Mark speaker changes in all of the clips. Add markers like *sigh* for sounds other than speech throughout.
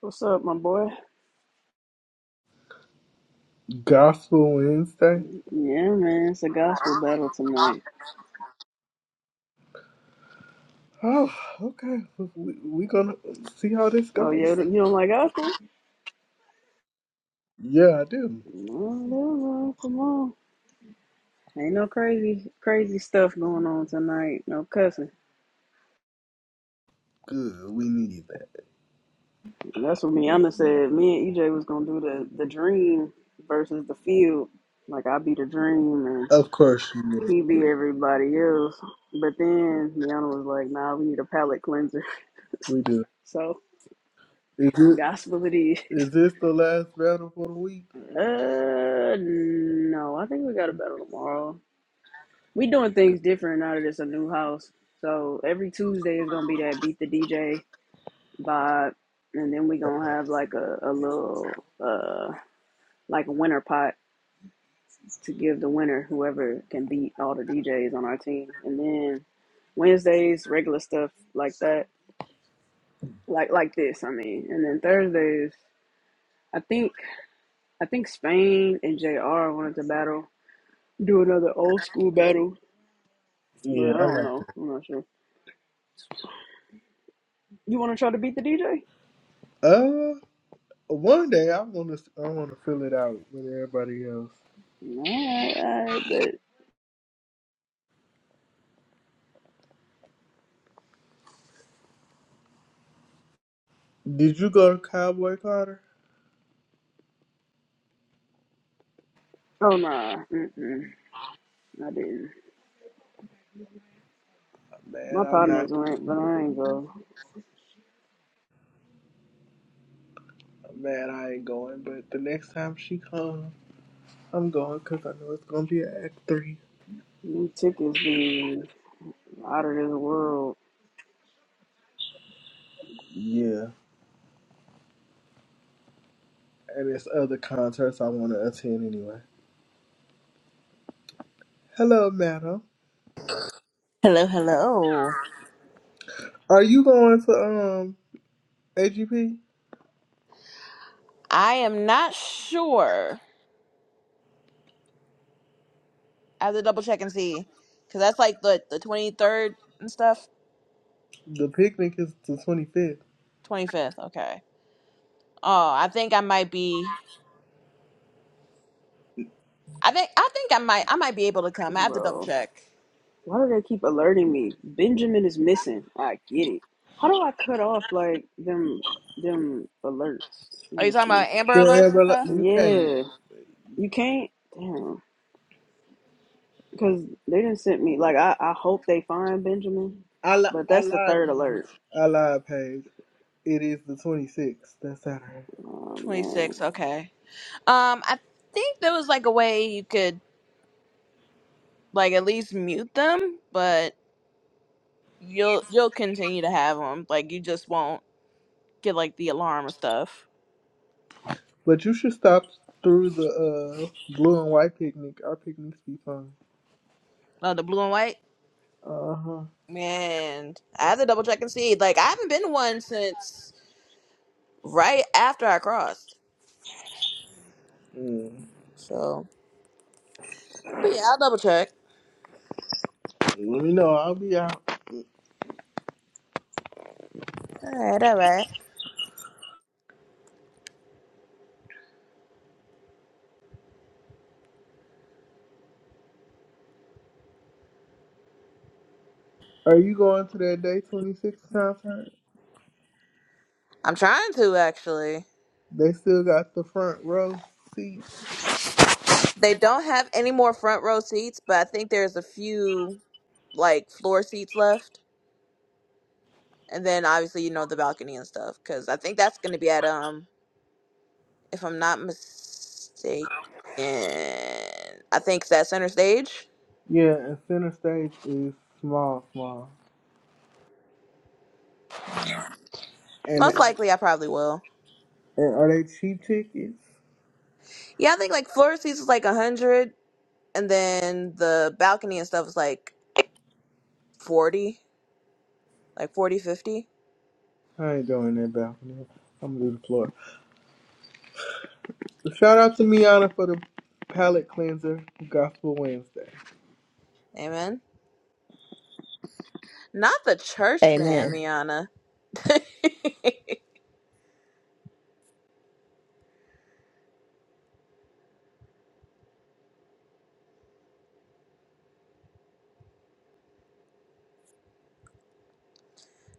Speaker 1: What's up, my boy?
Speaker 2: Gospel Wednesday.
Speaker 1: Yeah, man, it's a gospel battle tonight.
Speaker 2: Oh, okay. We, we gonna see how this
Speaker 1: Oh, yeah,
Speaker 2: goes.
Speaker 1: you don't like gospel?
Speaker 2: Yeah, I do.
Speaker 1: No, no, no, come on. Ain't no crazy, crazy stuff going on tonight. No cussing.
Speaker 2: Good. We need that.
Speaker 1: That's what Miana said. Me and EJ was gonna do the the dream versus the field. Like I be the dream and
Speaker 2: Of course you do.
Speaker 1: he be everybody else. But then Miana was like, "Nah, we need a palate cleanser." *laughs*
Speaker 2: We do.
Speaker 1: So
Speaker 2: Is it?
Speaker 1: gospel it is. *laughs*
Speaker 2: Is this the last battle for the week?
Speaker 1: Uh, no, I think we got a battle tomorrow. We doing
Speaker 2: Good.
Speaker 1: things different now that it's a new house. So every Tuesday is gonna be that beat the DJ vibe, and then we gonna have like a, a little uh like a winner pot to give the winner whoever can beat all the DJs on our team. And then Wednesdays regular stuff like that, like like this. I mean, and then Thursdays I think I think Spain and JR wanted to battle, do another old school battle, but
Speaker 2: Yeah,
Speaker 1: I
Speaker 2: I
Speaker 1: don't
Speaker 2: like
Speaker 1: know. I'm not sure. You want to try to beat the DJ?
Speaker 2: it. Uh, one day I wanna I wanna fill it out with everybody else.
Speaker 1: No, I, I but
Speaker 2: Did you go to Cowboy Carter?
Speaker 1: oh nah, mm-mm, I didn't.
Speaker 2: I'm
Speaker 1: My
Speaker 2: mad I'm
Speaker 1: partners
Speaker 2: not.
Speaker 1: went, but I ain't go.
Speaker 2: I'm mad I ain't going. But the next time she comes, I'm going because I know it's gonna be an Act Three.
Speaker 1: These tickets be out of this world,
Speaker 2: Yeah. and there's other concerts I want to attend anyway. Hello, madam.
Speaker 3: Hello, hello.
Speaker 2: Are you going to um AGP?
Speaker 3: I am not sure. I have to double check and see, because that's like the the twenty third and stuff.
Speaker 2: The picnic is the 25th.
Speaker 3: Twenty fifth. Okay. Oh, I think I might be. I think I think I might I might be able to come. I have to double
Speaker 1: bro.
Speaker 3: check.
Speaker 1: Why do they keep alerting me? Benjamin is missing. I get it. How do I cut off like them them alerts? Let
Speaker 3: Are you
Speaker 1: me
Speaker 3: talking
Speaker 1: see.
Speaker 3: about Amber
Speaker 2: The
Speaker 3: Alerts and
Speaker 2: Amber
Speaker 3: stuff?
Speaker 2: Li- you can't.
Speaker 1: Yeah, you can't. Damn, because they didn't send me. Like I, I hope they find Benjamin,
Speaker 2: I li-
Speaker 1: but
Speaker 2: I
Speaker 1: that's the
Speaker 2: live
Speaker 1: third alert.
Speaker 2: page. I live page. It is the 26th. That's Saturday.
Speaker 1: Oh
Speaker 3: Twenty
Speaker 1: man.
Speaker 3: six. Okay. Um, I think there was like a way you could like at least mute them, but you'll you'll continue to have them. Like you just won't get like the alarm or stuff.
Speaker 2: But you should stop through the uh blue and white picnic. Our picnics be fun.
Speaker 3: Oh, the blue and white.
Speaker 2: Uh huh.
Speaker 3: Man, I have to double check and see. Like, I haven't been to one since right after I crossed.
Speaker 2: Mm.
Speaker 3: So, but yeah, I'll double check.
Speaker 2: Let me know. I'll be out.
Speaker 3: All right, all right.
Speaker 2: Are you going to that day twenty six concert?
Speaker 3: I'm trying to actually.
Speaker 2: They still got the front row seat.
Speaker 3: They don't have any more front row seats, but I think there's a few like floor seats left, and then obviously you know the balcony and stuff. Because I think that's going to be at um, if I'm not mistaken, I think it's at center stage.
Speaker 2: Yeah, and center stage is small, small.
Speaker 3: Yeah,
Speaker 2: And,
Speaker 3: Most Mm. likely, I probably will.
Speaker 2: and are they cheap tickets?
Speaker 3: Yeah, I think like floor seats is like a hundred. and then the balcony and stuff is like 40 like 40 50.
Speaker 2: I ain't doing that balcony. I'm gonna do the floor. Shout out to Miana for the palate cleanser, Gospel Wednesday.
Speaker 3: amen not the church man
Speaker 4: Amen.
Speaker 3: miana *laughs* it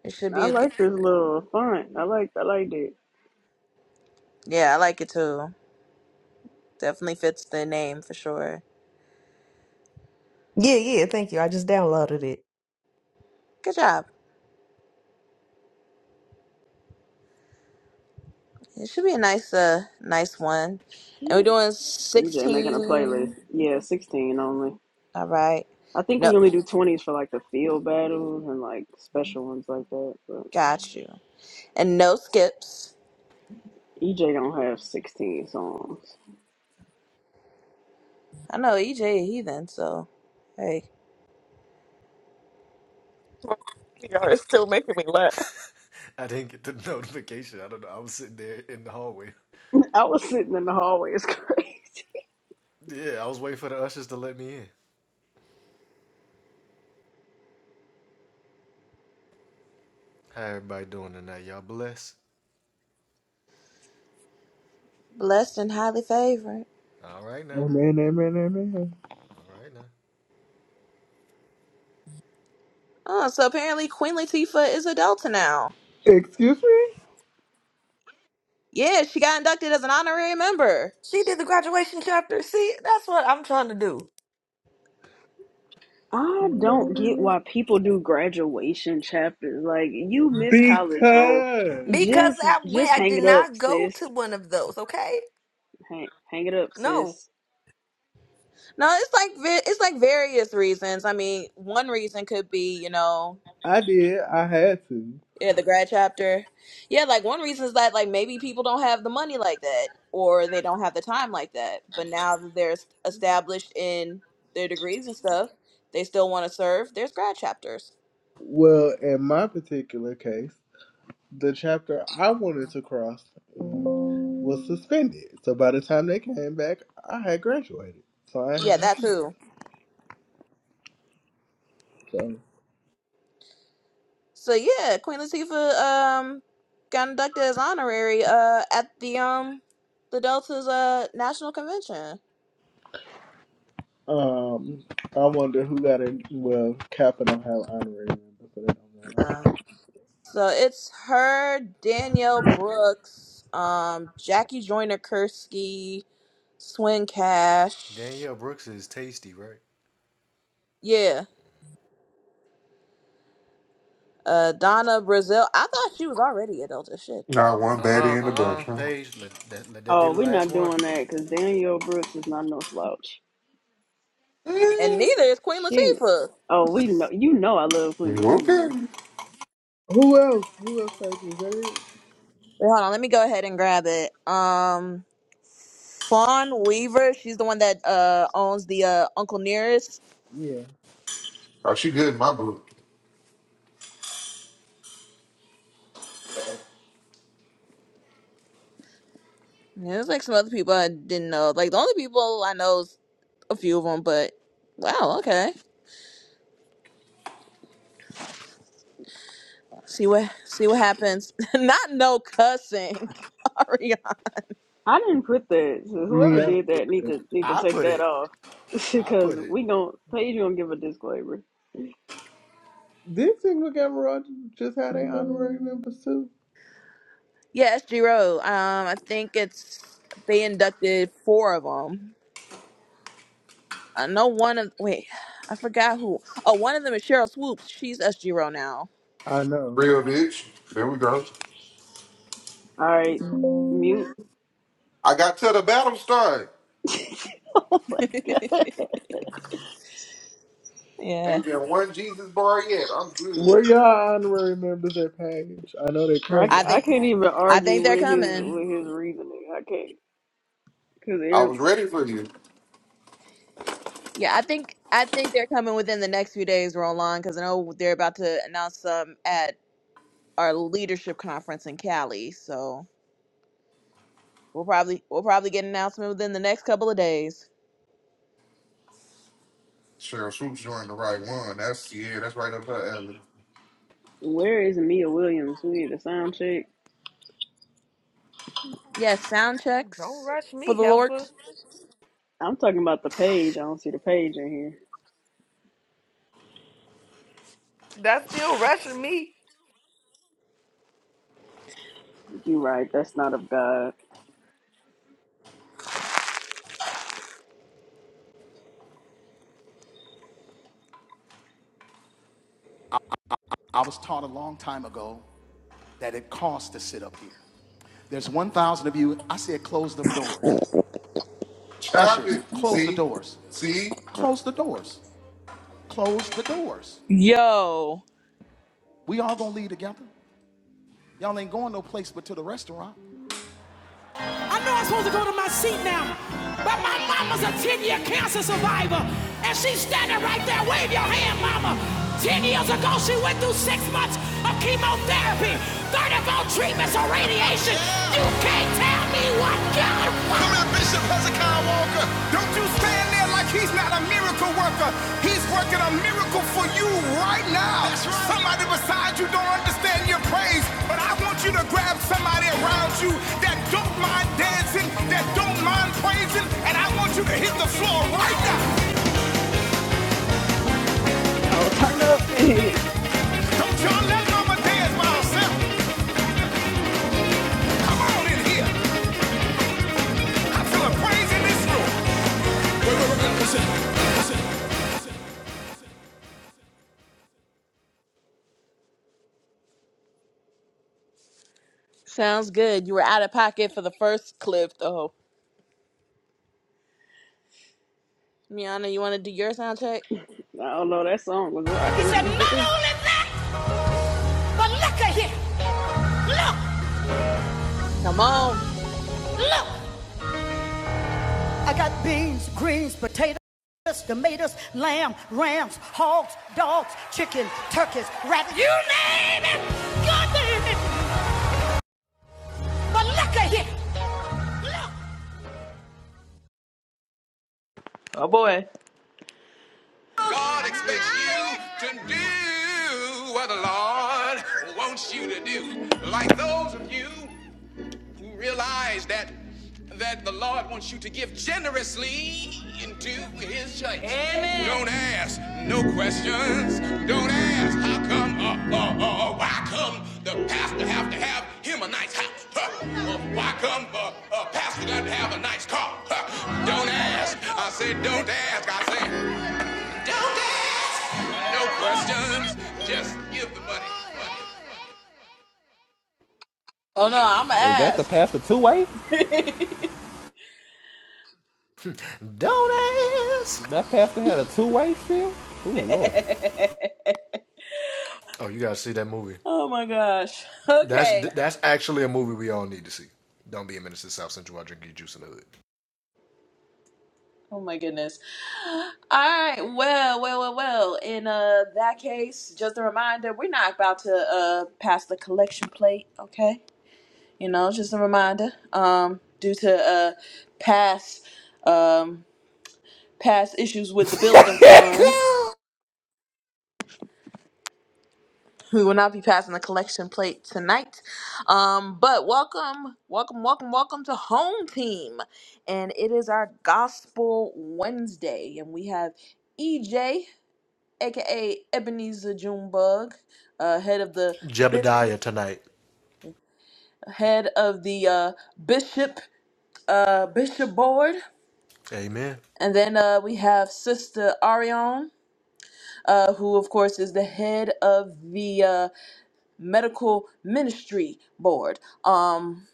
Speaker 3: should be
Speaker 1: I
Speaker 3: a g-
Speaker 1: like this little font. I like I liked it.
Speaker 3: yeah i like it too definitely fits the name for sure
Speaker 4: Yeah, yeah, thank you. I just downloaded it.
Speaker 3: good job it should be a nice uh nice one and we're doing
Speaker 1: EJ making a playlist.
Speaker 3: 16
Speaker 1: Yeah, sixteen only.
Speaker 3: all right
Speaker 1: I think
Speaker 3: no
Speaker 1: we only do twenties for like the field battles and like special ones like that. But
Speaker 3: got you and no skips
Speaker 1: EJ don't have sixteen songs.
Speaker 3: i know ej a heathen so hey
Speaker 4: Y'all is still making me laugh.
Speaker 1: *laughs* I was sitting in the hallway. It's *laughs* crazy.
Speaker 3: blessed and highly favored
Speaker 2: Amen, amen, amen.
Speaker 3: Oh, so apparently Queen Latifah is a Delta now.
Speaker 2: Excuse me?
Speaker 3: Yeah, she got inducted as an honorary member.
Speaker 4: She did the graduation chapter. See, that's what I'm trying to do.
Speaker 1: I don't get why people do graduation chapters. Like you miss college, bro.
Speaker 2: Because
Speaker 4: Because
Speaker 1: Just
Speaker 4: I went,
Speaker 1: just
Speaker 4: I
Speaker 1: hang
Speaker 4: did
Speaker 1: it up,
Speaker 4: not go to
Speaker 1: sis.
Speaker 4: one of those, okay?
Speaker 1: Hang hang it up,
Speaker 4: No.
Speaker 1: sis.
Speaker 3: No, it's like vi- it's like various reasons. I mean, one reason could be you know
Speaker 2: I did, I had to.
Speaker 3: yeah the grad chapter. Yeah, like one reason is that like maybe people don't have the money like that or they don't have the time like that. But now that they're es- established in their degrees and stuff, they still want to serve. There's grad chapters.
Speaker 2: Well, in my particular case, the chapter I wanted to cross was suspended. So by the time they came back, I had graduated. So I
Speaker 3: Yeah, that
Speaker 2: had.
Speaker 3: too. So yeah, Queen Latifah um got inducted as honorary uh at the um the Delta's uh national convention.
Speaker 2: Um, I wonder who got it. Well, Kappa don't have honorary member, so that don't matter.
Speaker 3: Uh, so it's her, Danielle Brooks, um Jackie Joyner Kursky, Swin Cash, yeah, uh Donna Brazil. I thought she was already a Delta shit.
Speaker 5: Not
Speaker 3: Okay.
Speaker 5: one baddie in the bunch, huh?
Speaker 1: Oh, we're not doing that because Daniel Brooks is not no slouch.
Speaker 3: And
Speaker 5: Mm,
Speaker 3: neither is Queen
Speaker 1: She,
Speaker 3: Latifah.
Speaker 1: oh, we know you know I love Queen Latifah.
Speaker 5: Okay.
Speaker 2: Who else? Who else played? Was that it?
Speaker 3: Wait, hold on. Let me go ahead and grab it. Um, Fawn Weaver. She's the one that uh owns the uh Uncle Nearest.
Speaker 2: Yeah.
Speaker 5: Oh, she good in my book.
Speaker 3: And there's like some other people I didn't know. Like the only people I know is a few of them. But wow, okay. See what see what happens. *laughs* Not no cussing. *laughs* Ariana.
Speaker 1: I didn't put that. So whoever
Speaker 2: Leon
Speaker 1: did that need
Speaker 2: Booker.
Speaker 1: to need to take that off *laughs* because we gonna Paige gonna give a disclaimer.
Speaker 2: Did Single Gamma Rogers just have their honorary members too?
Speaker 3: Yeah, SG Road. Um, I think it's they inducted four of them. I know one of wait, I forgot who. Oh, one of them is Cheryl Swoops. She's SG Row now.
Speaker 2: I know.
Speaker 5: Real bitch. There we go.
Speaker 1: All right, mute.
Speaker 5: I got to the battle start.
Speaker 1: *laughs*
Speaker 3: Yeah,
Speaker 5: Ain't been one Jesus bar yet. I'm good.
Speaker 2: Where y'all honorary members at, Paige? I know they're
Speaker 1: I
Speaker 3: I
Speaker 2: coming.
Speaker 3: think.
Speaker 1: I can't even
Speaker 3: I
Speaker 1: argue
Speaker 3: think they're
Speaker 1: with his
Speaker 3: coming.
Speaker 1: with his reasoning. I can't
Speaker 5: I
Speaker 1: because
Speaker 5: was ready for you.
Speaker 3: Yeah, I think I think they're coming within the next few days. Roll because I know they're about to announce some at our leadership conference in Cali. So we'll probably we'll probably get an announcement within the next couple of days.
Speaker 5: Cheryl Swoop's joined the right one. That's yeah, that's right up her alley.
Speaker 1: where is Mia Williams? We need a sound check.
Speaker 3: Yes, sound
Speaker 4: Don't
Speaker 3: checks
Speaker 4: rush
Speaker 3: for
Speaker 4: me,
Speaker 3: the Lord.
Speaker 4: heifer.
Speaker 1: I'm talking about the page. I don't see the page in here.
Speaker 4: That's still rushing me.
Speaker 1: You right? That's not of God.
Speaker 5: Child it. See? See?
Speaker 3: Yo,
Speaker 6: I know I'm supposed to go to my seat now, but my mama's a 10 year cancer survivor, and she's standing right there. Wave your hand, mama. 10 years ago, she went through six months of chemotherapy, 34 treatments of radiation. You can't tell me what God wants. Stand there like he's not a miracle worker. He's working a miracle for you right now. That's right. Somebody beside you don't understand your praise, but I want you to grab somebody around you that don't mind dancing, that don't mind praising, and I want you to hit the floor right now.
Speaker 1: Oh, turn up. *laughs* I
Speaker 6: Don't y'all let mama dance by herself. Come on in here. I feel a praise in this room. Wait, wait, wait, wait, listen.
Speaker 3: sounds good. You were out of pocket for the first clip though. Miana, you want to do your sound check?
Speaker 1: don't know. That song was
Speaker 7: He
Speaker 1: rocking,
Speaker 7: said, not
Speaker 1: DJ.
Speaker 7: only that, but look at here. Look,
Speaker 3: Come on.
Speaker 7: look. I got beans, greens, potatoes, tomatoes, lamb, rams, hogs, dogs, chicken, turkeys, rabbits. You name it. God damn it. But look at here. Look.
Speaker 3: Oh boy.
Speaker 6: God expects you to do what the Lord wants you to do. Like those of you You realize that that the Lord wants you to give generously into his church. Amen. Don't ask no questions. Don't ask how come or, uh uh or why come the pastor have to have him a nice house. Huh? Or why come uh, uh pastor got to have a nice car. Huh? Don't ask. I said don't ask. I said don't ask. No questions. Just give the money. money.
Speaker 3: Oh no, I'ma
Speaker 8: Was that the
Speaker 3: ask.
Speaker 8: path to two way? That path that had a two way field? Ooh, Lord.
Speaker 3: *laughs* Oh my gosh. *laughs* Okay. Oh my goodness. All right. Well, well, well, well. In uh that case, just a reminder, we're not about to uh pass the collection plate, okay? You know, just a reminder. Um, due to uh past um past issues with the building fund.
Speaker 8: *laughs*
Speaker 3: We will not be passing the collection plate tonight. Um, but welcome, welcome, welcome, welcome to Home Team. And it is our Gospel Wednesday. And we have EJ, aka Ebenezer Junebug, uh, head of the bishop head of the uh, bishop uh, bishop board. And then uh, we have Sister Ariane, uh, who of course is the head of the uh, medical ministry board. Um,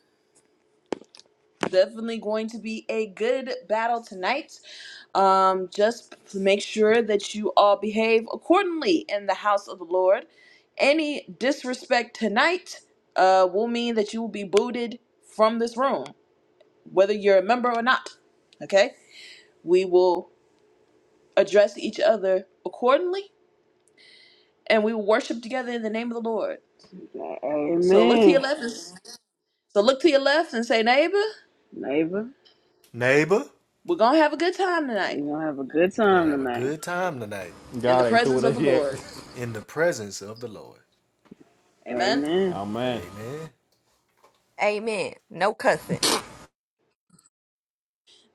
Speaker 3: definitely going to be a good battle tonight. Um, just make sure that you all behave accordingly in the house of the Lord. Any disrespect tonight uh, will mean that you will be booted from this room, whether you're a member or not. Okay? We will address each other accordingly and we will worship together in the name of the Lord. So look to your
Speaker 1: Amen.
Speaker 3: left and so look to your left and say, neighbor,
Speaker 1: Neighbor,
Speaker 3: we're gonna have a good time tonight
Speaker 1: we're going to have a good time tonight.
Speaker 3: in the
Speaker 8: God ain't through
Speaker 3: presence
Speaker 8: with
Speaker 3: of
Speaker 8: us
Speaker 3: the
Speaker 8: yet.
Speaker 3: Lord. Amen.
Speaker 1: Amen.
Speaker 8: Oh, man.
Speaker 4: Amen. No cussing.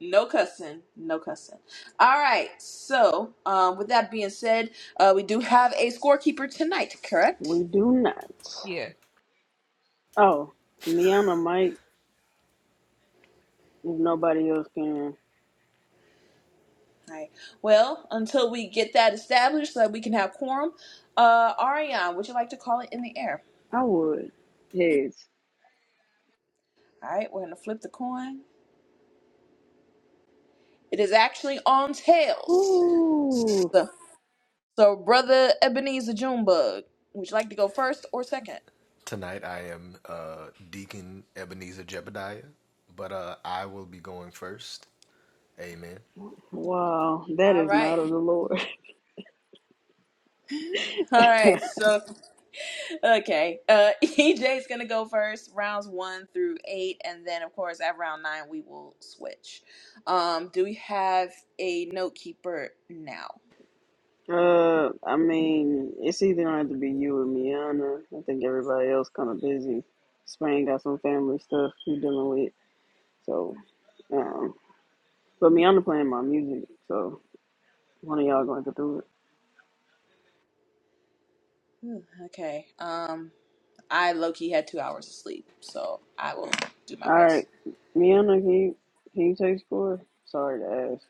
Speaker 3: No cussing, no cussing. All right. So, um, with that being said, uh, we do have a scorekeeper tonight, correct?
Speaker 1: We do not.
Speaker 4: Yeah.
Speaker 1: Oh, me on the mic, if nobody else can,
Speaker 3: All right. Well, until we get that established so that we can have quorum, uh, Ariane, would you like to call it in the air?
Speaker 1: I would. Yes.
Speaker 3: All right. We're gonna flip the coin. It is actually on tails.
Speaker 1: Ooh,
Speaker 3: So, so brother Ebenezer Junebug, would you like to go first or second?
Speaker 1: wow, that
Speaker 3: All
Speaker 1: is
Speaker 3: right.
Speaker 1: not of the Lord. *laughs*
Speaker 3: All right. So. Okay. Uh *laughs* EJ's gonna go first, rounds one through eight, and then of course at round nine we will switch. Um, do we have a note keeper now?
Speaker 1: Uh, I mean, it's either gonna have to be you or Miana. I think everybody else kind of busy. Spain got some family stuff we dealing with, so um, but Miana playing my music, so one of y'all gonna have to do it.
Speaker 3: Ooh, okay. Um I low key had two hours of sleep, so I will do my
Speaker 1: All
Speaker 3: best.
Speaker 1: right, Miona, can you can you take score? Sorry to ask.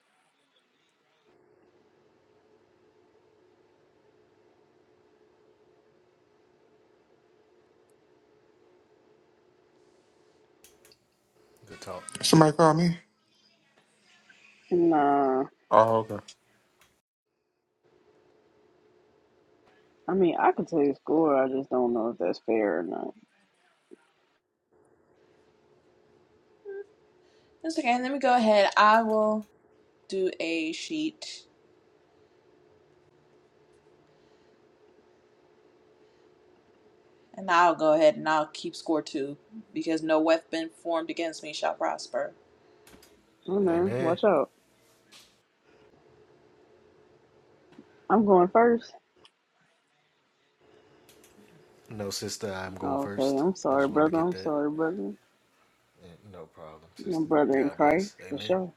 Speaker 5: Somebody call me.
Speaker 1: Nah,
Speaker 5: Oh, okay.
Speaker 1: I mean I could take score. I just don't know if that's fair or not.
Speaker 3: That's okay, let me go ahead. I will do a sheet and I'll go ahead and I'll keep score too, because no weapon formed against me shall prosper.
Speaker 1: Oh man, watch out! I'm going first. Okay, I'm sorry, brother. I'm sorry, brother. My brother in Christ for sure.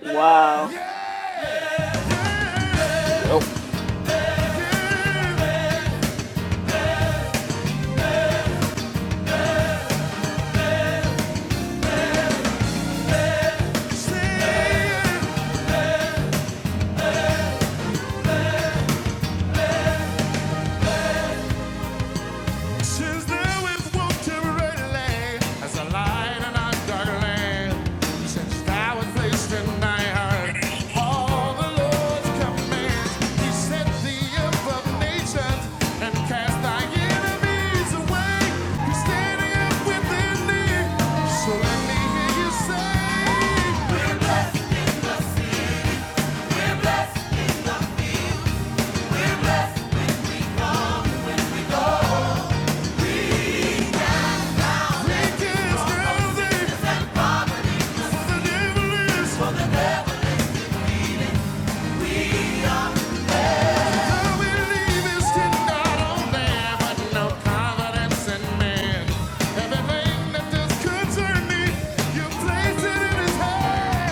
Speaker 1: Wow,
Speaker 8: Well,
Speaker 6: Since the of nations and cast thy enemies away. He's standing up within thee. Let me hear you say, We cast down thee, the devil is. Thou believest in God only, but no confidence in man. Everything that does concern me, you place it in his hand.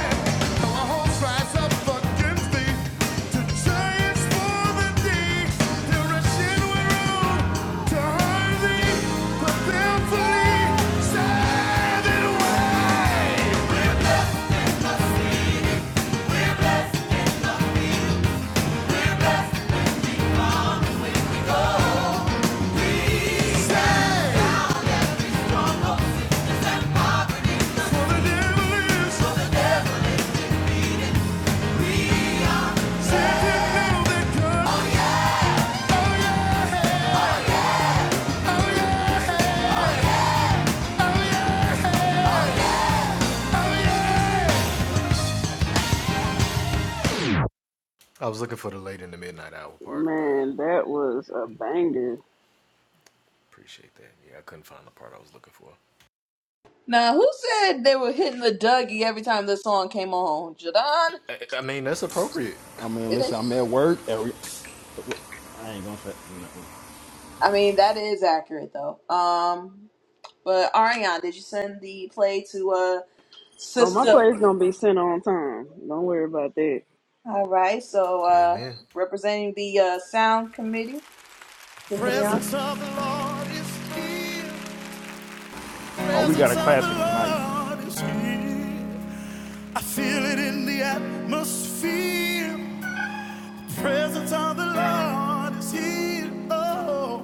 Speaker 1: man, that was a banger.
Speaker 3: Now, who said they were hitting the Dougie every time the song came on? Jadon?
Speaker 8: I mean,
Speaker 3: It
Speaker 8: listen, I'm
Speaker 3: is-
Speaker 8: at work. I ain't gonna say. nothing.
Speaker 3: I mean, that is accurate though. Um, but Ariane, did you send the play to uh
Speaker 1: Oh, my
Speaker 3: sister?
Speaker 1: play's gonna be sent on time. Don't worry about that.
Speaker 3: All right, so uh, representing the uh, sound committee, Sister Mion.
Speaker 7: Presence of the Lord is here.
Speaker 8: Oh, we got
Speaker 7: Presence
Speaker 8: a
Speaker 7: of the
Speaker 8: classic tonight.
Speaker 7: Lord is here. I feel it in the atmosphere. Presence of the Lord is here. Oh,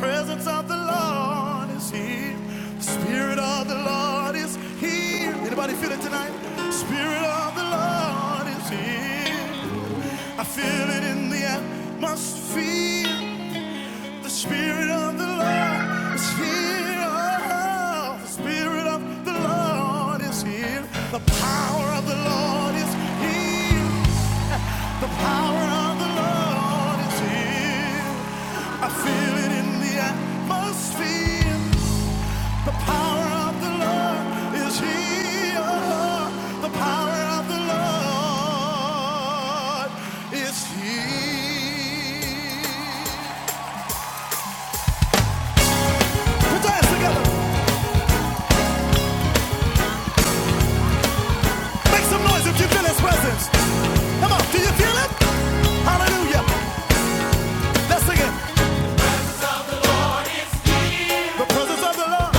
Speaker 7: presence of the Lord is here. The Spirit of the Lord is here. Anybody feel it tonight? Spirit of the Lord is here. I feel it in the atmosphere. The Spirit of the Lord is here. Oh, The Spirit of the Lord is here. The power of the Lord is here. The power of the Lord is here. I feel it in the atmosphere. The power of the Lord is here. Oh, The power of the Lord is here. Put your hands together. Make some noise if you feel his presence. Come on, do you feel it? Hallelujah. Let's sing it. The presence of the Lord.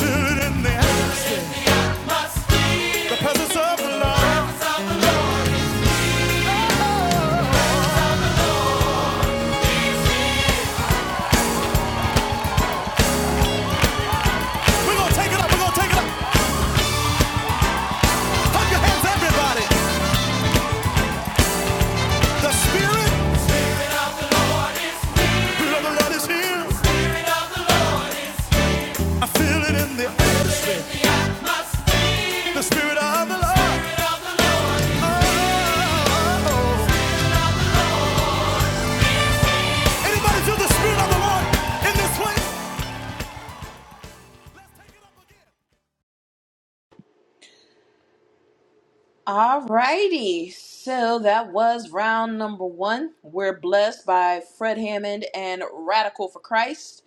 Speaker 7: Feel it in the air. The presence of the Lord. We're gonna take it up, we're gonna take it up. Hold your hands, everybody. The spirit of the Lord is here. I feel it in the air. The spirit of the Lord. Oh, oh, oh. Anybody feel the spirit of the Lord in this place?
Speaker 3: Alrighty, so that was round number one. We're blessed by Fred Hammond and Radical for Christ.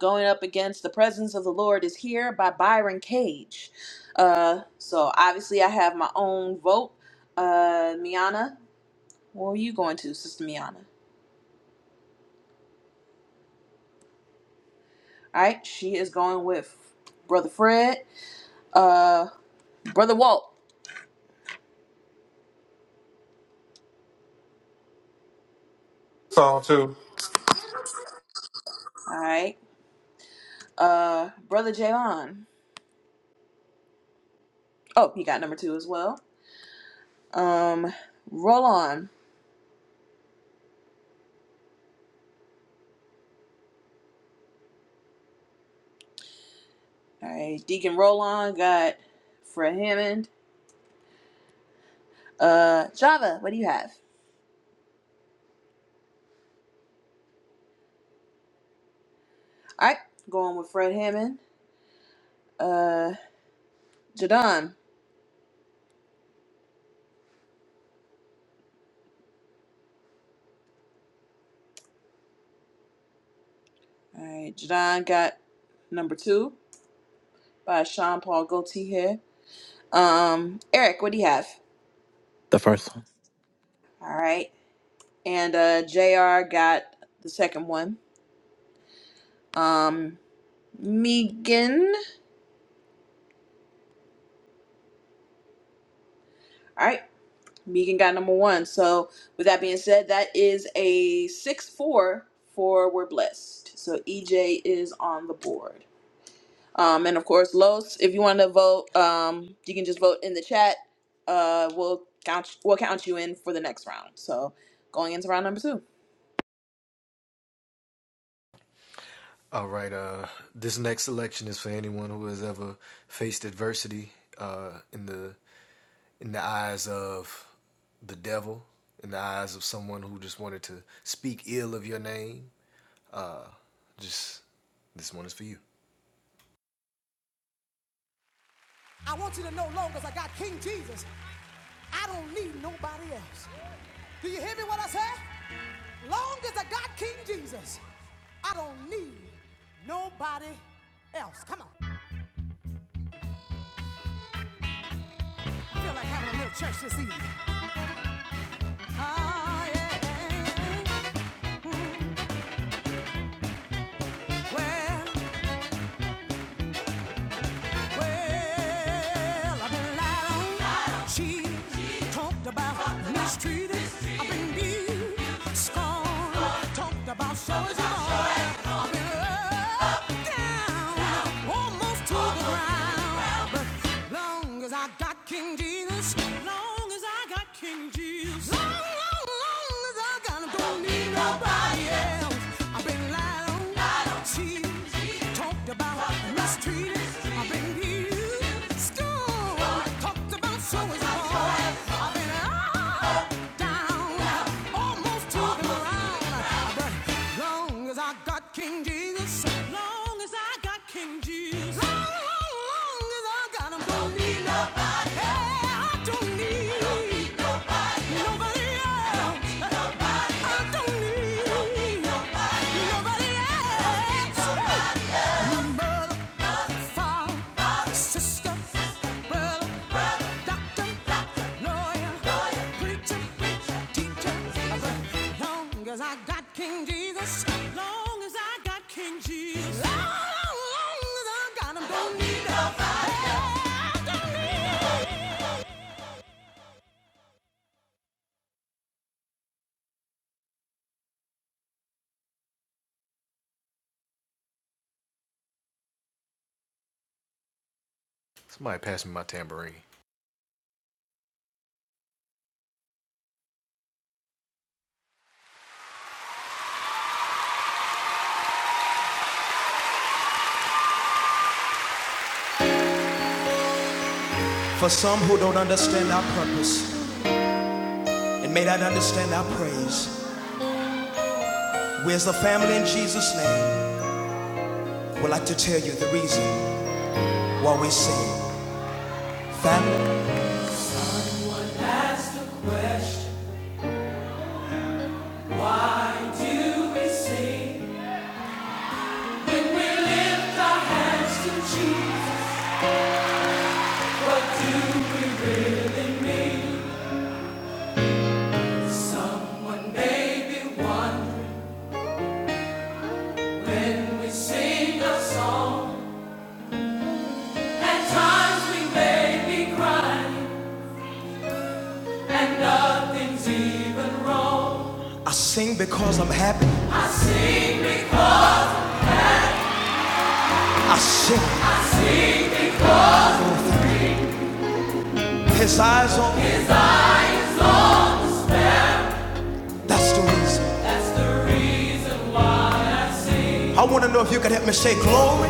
Speaker 3: Going up against The Presence of the Lord is Here by Byron Cage. Uh, so obviously, I have my own vote. Uh, Miana, what are you going to, Sister Miana? All right, she is going with Brother Fred, uh, Brother Walt,
Speaker 5: Song two.
Speaker 3: all right, uh, Brother Jaylon. Oh, he got number two as well. Um, roll on. All right, Deacon Rollon got Fred Hammond. Uh, Java, what do you have? All right, going with Fred Hammond. Uh, Jadon. All right, Jadon got number two by Sean Paul Gaultier here. Um, Eric, what do you have?
Speaker 9: The first one.
Speaker 3: All right, and uh, Jr. got the second one. Um, Megan. All right. Megan got number one. So, with that being said, that is a 6 4 for We're Blessed. So, EJ is on the board. Um, and of course, Los, if you want to vote, um, you can just vote in the chat. Uh, we'll count we'll count you in for the next round. So, going into round number two.
Speaker 6: I want you to know, long as I got King Jesus, I don't need nobody else. Do you hear me what I say? Long as I got King Jesus, I don't need nobody else. Come on. Feel like having a little church this evening. Oh yeah. yeah, yeah. Well, Well, I've been lied on, cheated, cheated, talked about, talked about mistreated. mistreated, I've been beat, scorned, oh, talked about, so it's all. I've been up, down, down, almost to almost the ground. To the ground. But long as I got King Jesus, long as I got King Jesus, long, long, long as I got him, don't need nobody else. I've been lied on i don't need nobody. Yeah, I don't need nobody else. I got King Jesus, long as I got King Jesus, long, long, long as I got him, don't need
Speaker 7: For some who don't understand our purpose and may not understand our praise, where's the family in Jesus' name? i would like to tell you the reason why we sing. Family. Ask the question, do we sing? When we lift our hands to Jesus, what do we really mean? Someone may be wondering when we sing a song. At times we may be crying, and nothing's even wrong. I sing because I'm happy. I sing. His eyes on me. That's the reason. I want to know if you can help me say glory.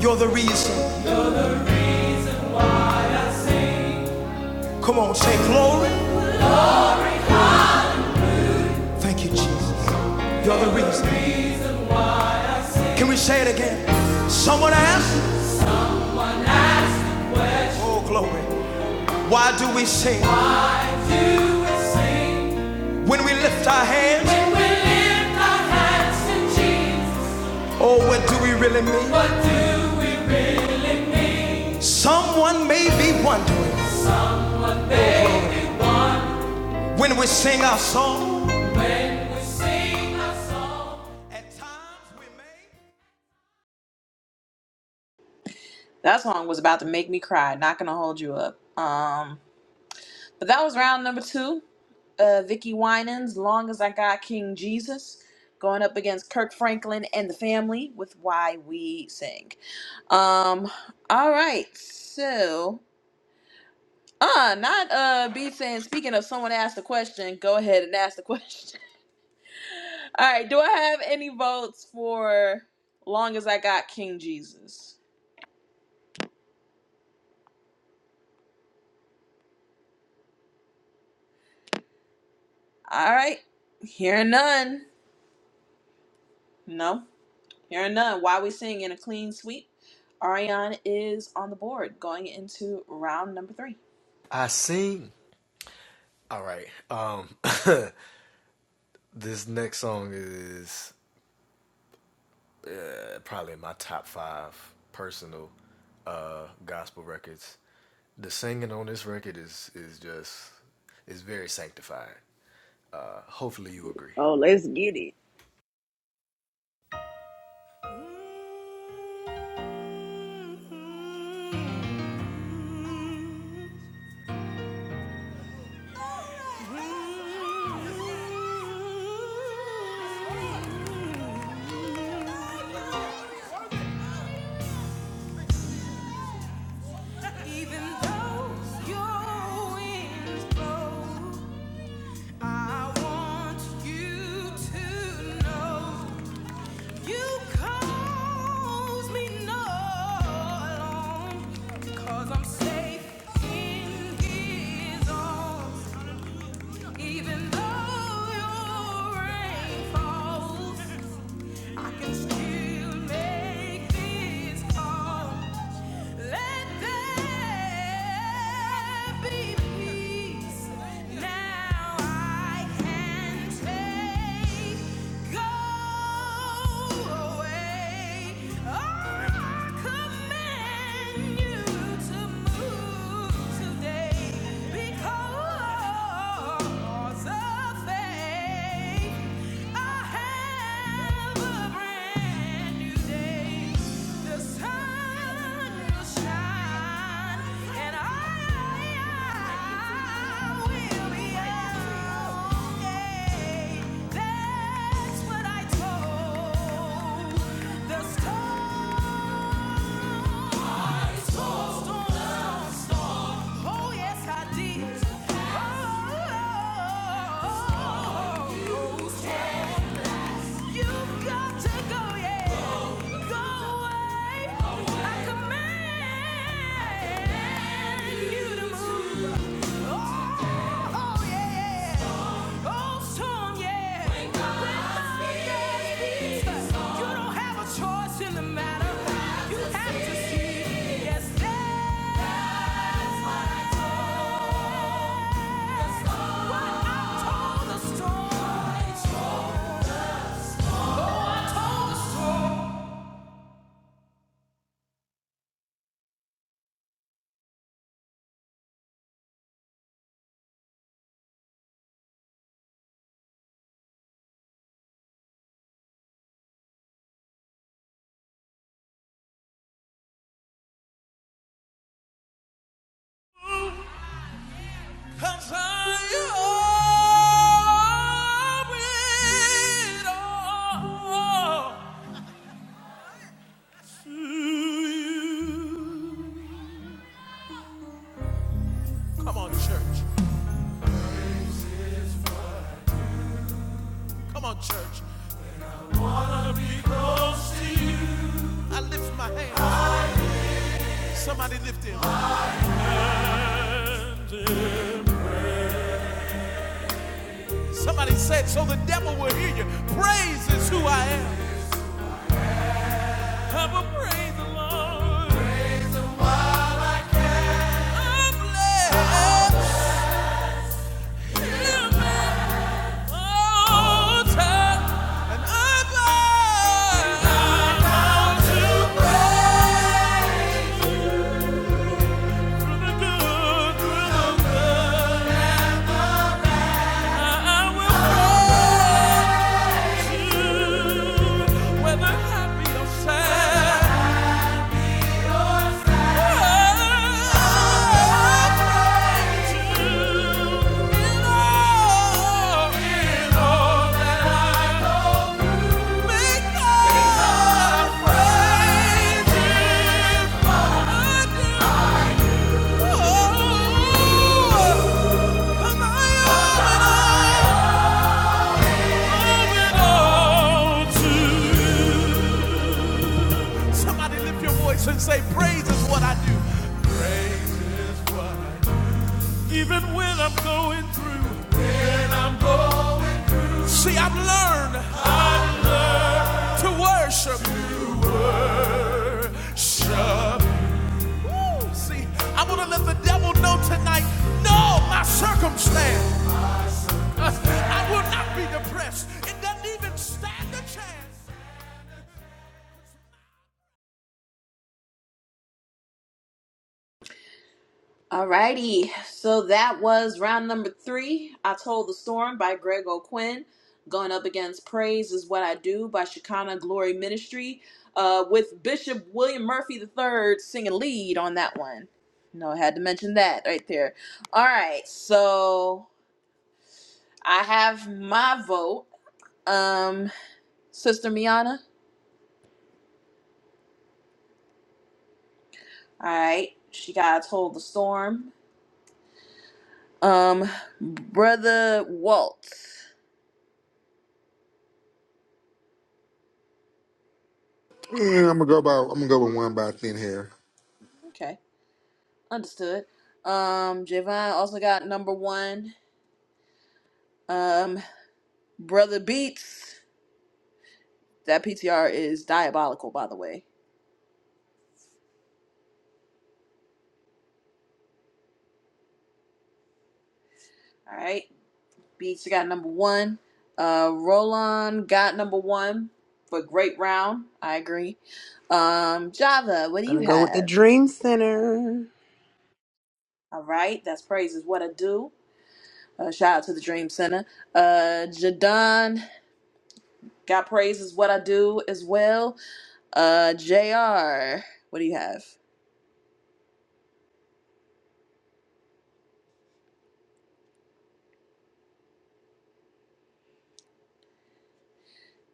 Speaker 7: You're the reason. Come on, say glory. Thank you, Jesus. You're the reason. Can we say it again? Someone asked, Oh, glory. Why do we sing Why do we sing? when we lift our hands? When we lift our hands to Jesus. Oh, what do we really mean? what do we really mean? Someone may be wondering when we sing our song. At times we may.
Speaker 3: That song was about to make me cry. Not gonna hold you up. Um, But that was round number two. Uh, Vicky Winans, Long as I Got King Jesus, going up against Kirk Franklin and the family with Why We Sing. Um, all right, so. Uh, not uh B saying speaking of someone asked a question, go ahead and ask the question. *laughs* All right, do I have any votes for long as I got King Jesus? All right, hearing none. No. Hearing none, while we sing in a clean sweep, Ariane is on the board going into round number three.
Speaker 1: Oh, let's get it.
Speaker 6: nobody. Don't need Even those your winds blow, I want you to know you cause me no i I'm safe in His arms. Even though your rain falls, I can still make this call. Let there be peace. Now I can take go away. Or I command you to move today because. That's what I told the story. Oh, yes, I did. Oh, you've got to go, yeah. Go away. I command you to move. Oh yeah, oh yeah. Yes, Oh,
Speaker 7: Come on, church. Come on, church. I lift my hands. Somebody lift him. Somebody said, so the devil will hear you. Praise is who I am. And I bow down to praise. Oh Somebody lift your voice and say, Praise is what I do. Even when I'm going through. See, I've learned to worship. To worship. Woo! See, I want to let the devil know tonight no, my circumstance. *laughs* I will not be depressed. It doesn't even stand a chance.
Speaker 3: Alrighty, so that was round number three. I Told the Storm by Greg O'Quinn. Going up against Praise is What I Do by Shekinah Glory Ministry uh, with Bishop William Murphy III singing lead on that one. No, I had to mention that right there. All right, so I have my vote. Um, Sister Miana, Alright. She got told the storm. Um Brother Waltz.
Speaker 5: Yeah, I'm gonna go about I'm gonna go with one by thin hair.
Speaker 3: Okay. Understood. Um Javon also got number one. Um Brother Beats. That PTR is diabolical, by the way. Alright. Beats got number one. Uh Roland got number one for great round. I agree. Um Java, what do you
Speaker 10: Gonna go with the
Speaker 3: have?
Speaker 10: Dream Center.
Speaker 3: Alright, that's praise is what I do. Uh, shout out to the Dream Center. Uh Jadon God praise is what I do as well. Uh, Jr. What do you have?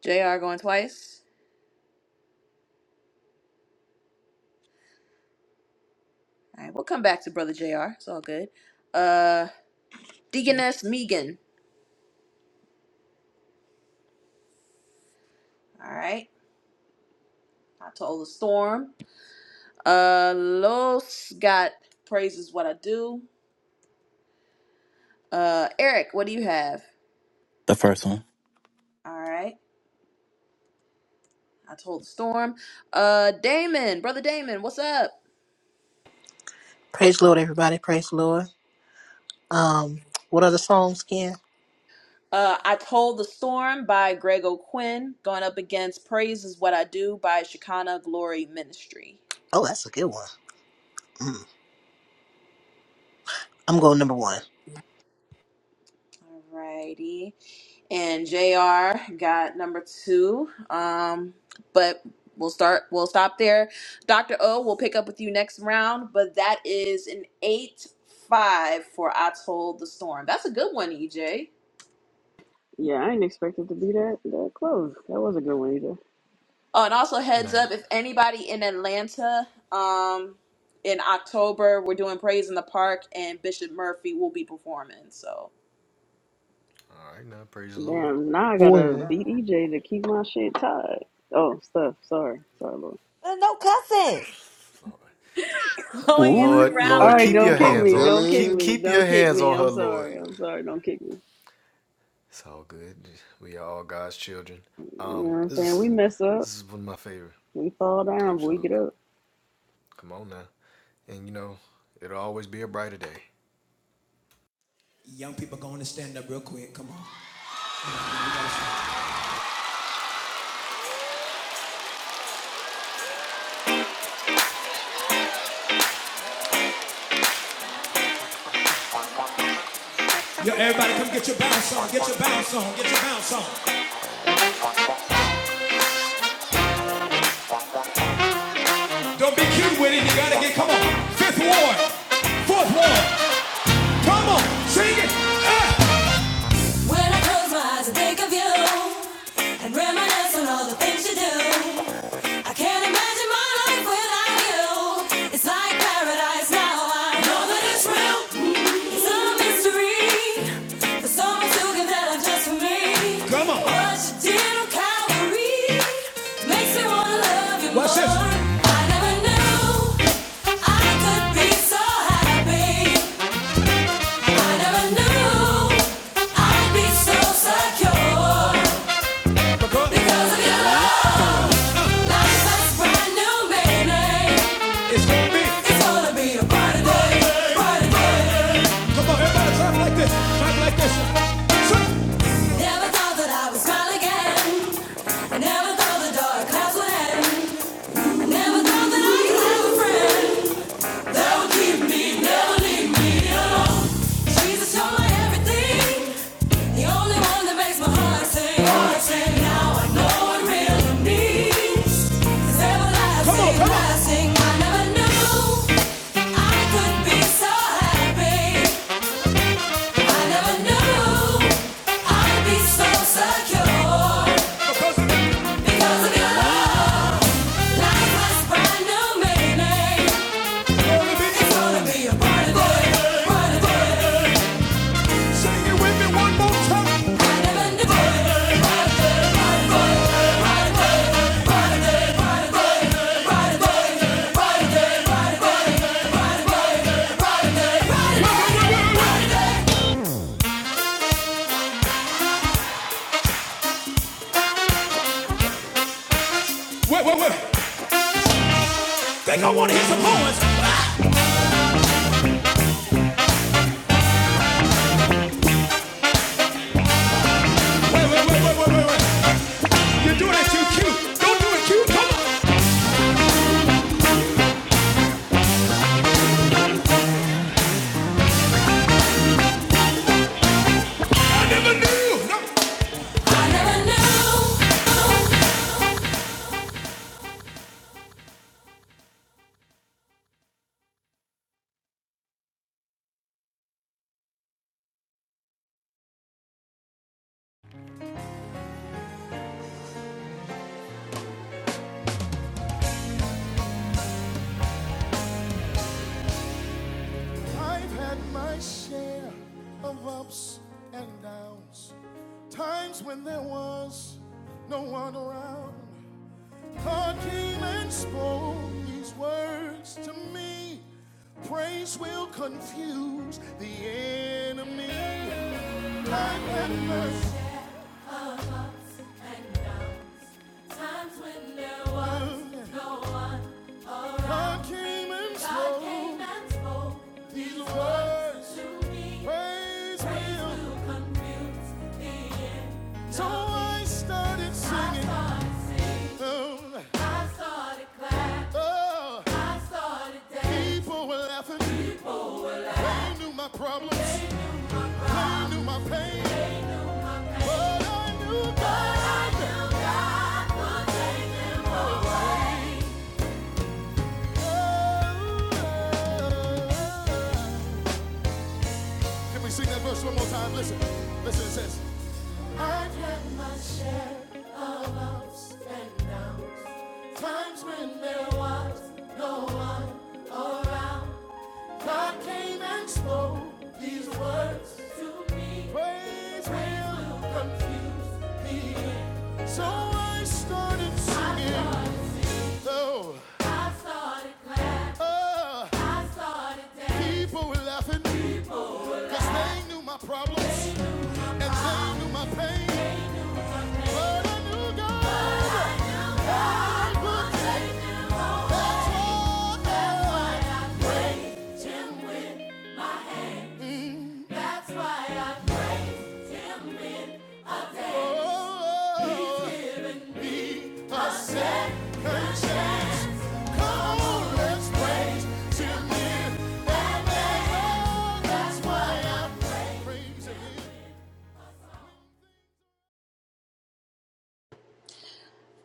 Speaker 3: Jr. going twice. All right, we'll come back to brother Jr. It's all good. Uh, Deaconess Megan. All right, I told the storm. Uh, Los got praise is what I do. Uh, Eric, what do you have?
Speaker 9: The first one.
Speaker 3: All right, I told the storm. Uh, Damon, brother Damon, what's up?
Speaker 11: Praise the Lord, everybody. Praise the Lord. Um, what other songs again?
Speaker 3: Uh, I Told the Storm by Greg O'Quinn, going up against Praise is What I Do by Shekinah Glory Ministry.
Speaker 11: Oh, that's a good one. Mm. I'm going number one.
Speaker 3: Alrighty. And JR got number two. Um, but we'll start we'll stop there. Dr. O will pick up with you next round, but that is an eight five for I Told the Storm. That's a good one, EJ.
Speaker 1: Yeah, I ain't expected to be that that close. That was a good one either.
Speaker 3: Oh, and also heads up if anybody in Atlanta, um, in October, we're doing Praise in the Park and Bishop Murphy will be performing. So
Speaker 1: Damn, now I gotta
Speaker 2: When?
Speaker 1: beat EJ to keep my shit tied. Oh, stuff. Sorry. Sorry, Lord.
Speaker 4: There's no cussing.
Speaker 3: going into round
Speaker 1: All right,
Speaker 3: number
Speaker 1: don't
Speaker 5: Ooh,
Speaker 1: kick
Speaker 3: four.
Speaker 5: I'm
Speaker 1: me. Don't kick
Speaker 5: telling.
Speaker 1: me. Don't kick me. I'm sorry. I'm sorry. Don't kick me. You know what I'm saying? We mess up. We fall down, but we get up.
Speaker 6: Young people going to stand up real quick. Come on. Come on, man, we gotta stand. Yo, everybody, come get your bounce on. Get your bounce on. Get your bounce on. Don't be cute with it. You gotta get, come on. Fifth ward. Fourth ward. Come on. Sing it. Ah. When I close my eyes and think of you and reminisce on all the things you do, I can't imagine my life without you. It's like paradise now. I know that it's real. It's mystery. There's so much can tell it just for me. What you did on Calvary makes me wanna love you more. I never knew I could be so happy. I never knew I'd be so secure because of your love. It's gonna be. It's gonna be a party day. Party day. Come on, everybody, clap like this. Clap like this. Never thought that I would smile again. Never thought the dark clouds would end. Never thought that I could have a friend that would keep me, never leave me alone. Jesus, you're my everything. The only one that makes my heart sing. Now I know what really means. 'Cause everlasting, I never knew I could be so happy. Wait, wait, wait. Think I wanna hear some horns. Wait, wait, wait, wait, wait, wait, wait. You do not do it cute. Come on. I never knew. No. I never knew.
Speaker 7: I've had my share of ups and downs. Times when there was no one around. God came and spoke these words to me. Praise will confuse the enemy. I've had my God So I started singing Oh, people were laughing. They knew my problems. They knew my pain. But I knew God. God would take them away. Can we sing that verse one more time? Listen. Listen, it says, I've had my share of ups and downs. Times when there was no one around. God came and spoke these words to me. When will confuse me. I Oh, thought, I thought it glad. oh, I thought it dead. people laughing at my problems. I'm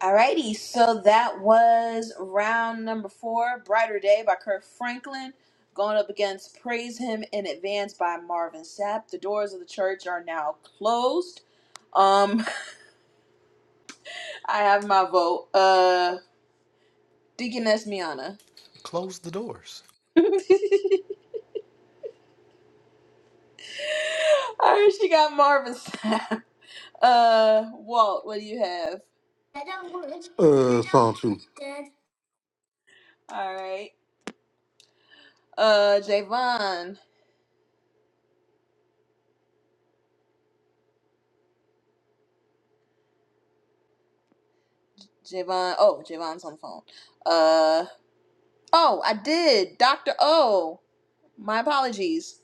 Speaker 3: Alrighty, so that was round number four, Brighter Day by Kirk Franklin. Going up against Praise Him in Advance by Marvin Sapp. The doors of the church are now closed. Um, *laughs* I have my vote. Uh Deaconess Miana. *laughs* *laughs* All right, she got Marvin's time. *laughs* Uh, Walt, what do you have?
Speaker 5: Uh song two.
Speaker 3: All right. Uh, Javon. Javon. Oh, Javon's on the phone. Uh, oh, I did. Dr. O. My apologies.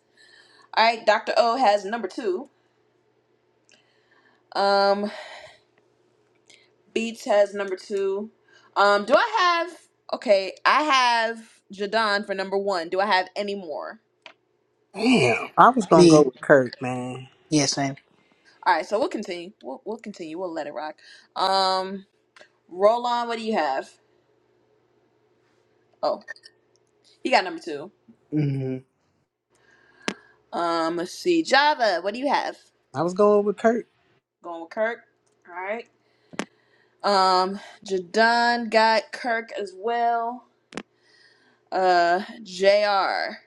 Speaker 3: All right, Dr. O has number two. Um, Beats has number two. Um, do I have, okay, I have Jadon for number one. Do I have any more?
Speaker 10: Damn, I was gonna go
Speaker 11: Me,
Speaker 10: with Kurt, man.
Speaker 11: yeah, same.
Speaker 3: All right, so we'll continue. We'll, we'll continue. We'll let it rock. Um, Roll on. What do you have? Oh, He got number two.
Speaker 2: hmm
Speaker 3: Um, let's see. Java, what do you have?
Speaker 10: I was going with Kurt.
Speaker 3: Going with Kirk. All right. Um, Jadon got Kirk as well. Uh, Jr.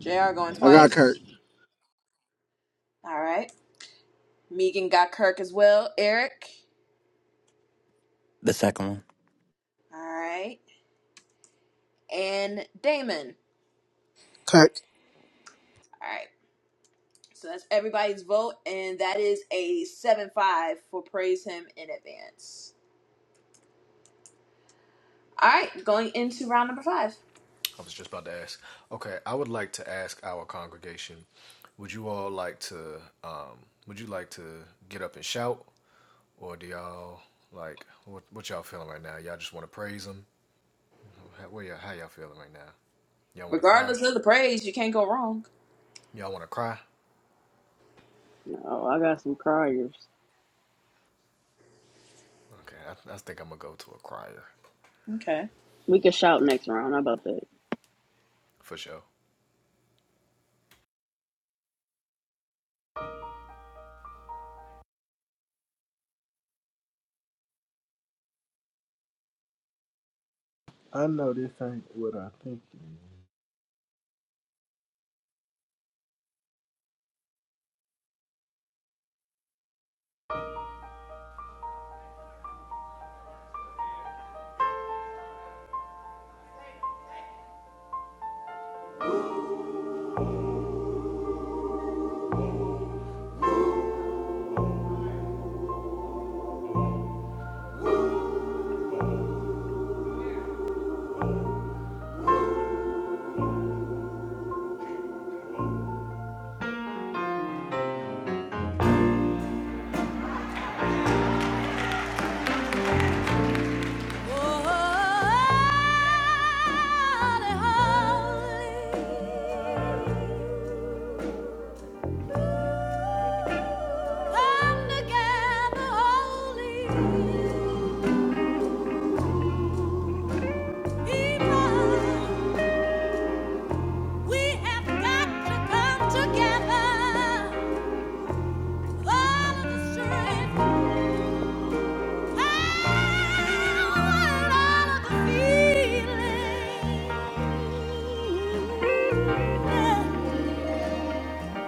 Speaker 3: Jr. going
Speaker 12: I got Kurt.
Speaker 3: twice. All right. Megan got Kirk as well. Eric.
Speaker 9: The second one.
Speaker 3: All right. And Damon.
Speaker 11: Kirk,
Speaker 3: All right. So that's everybody's vote, and that is a seven-five for praise him in advance. All right, going into round number five. Regardless of the praise, you can't go wrong.
Speaker 1: No, I got some criers.
Speaker 3: Okay.
Speaker 1: We can shout next round. How about that?
Speaker 2: I know this ain't what I think. it is.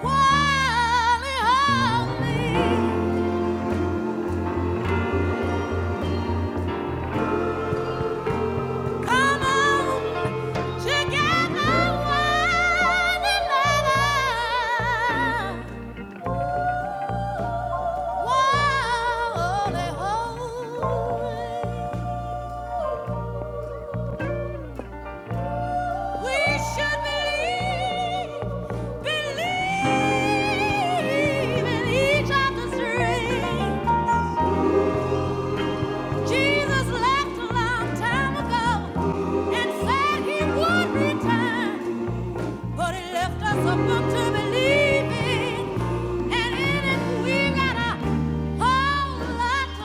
Speaker 6: Wally, Holly, come on together, Wally, lover. Wally, Holly, we should believe, believe in each other's dreams. Jesus left a long time ago and said he would return. But it left us a book to believe in, and in it we got a whole lot to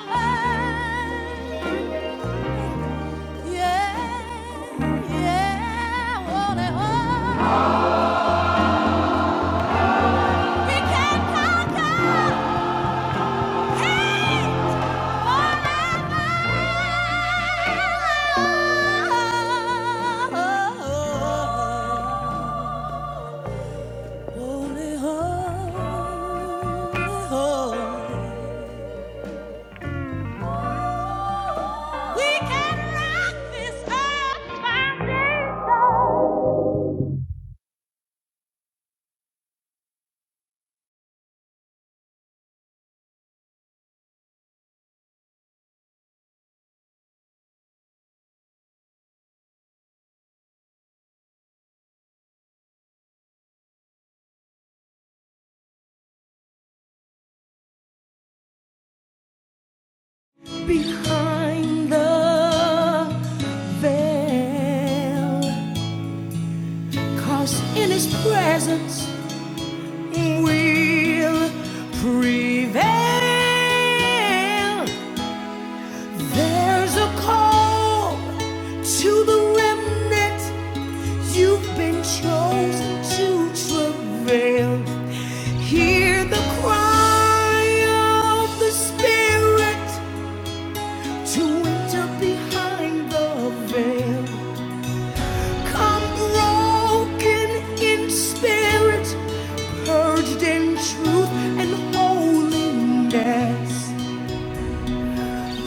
Speaker 6: learn. Yeah, yeah, on and on. We can conquer hate forever. We can rock this earth foundation.
Speaker 7: the to the hear the cry of the house spirit urged in.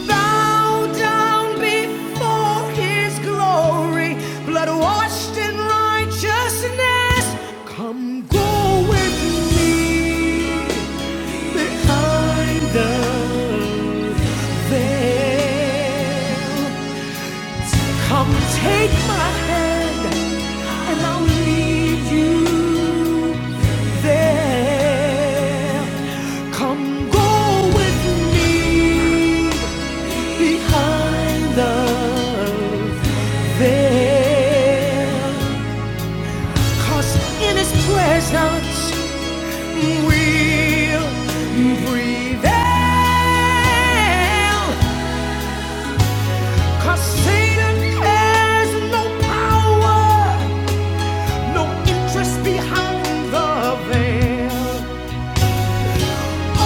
Speaker 7: Bow down before his glory, blood washed in righteousness. Come go with me behind the veil. Come take my hand and I'll lead you there. Come go with me behind the veil, 'cause in his presence we'll prevail, 'Cause Satan has no power, no interest behind the veil.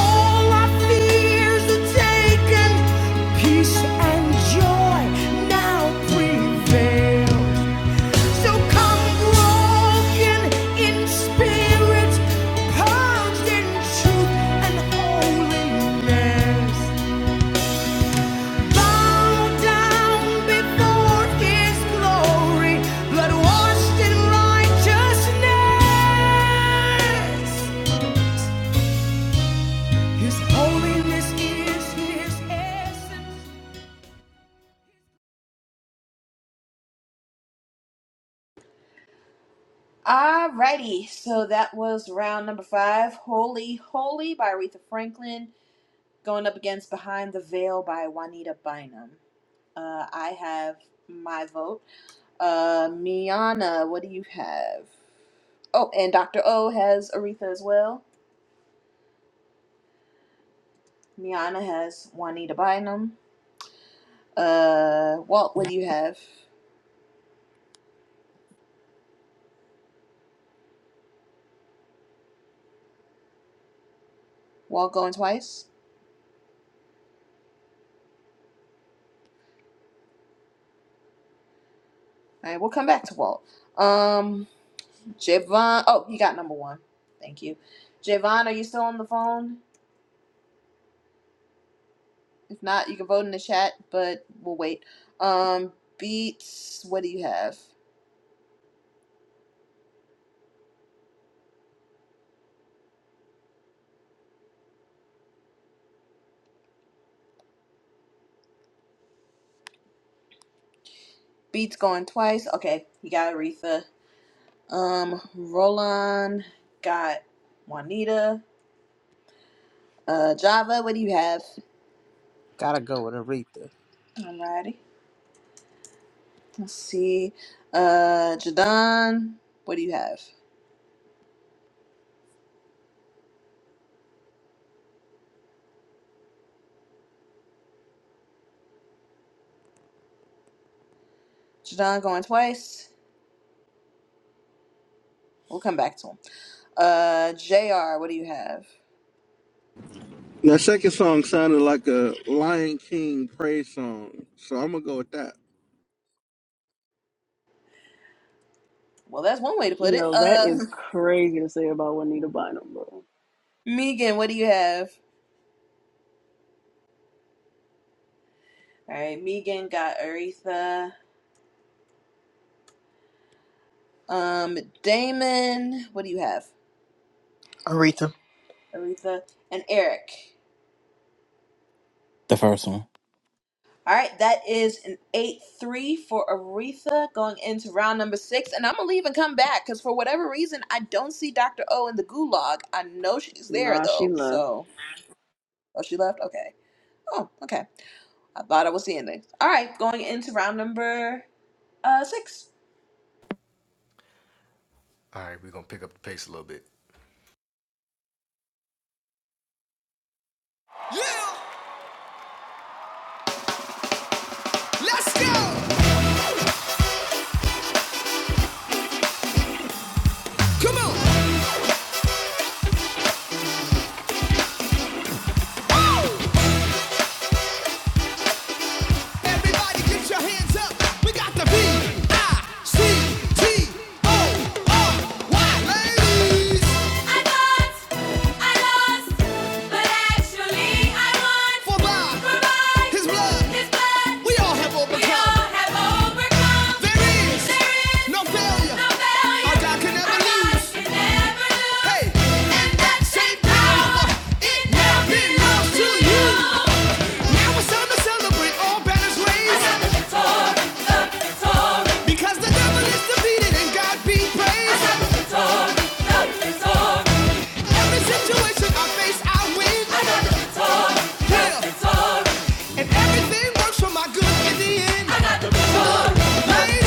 Speaker 7: All our fears are taken, peace and joy now prevail. So
Speaker 3: Alrighty, so that was round number five, Holy Holy by Aretha Franklin, going up against Behind the Veil by Juanita Bynum. Uh, I have my vote. Uh, Miana, what do you have? Oh, and Dr. O has Aretha as well. Miana has Juanita Bynum. Uh, Walt, what do you have? Walt going twice? Alright, we'll come back to Walt. Um, Javon, oh, he got number one. Thank you. Javon, are you still on the phone? If not, you can vote in the chat, but we'll wait. Um, Beats, what do you have? Beats going twice. Okay, he got Aretha. Um, Roland got Juanita. Uh, Java, what do you have?
Speaker 10: Gotta go with Aretha.
Speaker 3: Alrighty. Let's see. Uh, Jadon, what do you have? Jadon going twice. We'll come back to him. Uh, Jr, what do you have?
Speaker 12: That second song sounded like a Lion King praise song, so I'm gonna go with that.
Speaker 3: Well, that's one way to put it.
Speaker 1: Yo, that
Speaker 3: Uh,
Speaker 1: is crazy to say about Juanita Bynum, bro.
Speaker 3: *laughs* Megan, what do you have? All right, Megan got Aretha. Um, Damon, what do you have?
Speaker 11: Aretha,
Speaker 3: Aretha and Eric.
Speaker 9: The first one.
Speaker 3: All right, that is an 8 3 for Aretha going into round number six. And I'm going to leave and come back because for whatever reason, I don't see Dr. O in the gulag. I know she's there
Speaker 1: Nah, she
Speaker 3: though.
Speaker 1: left.
Speaker 3: So, oh, she left? Okay. Oh, okay. I thought I was seeing things. All right, going into round number uh, six.
Speaker 6: Little, let's go. Come on. Woo! Everybody get your hands up. We got the B-I-C-T-O-R-Y. Ladies, I lost, I lost, but actually I won. for by For by his blood, His blood, we all have we all have overcome. There is no failure no our God can never Our God can never lose. Hey, and that same power, it now belongs to you. Now it's time to celebrate all Banner's ways. Because the devil is defeated and God be praised. I love the Victory, Every situation I face, I win. I got the guitar, yeah. The guitar. And everything works for my good in the end. I got the guitar, ladies.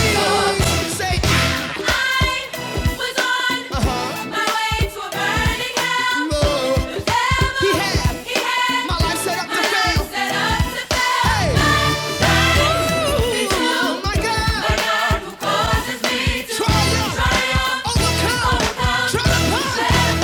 Speaker 6: Say, I was on uh-huh, love. He had he had, my life set up to fail. Set up to fail. Hey, oh my God, my God who causes me to triumph, triumph, overcome, overcome, triumph.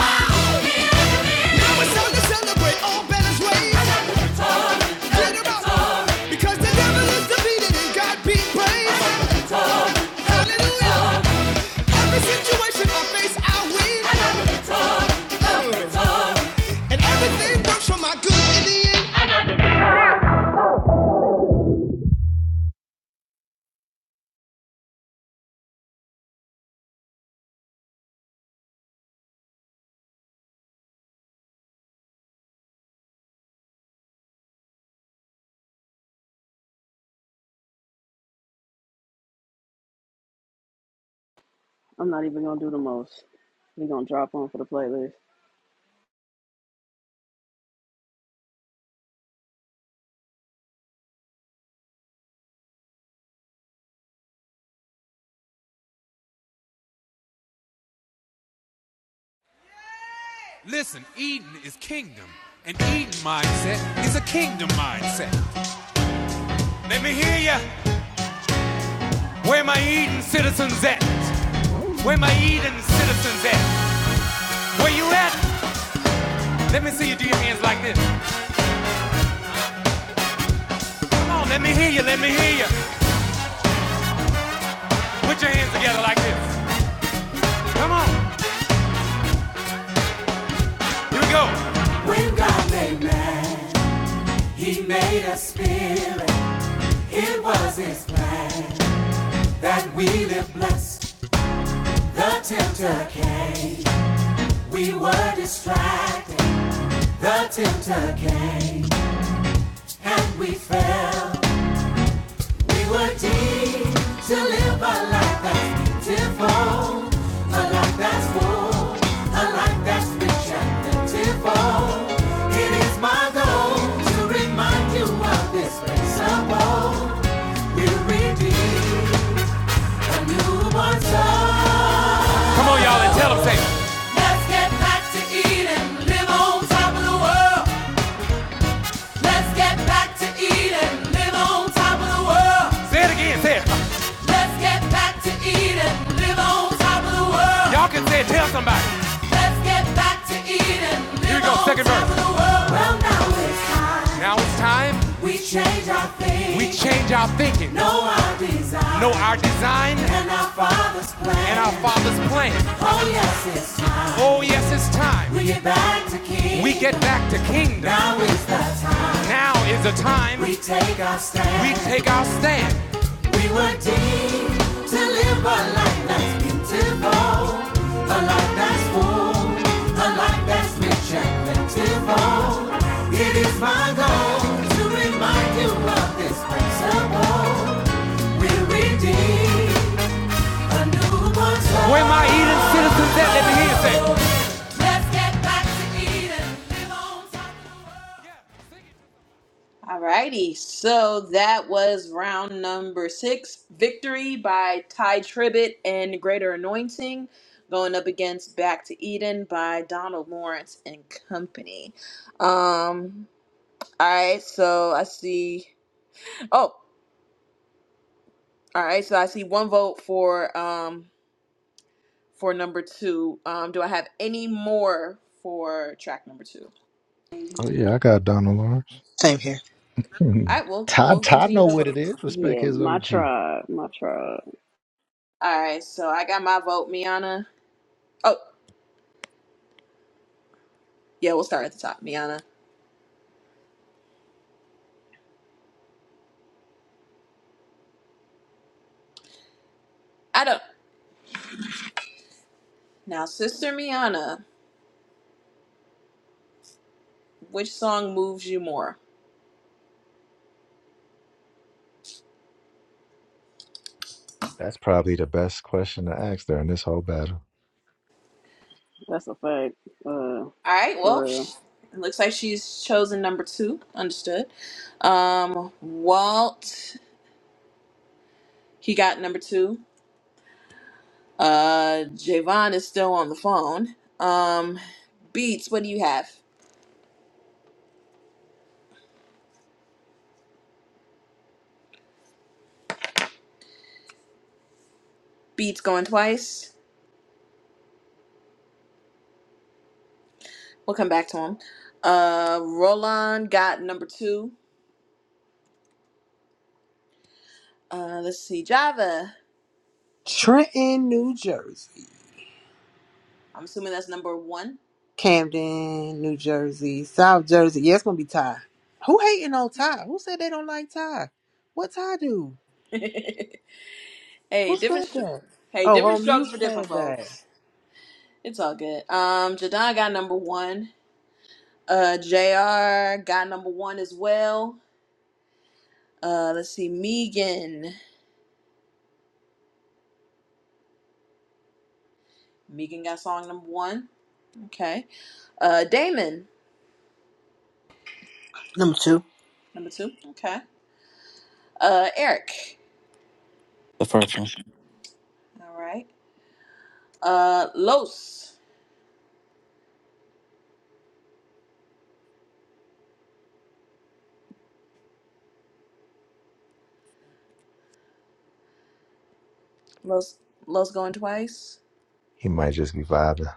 Speaker 1: I'm not even gonna do the most. We gonna drop on for the playlist.
Speaker 7: Listen, Eden is kingdom, and Eden mindset is a kingdom mindset. Let me hear ya. Where my Eden citizens at? Where my Eden citizens at? Where you at? Let me see you do your hands like this. Come on, let me hear you, let me hear you. Put your hands together like this. Here we go. When God made man, he made a spirit. It was his plan that we live blessed. The tempter came. We were distracted. The tempter came. And we fell. We were deemed to live a life that's beautiful, a life that's full, a life that's rich and plentiful. It is my goal to remind you of this principle. We're redeemed, a newborn soul. Come on, y'all, and tell them, say, Let's get back to eating, live on top of the world. Let's get back to eating, live on top of the world. Say it again, say it. Let's get back to eating, live on top of the world. Y'all can say it, tell somebody. Let's get back to Eden. Here we go, second verse. Well, now it's time. Now it's time We change our thinking. we change our thinking, know our design. know our design and our Father's plan. and our Father's plan. Oh, yes, it's time. Oh, yes, it's time. We get back to kingdom. We get back to kingdom. Now is the time. Now is the time We take our stand. we take our stand. We were deemed to live a life that's beautiful. Where my Eden citizens at? Let me hear you say. Let's get back to Eden, live on top of the
Speaker 3: Alrighty, so that was round number six. Victory by Ty Tribbett and Greater Anointing, going up against Back to Eden by Donald Lawrence and Company. Um, alright, so I see. Oh, alright, so I see one vote for um for number two. Um, do I have any more for track number two?
Speaker 13: Oh yeah, I got Donald Lawrence. *laughs*
Speaker 11: same here.
Speaker 13: Hmm.
Speaker 3: Alright, we'll
Speaker 13: Todd
Speaker 3: we'll
Speaker 13: Todd
Speaker 3: continue
Speaker 13: know
Speaker 3: the
Speaker 13: what
Speaker 3: vote.
Speaker 13: it is. Respect
Speaker 1: Yeah,
Speaker 13: his
Speaker 1: my
Speaker 13: OG.
Speaker 1: tribe. My tribe.
Speaker 3: Alright, so I got my vote, Miana. Oh, yeah, we'll start at the top, Miana. I don't. Now, Sister Miana, which song moves you more?
Speaker 13: That's probably the best question to ask during this whole battle.
Speaker 1: That's a fact, uh,
Speaker 3: All right.
Speaker 1: for
Speaker 3: Well, sh-
Speaker 1: real.
Speaker 3: it looks like she's chosen number two. Understood. Um, Walt, he got number two. Uh, Javon is still on the phone. Um, Beats, what do you have? Beats going twice. We'll come back to him. Uh, Roland got number two. Uh, let's see. Java.
Speaker 10: Trenton, New Jersey.
Speaker 3: I'm assuming that's number one.
Speaker 10: Camden, New Jersey. South Jersey. Yeah, it's gonna be Ty. Who hating on Ty? Who said they don't like Ty? What Ty do?
Speaker 3: *laughs* Hey,
Speaker 10: Who
Speaker 3: different.
Speaker 10: said
Speaker 3: str-
Speaker 10: that?
Speaker 3: Hey,
Speaker 10: Oh,
Speaker 3: different
Speaker 10: oh,
Speaker 3: strokes
Speaker 10: mute
Speaker 3: for different
Speaker 10: said that.
Speaker 3: folks. It's all good. Um, Jadon got number one. Uh, Jr. got number one as well. Uh, let's see, Megan. Megan got song number one. Okay. Uh, Damon
Speaker 11: Number two,
Speaker 3: number two. Okay. Uh, Eric.
Speaker 9: The first one.
Speaker 3: All right. Uh, Los. Los. Los going twice.
Speaker 13: He might just be vibing.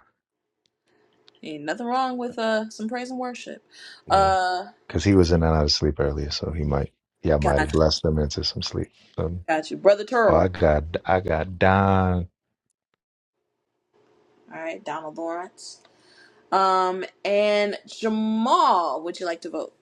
Speaker 3: Ain't nothing wrong with uh some praise and worship.
Speaker 13: Yeah.
Speaker 3: Uh,
Speaker 13: Cause he was in and out of sleep earlier, so he might yeah, I
Speaker 3: got
Speaker 13: might
Speaker 3: you,
Speaker 13: have blessed him into some sleep. Um,
Speaker 3: got you, brother
Speaker 13: oh I
Speaker 3: Turl.
Speaker 13: got I got Don.
Speaker 3: All right, Donald Lawrence. Um, and Jamal, would you like to vote?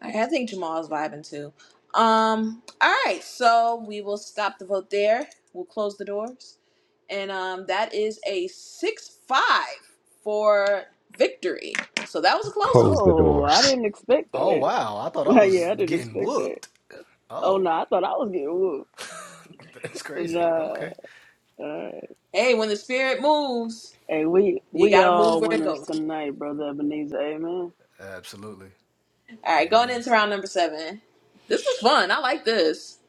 Speaker 3: I I think Jamal's vibing too. Um, all right, so we will stop the vote there. We'll close the doors. And um, that is a 6 5 for victory. So that was a close one.
Speaker 13: Close the
Speaker 1: Oh, I
Speaker 13: doors.
Speaker 1: didn't expect that. *laughs* yeah, I didn't expect that. Oh no, I thought I was getting whooped. Nah. Uh,
Speaker 3: Hey, when the spirit moves,
Speaker 1: hey, we
Speaker 3: you
Speaker 1: we
Speaker 3: got to move
Speaker 1: all
Speaker 3: where it
Speaker 1: winners
Speaker 3: goes.
Speaker 1: tonight, brother Ebenezer. Amen.
Speaker 3: All right, going into round number seven. This was fun. I like this.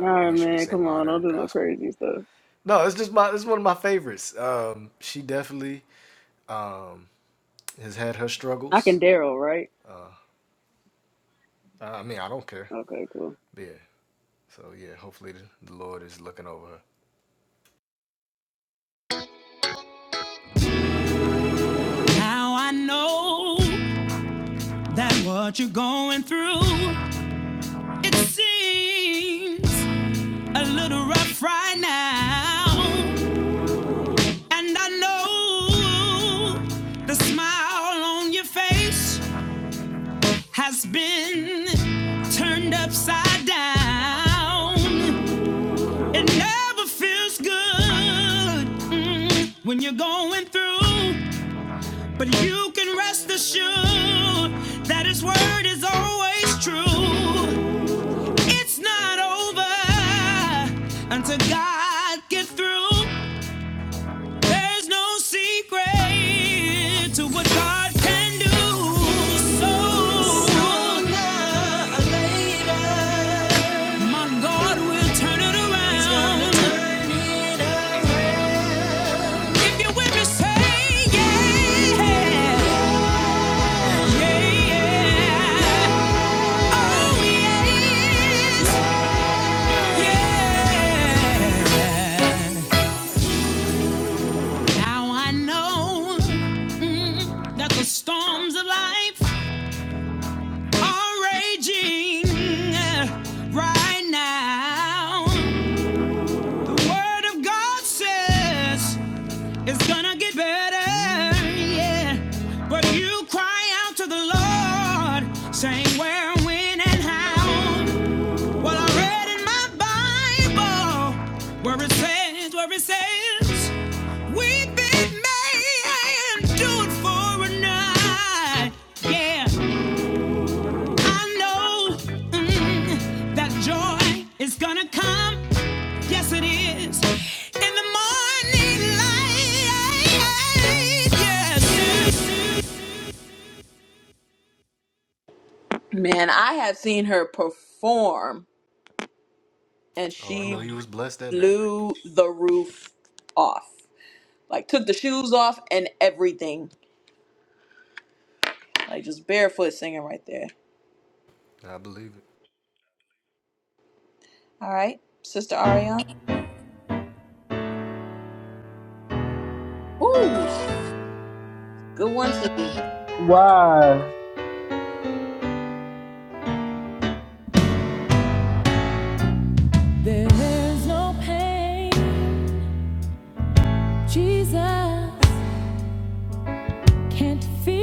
Speaker 1: All right, man. Come on, don't do no crazy stuff. I can Daryl, right? Okay, cool.
Speaker 6: Now I know that what you're going through, it seems a little rough right now. And I know the smile on your face has been turned upside down. It never feels good mm, when you're going through, but you can rest assured that His word is always true. It's not over until God gets through. There's no secret to what God can do. So sooner or later, my God will turn it around. turn it around. If you are with me, say yeah, yeah, yeah. Oh yes, yeah. Now I know mm, that the storms of life are raging uh, right now. The word of God says it's gonna get better, yeah. But you cry out to the Lord, saying where, when, and how. Well, I read in my Bible where it says, where it says. We've been made do it for a night. Yeah, I know mm, that joy is gonna come. Yes, it is. In the morning light. Yes, yes.
Speaker 3: Man, I have seen her perform, and she blew the roof off. Like took the shoes off and everything. Like just barefoot singing right there. All right, Sister Ariana. Ooh, good one, Susie.
Speaker 2: Why?
Speaker 7: world. There's no pain Jesus can't feel.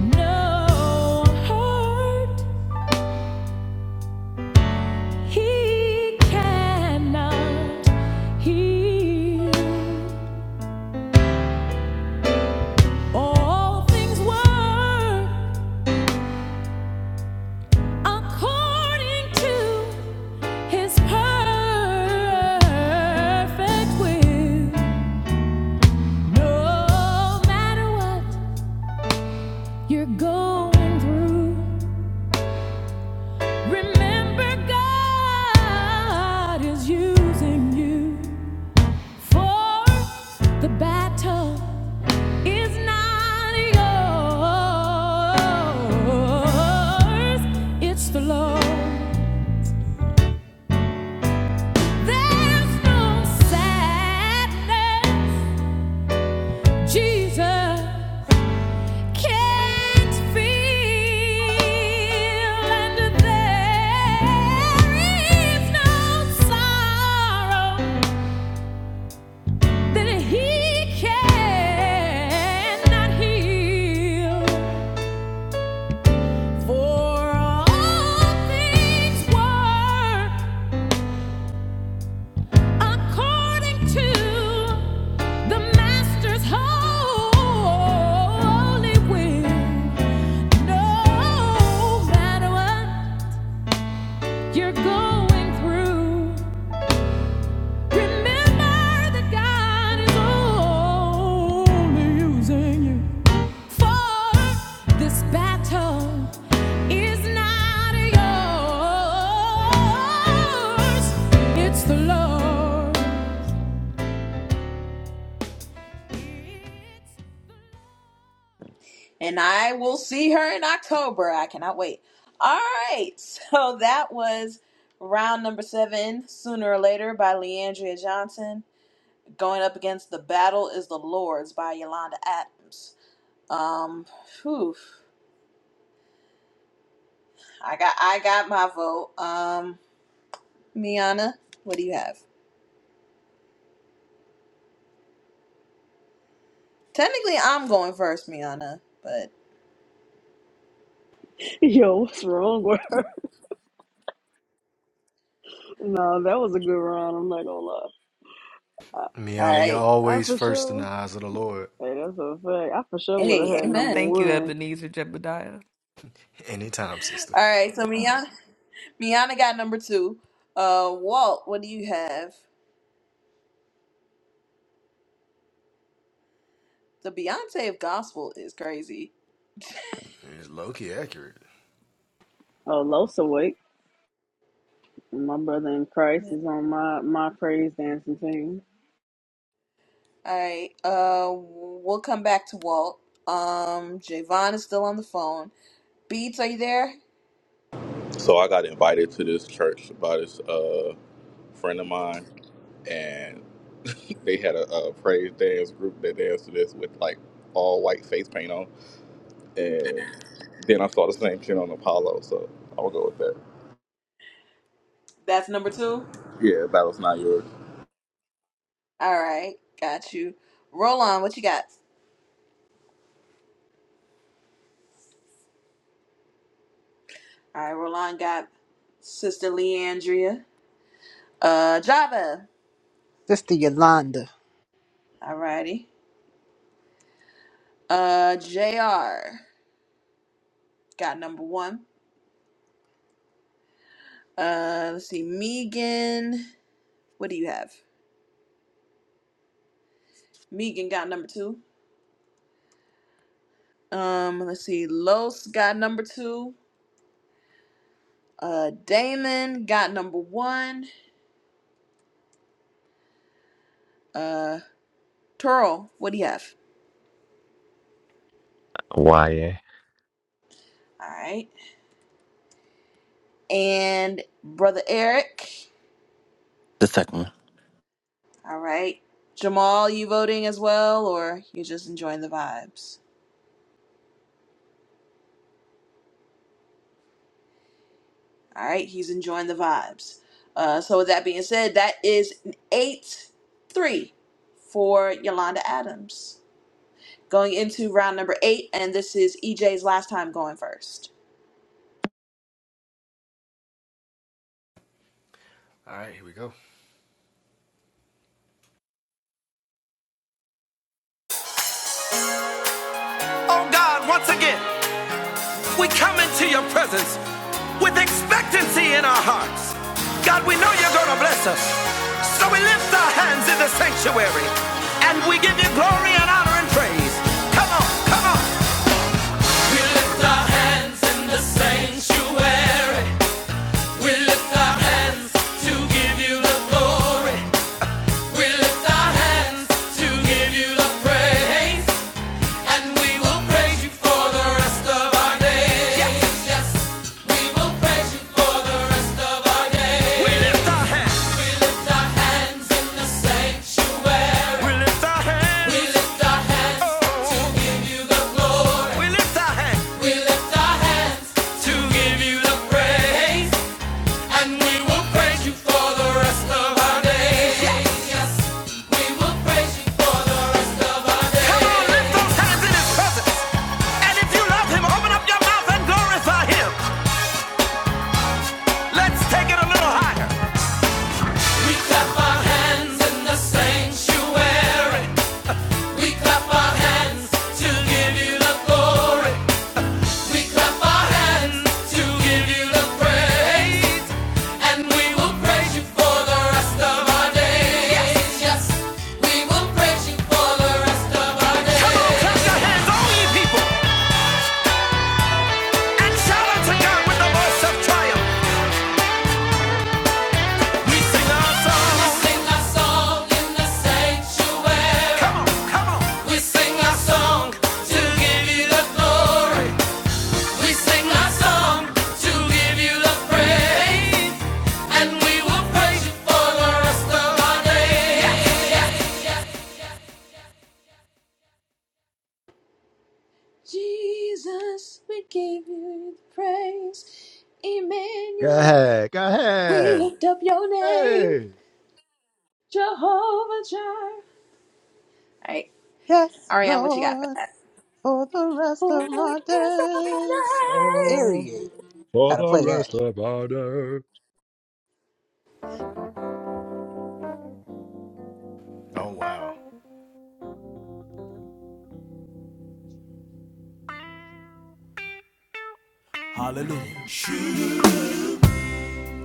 Speaker 7: No hurt he cannot heal. All things work according to His perfect will. No matter what you're going through, remember God is using you for the battle. It's not yours, it's the Lord. There's no sadness Jesus can't feel, and there is no sorrow that He cannot heal. For all things work according to the master's holy will. No matter what you're going through, remember that God is only using you. For this battle is not yours, it's the Lord.
Speaker 3: And I will see her in October. I cannot wait. All right, *laughs* so that was round number seven, Sooner or Later by Leandria Johnson. Going up against The Battle is the Lord's by Yolanda Adams. Um, whew. I got I got my vote. Um Miana, what do you have? Technically, I'm going first, Miana, but
Speaker 1: *laughs* Yo, what's wrong with her? *laughs* no, that was a good round. I'm not gonna lie. I,
Speaker 3: all right.
Speaker 1: I for sure. Hey, that's a fact. I for sure would have
Speaker 3: Hey,
Speaker 1: had number
Speaker 3: amen.
Speaker 4: Thank you,
Speaker 1: one.
Speaker 4: Ebenezer Jebediah.
Speaker 3: All right, so Miana, Miana got number two. Uh, Walt, what do you have? The Beyonce of gospel is crazy.
Speaker 1: Oh, Losa awake. My brother in Christ
Speaker 3: Yeah.
Speaker 1: is on my my praise dancing team.
Speaker 3: All right, uh, we'll come back to Walt. Um, Javon is still on the phone. Beats, are you there?
Speaker 14: So I got invited to this church by this uh, friend of mine, and they had a, a praise dance group that danced to this with like all white face paint on, and then I saw the same shit on Apollo, so I'll go with that.
Speaker 3: That's number two.
Speaker 14: Yeah, battle's not yours.
Speaker 3: All right, got you. Roland, what you got? All right, Roland got Sister Leandria. Uh, Java.
Speaker 10: Sister Yolanda.
Speaker 3: Alrighty. Uh, JR got number one. Uh, let's see. Megan, what do you have? Megan got number two. Um, let's see. Los got number two. Uh, Damon got number one. Uh, Turl, what do you have?
Speaker 13: *laughs* YA.
Speaker 3: All right. And brother Eric.
Speaker 9: The second one.
Speaker 3: All right. Jamal, you voting as well, or you're just enjoying the vibes? All right, he's enjoying the vibes. Uh, so with that being said, that is an eight three for Yolanda Adams. Going into round number eight, and this is EJ's last time going first.
Speaker 6: Oh God, once again, we come into your presence with expectancy in our hearts. God, we know you're going to bless us. So we lift our hands in the sanctuary and we give you glory and honor and praise. Come on, come on. And this is our hands to give you the glory. It's our hands to give you the praise. And we will praise you for the rest of our days. Yes, yes. We will praise you for the rest of our days. We lift our hands. We lift our hands. Oh, we lift our hands to give you the praise, and we will praise you for the rest of our days. Come on, lift those hands in His presence. And if you love Him, open up your mouth and glorify Him. Let's take it a little higher. We clap our hands in the sanctuary. We clap our hands to give you the glory. We clap our hands to give you the praise. And we will praise you for the rest of our days. Yes, yes. We will praise you for the rest of our days. Come on, clap your hands, all ye people, and shout unto God with the voice of triumph. We sing our We sing our song in the sanctuary. Come on, come on. We sing our song to give glory. to give you
Speaker 3: Jesus, praise
Speaker 13: Go
Speaker 3: Emmanuel.
Speaker 13: ahead. Go
Speaker 3: We
Speaker 13: ahead.
Speaker 3: lift up your name
Speaker 13: Hey.
Speaker 3: over All right,
Speaker 10: Yes,
Speaker 3: Ariane, what you got for
Speaker 10: Lord,
Speaker 3: that?
Speaker 10: for the rest of my days.
Speaker 13: Oh
Speaker 10: Period.
Speaker 13: for
Speaker 10: Gotta
Speaker 13: the
Speaker 10: play that.
Speaker 13: rest of our us.
Speaker 7: Hallelujah.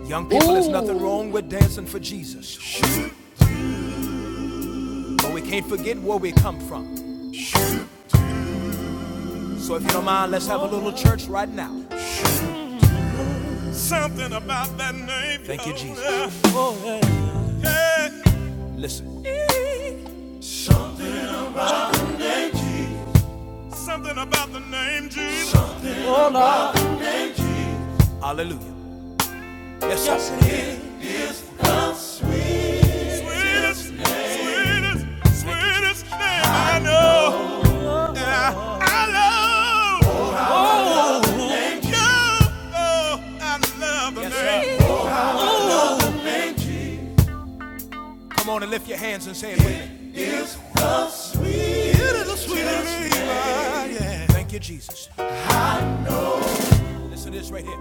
Speaker 7: Young people, there's nothing
Speaker 3: Ooh.
Speaker 7: wrong with dancing for Jesus, but we can't forget where we come from. So if you don't mind, let's have a little church right now. Something about that name. Thank you, Jesus. Yeah. Listen, Something about the name Jesus. hallelujah. Yes, sir. Sweetest, name. sweetest, sweetest name I know. And I, I love you. Oh, I love the Yes, name Come on and lift your hands and say it it with me. It is sweet and yeah. Thank you, Jesus. Listen to this right here.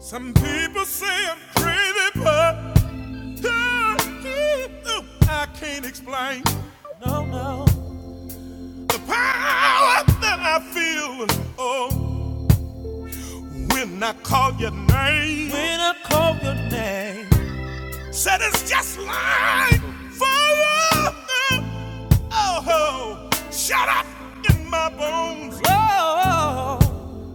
Speaker 7: Some people say I'm crazy, but I can't explain No, no. the power that I feel. Oh, when I call your name, When I call your name. Said it's just like fire. Oh, shut up in my bones. Oh,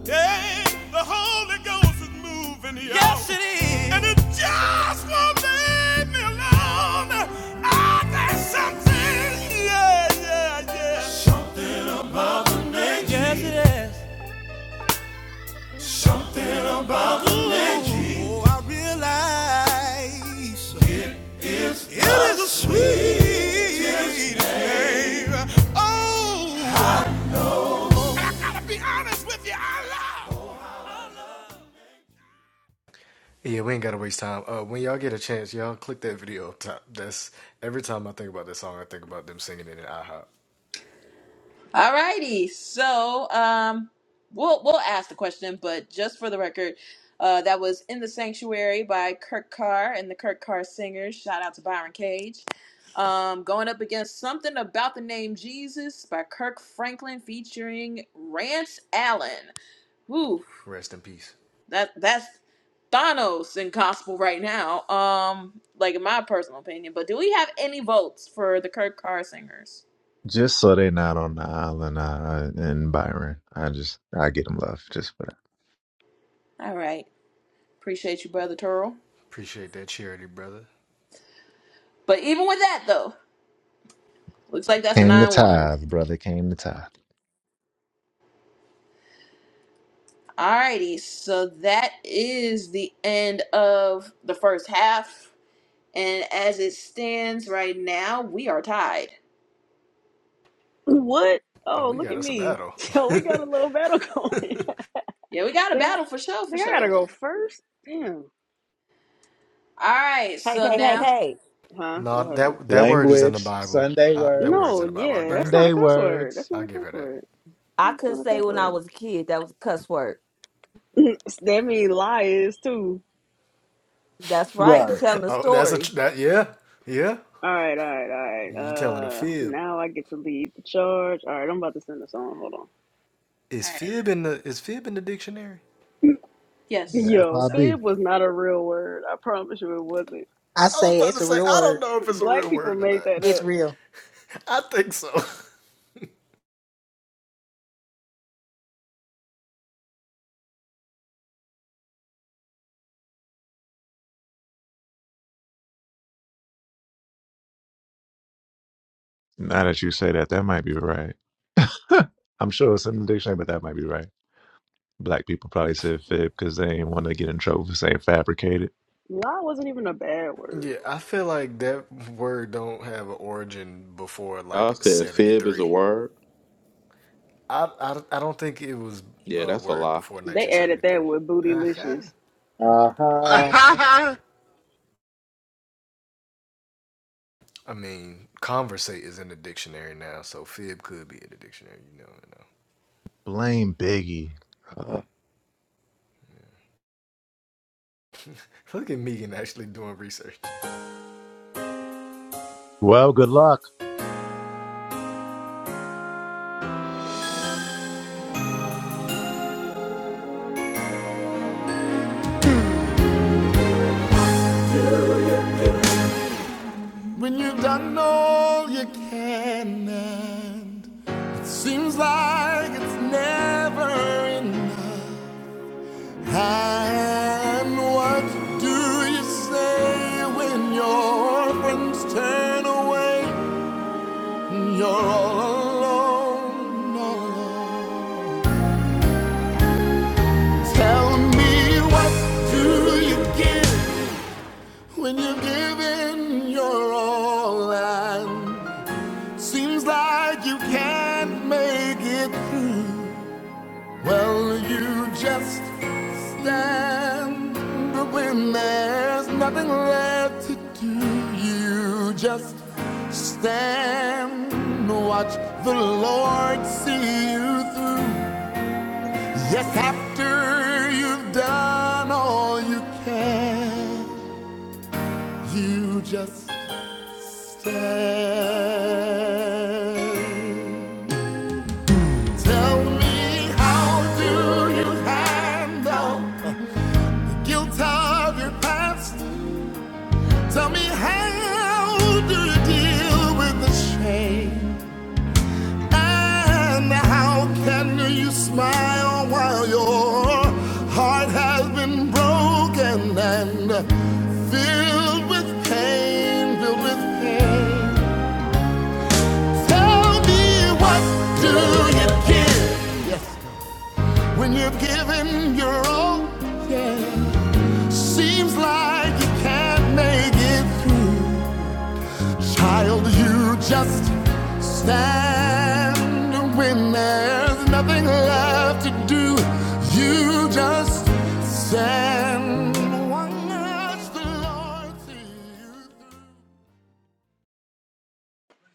Speaker 7: yeah, the Holy Ghost is moving here. Yes, it is. And it just won't leave me alone. Ah, there's something, yeah, yeah, yeah. Something, yes, it is. Something about the legend. Oh, I realize. It is a sweet name. Oh, *laughs* I gotta be honest with you, I love.
Speaker 3: All righty. So, um, we'll we'll ask the question, but just for the record, uh, that was in the sanctuary by Kirk Carr and the Kirk Carr Singers. Shout out to Byron Cage. Um, going up against something about the name Jesus by Kirk Franklin featuring Rance Allen. Woo, that that's Thanos in gospel right now. Um, like in my personal opinion. But do we have any votes for the Kirk Carr Singers?
Speaker 13: Just so they not on the island uh, in Byron. I just, I get them love just for that.
Speaker 3: All right, appreciate you, brother Turl. But even with that, though, looks like that's a
Speaker 13: Came the
Speaker 3: 9 1.
Speaker 13: tithe, brother. Came the tithe.
Speaker 3: Alrighty, so that is the end of the first half. And as it stands right now, we are tied.
Speaker 1: What? Oh, look at me. *laughs* So we got a little battle going. *laughs* think
Speaker 3: Yeah, we got a
Speaker 1: I
Speaker 3: battle for sure, for
Speaker 1: think I gotta
Speaker 3: sure.
Speaker 1: go first? Damn.
Speaker 3: Alright,
Speaker 4: Hey,
Speaker 3: so
Speaker 4: hey, hey,
Speaker 3: now.
Speaker 4: hey.
Speaker 1: Huh? What happened?
Speaker 13: Language, Sunday words.
Speaker 1: No, yeah, that's not a
Speaker 13: Sunday
Speaker 1: cuss word.
Speaker 13: words.
Speaker 1: That's not a cuss word.
Speaker 4: I
Speaker 1: That's
Speaker 4: couldn't
Speaker 1: not a
Speaker 4: say
Speaker 1: cuss
Speaker 4: when I
Speaker 1: word.
Speaker 4: was a kid that was a cuss word.
Speaker 1: *laughs* that means lie is too.
Speaker 4: That's right. You're
Speaker 2: Right.
Speaker 4: telling a story.
Speaker 1: All right, all right, all right. Uh, now I get to lead the charge. All right, I'm about to send a song. Hold on.
Speaker 3: Alright. Yes, I
Speaker 13: Yeah,
Speaker 3: think
Speaker 1: Yo,
Speaker 3: so.
Speaker 13: FIB.
Speaker 1: fib was not a real word. I promise you, it wasn't.
Speaker 11: I say it's a real word.
Speaker 1: Black people made that up.
Speaker 11: It's real.
Speaker 13: Now that you say that, that might be right. *laughs* I'm sure it's in the dictionary, but that might be right. Black people probably said fib because they didn't want to get in trouble for saying fabricated.
Speaker 1: Lie wasn't even a bad word.
Speaker 14: Y'all said fib is a word. Yeah, that's a lie.
Speaker 1: They added that with bootylicious.
Speaker 13: Uh-huh. Blame Biggie. Uh, well, good luck.
Speaker 7: When you've done all you can, and seems like it's never enough. And what do you say when your friends turn away? and You're all alone, all alone. Tell me what do you give? When you're giving your all and seems like you can't make it through, well, you just stand. But when there's nothing left to do, you just stand. Watch the Lord see you through. Yes, after you've done all you can, you just stand. Tell me how do you handle guilt of your past? Tell me how do you deal with the shame? And how can you smile while your heart has been broken and filled with pain, filled with pain? Tell me what do you give when you're giving your all? Seems like you can't make it. Child, you just stand when there's nothing left to do. You just stand. No One Watch the Lord see you through.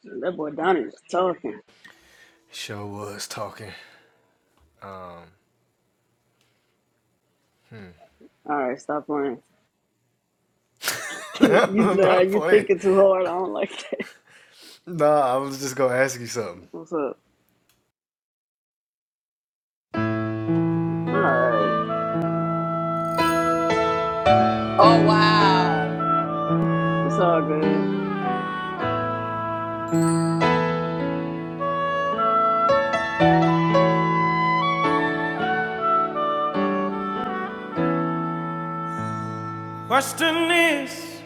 Speaker 1: That boy Donnie was talking. All right, stop playing. *laughs* you nah, you thinking too hard. I don't like that. What's up? All right,
Speaker 3: Oh, wow.
Speaker 1: it's all good.
Speaker 6: Question is,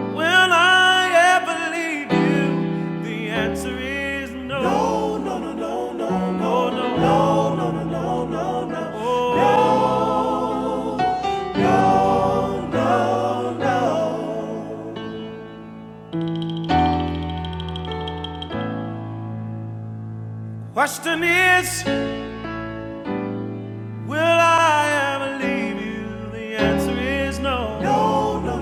Speaker 6: will I ever leave you? The answer is no, no, no, no, no, no. Oh. no. Question is, will I ever leave you? The answer is no, no,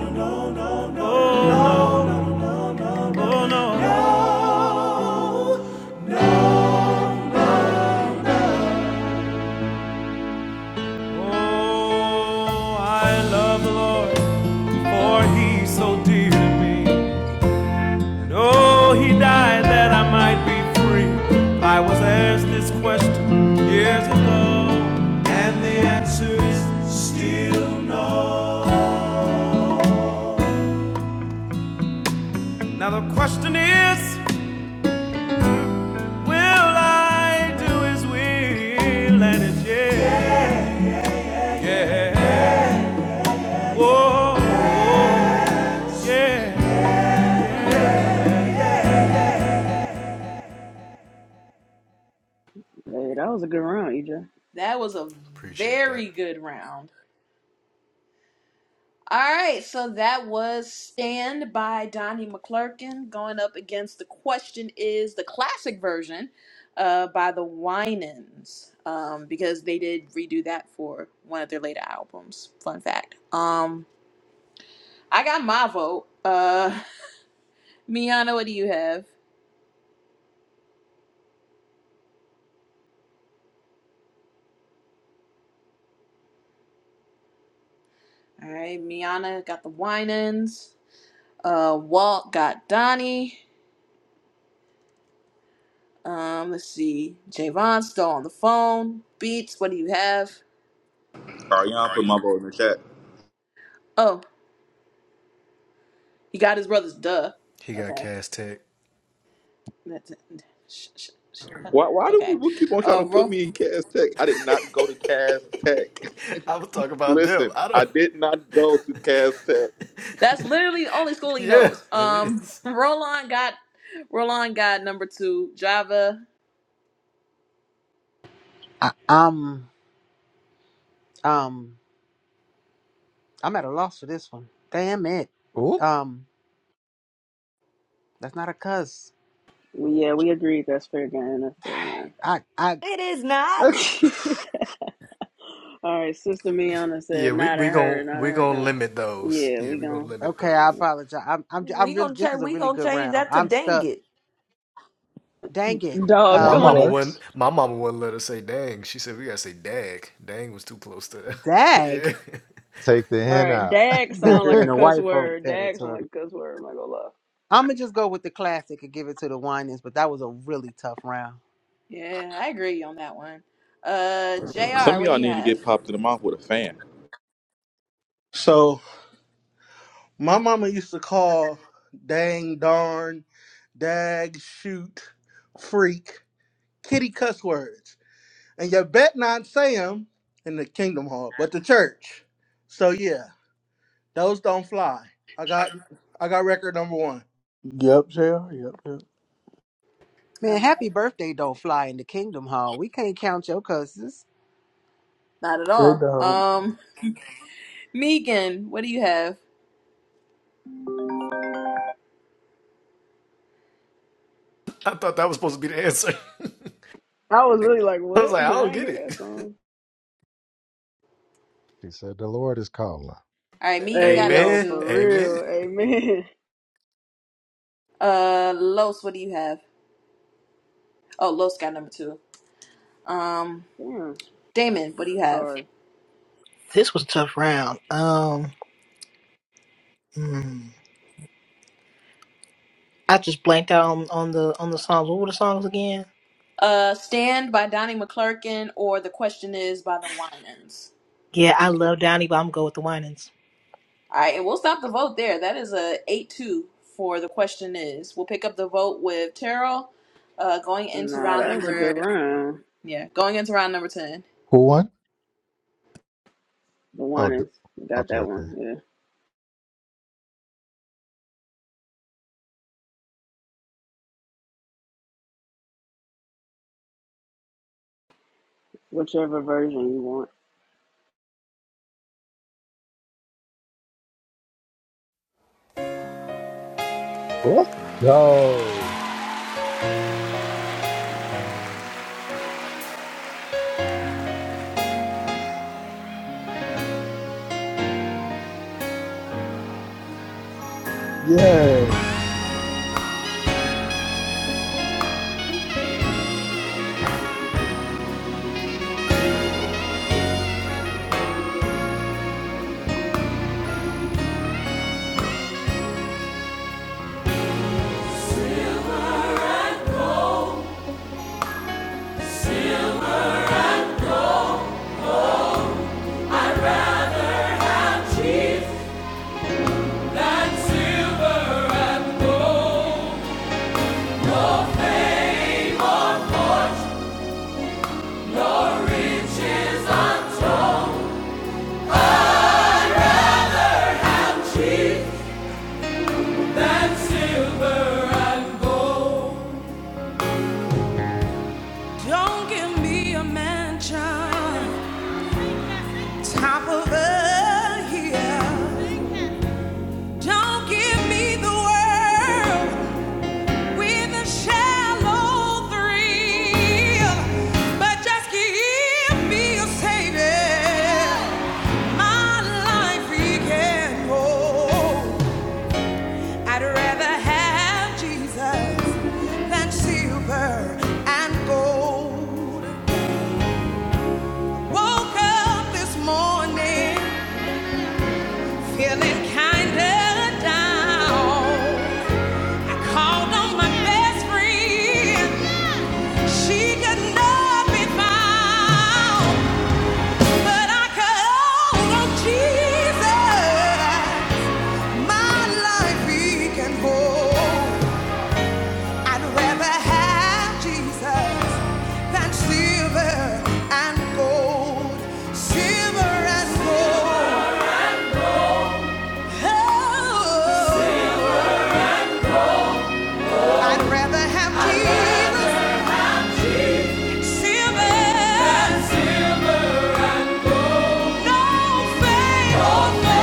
Speaker 6: no, no, oh, no, no, no. Now the question is, will I do His will? And it's yeah, yeah, oh, yeah.
Speaker 1: Hey, that was a good round, EJ.
Speaker 3: That was a very good round. All right, so that was Stand by Donnie McClurkin going up against The Question Is the classic version uh, by the Winans um, because they did redo that for one of their later albums. Fun fact. Um, I got my vote. Uh, *laughs* Miana, what do you have? All right, Miana got the Winans. Uh, Walt got Donnie. Um, let's see. Javon's still on the phone. Beats, what do you have?
Speaker 14: All right, y'all put my vote in the chat.
Speaker 3: Oh, He got his brothers. Duh. Okay. That's sh- sh- sh- huh.
Speaker 14: Why, why do
Speaker 3: Okay.
Speaker 14: people keep on trying
Speaker 3: Uh,
Speaker 14: to put
Speaker 3: Ro-
Speaker 14: me in Cas Tech? I did not go to Cas Tech. *laughs* Listen, I did not go to Cas Tech.
Speaker 3: that's literally the only school he knows. Um, *laughs* Roland got Roland got number two. Java.
Speaker 10: I, I'm um I'm at a loss for this one. Damn it.
Speaker 13: Oop,
Speaker 10: Um, that's not a cuss.
Speaker 1: We yeah, we agreed that's fair game. That's fair game.
Speaker 10: *sighs* I I
Speaker 4: It is not.
Speaker 1: Okay. *laughs* all right, Sister Miana said not in her, not in her. Gun. Yeah, we gon'
Speaker 10: okay. I apologize. I'm I'm j- I'm
Speaker 4: We
Speaker 10: really.
Speaker 4: gonna
Speaker 10: This
Speaker 4: change.
Speaker 10: was a
Speaker 4: We
Speaker 10: really
Speaker 4: gonna
Speaker 10: good
Speaker 4: change
Speaker 10: round.
Speaker 4: that to
Speaker 10: I'm
Speaker 4: dang
Speaker 10: stuck.
Speaker 4: it.
Speaker 10: Dang it.
Speaker 13: dang, it
Speaker 1: doggone
Speaker 10: Um,
Speaker 1: it.
Speaker 13: works.
Speaker 10: dag.
Speaker 13: Take the
Speaker 1: All
Speaker 13: hen
Speaker 1: right,
Speaker 13: out.
Speaker 1: dag sound
Speaker 10: Ventured
Speaker 1: like
Speaker 10: in
Speaker 1: a
Speaker 10: a
Speaker 13: *laughs*
Speaker 1: cuss
Speaker 10: white folk
Speaker 1: word. Dag sound
Speaker 10: territory.
Speaker 1: like a cuss word. I'm not gonna lie.
Speaker 10: I'm gonna just go with the classic and give it to the Winans, but that was a really tough round.
Speaker 3: Yeah, I agree on that one. Uh,
Speaker 14: Some
Speaker 3: Jr.
Speaker 14: of
Speaker 3: What do
Speaker 14: y'all
Speaker 3: you
Speaker 14: need to
Speaker 3: have?
Speaker 14: get popped in the mouth with a fan.
Speaker 12: So my mama used to call dang, darn, dag, shoot, freak, kitty cuss words, and you bet not say 'em in the Kingdom Hall, but the church. So yeah, those don't fly. I got I got record number one.
Speaker 2: Yep, Jay. Yep, yep.
Speaker 3: All
Speaker 10: Man, happy
Speaker 3: right.
Speaker 10: birthday don't fly in the Kingdom Hall. We can't count your cusses.
Speaker 3: Not at
Speaker 2: They
Speaker 3: all.
Speaker 2: don't.
Speaker 3: Um, Megan. What do you have?
Speaker 1: I was really like, what? *laughs* I didn't hear that song.
Speaker 13: He said, The Lord is calling.
Speaker 3: All right. Megan
Speaker 1: Hey,
Speaker 3: got number
Speaker 1: yo,
Speaker 3: two.
Speaker 1: for real. Amen.
Speaker 3: Uh, Los. What do you have? Oh, Los got number two. Um,
Speaker 1: *laughs* Damn.
Speaker 3: Damon. What do you have?
Speaker 1: Sorry.
Speaker 11: This was a tough round. Um, mm, I just blanked out on, on the on the songs. What were the songs again?
Speaker 3: Uh, Stand by Donnie McClurkin or The Question Is by the Winans.
Speaker 11: Yeah, I love Donnie, but I'm going with the Winans.
Speaker 3: All right, and we'll stop the vote there. That is a 8 2 for The Question Is. We'll pick up the vote with Terrell uh, going into
Speaker 1: Nah,
Speaker 3: round
Speaker 1: that was a good
Speaker 3: number.
Speaker 1: run.
Speaker 3: Yeah, going into round number 10.
Speaker 13: Who won?
Speaker 1: The
Speaker 13: Oh,
Speaker 1: one
Speaker 13: d-
Speaker 1: is. Got
Speaker 13: okay,
Speaker 1: that
Speaker 13: okay.
Speaker 1: one. Yeah. Whichever version you want
Speaker 13: Let's go.
Speaker 2: Yes.
Speaker 7: I'm chief than silver and gold. No fame, no riches unto than silver and gold. Man, child. top of a hill. Don't give me the world with a shallow thrill, but just give me a savior. My life he can hold. I'd rather have Jesus than silver and gold. Woke up this morning feeling kinda down. Called on my best friend. She could not be found, but I called on Jesus. My life He can hold. I'd rather have Jesus than silver and gold. Silver and gold. Oh, I'd rather have Jesus. Silver, no faith.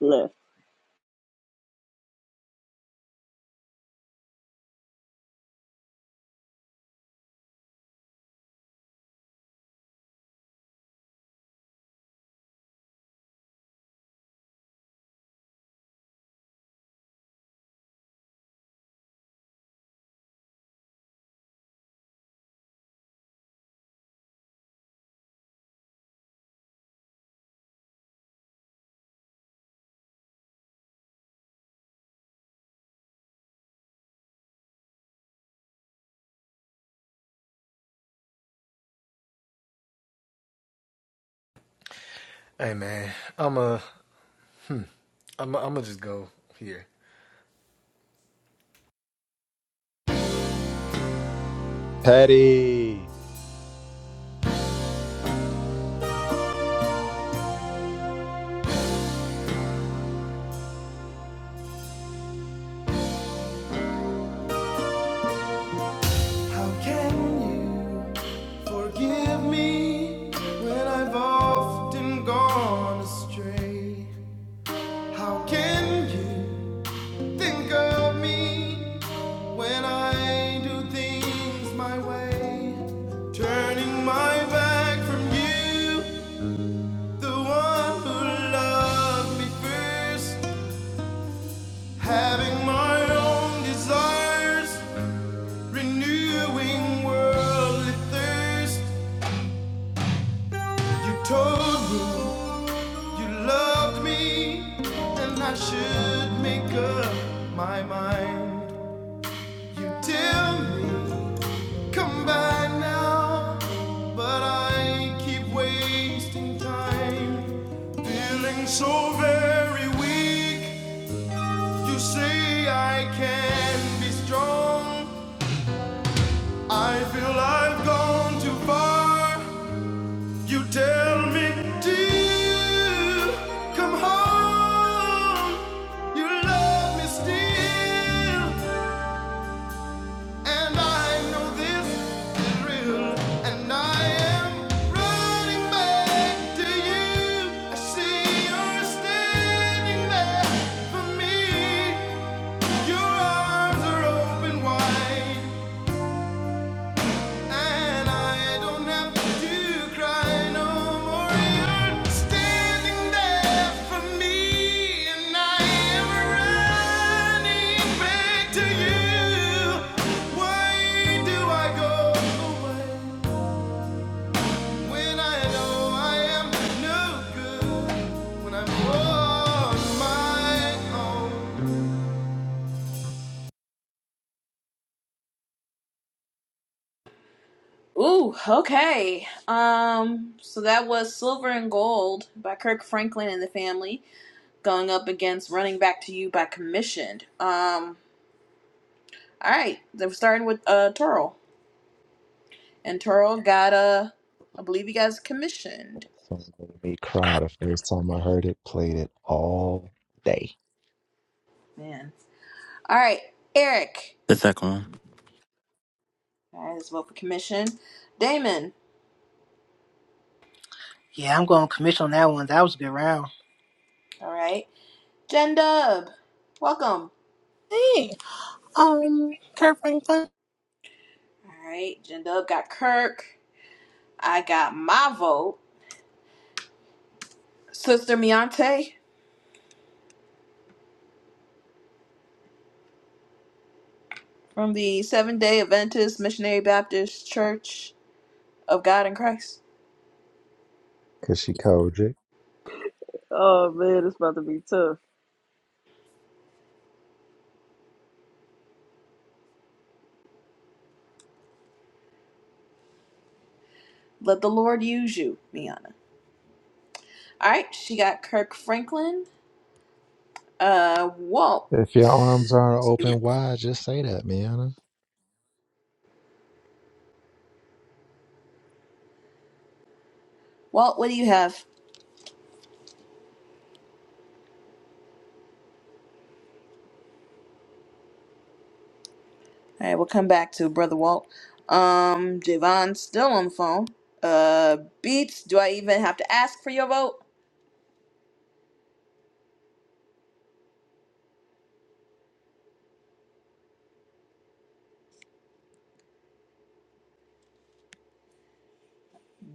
Speaker 1: left.
Speaker 13: Patty.
Speaker 3: Ooh, okay. Um, so that was Silver and Gold by Kirk Franklin and the Family going up against Running Back to You by Commissioned. Um, all right, then we're starting with uh Terrell. And Toro got a, I believe he got commissioned.
Speaker 13: song made me cry the first time I heard it, played it all day.
Speaker 3: Man. All right, Eric.
Speaker 9: The second one.
Speaker 3: All right, let's vote for commission. Damon.
Speaker 11: Yeah, I'm going commission on that one. That was a good round.
Speaker 3: All right, Jen Dub. Welcome.
Speaker 15: Hey, um, Kurt Franklin.
Speaker 3: All right, Jen Dub got Kirk. I got my vote. Sister Miante from the Seventh Day Adventist Missionary Baptist Church of God in Christ.
Speaker 13: Cause she Kojic.
Speaker 1: Oh, man, it's about to be tough.
Speaker 3: Let the Lord use you, Miana. All right, she got Kirk Franklin. Uh, Walt.
Speaker 13: If your arms aren't open wide, just say that, man.
Speaker 3: Walt, what do you have? All right, we'll come back to Brother Walt. Um, Javon's still on the phone. Uh, Beats, do I even have to ask for your vote?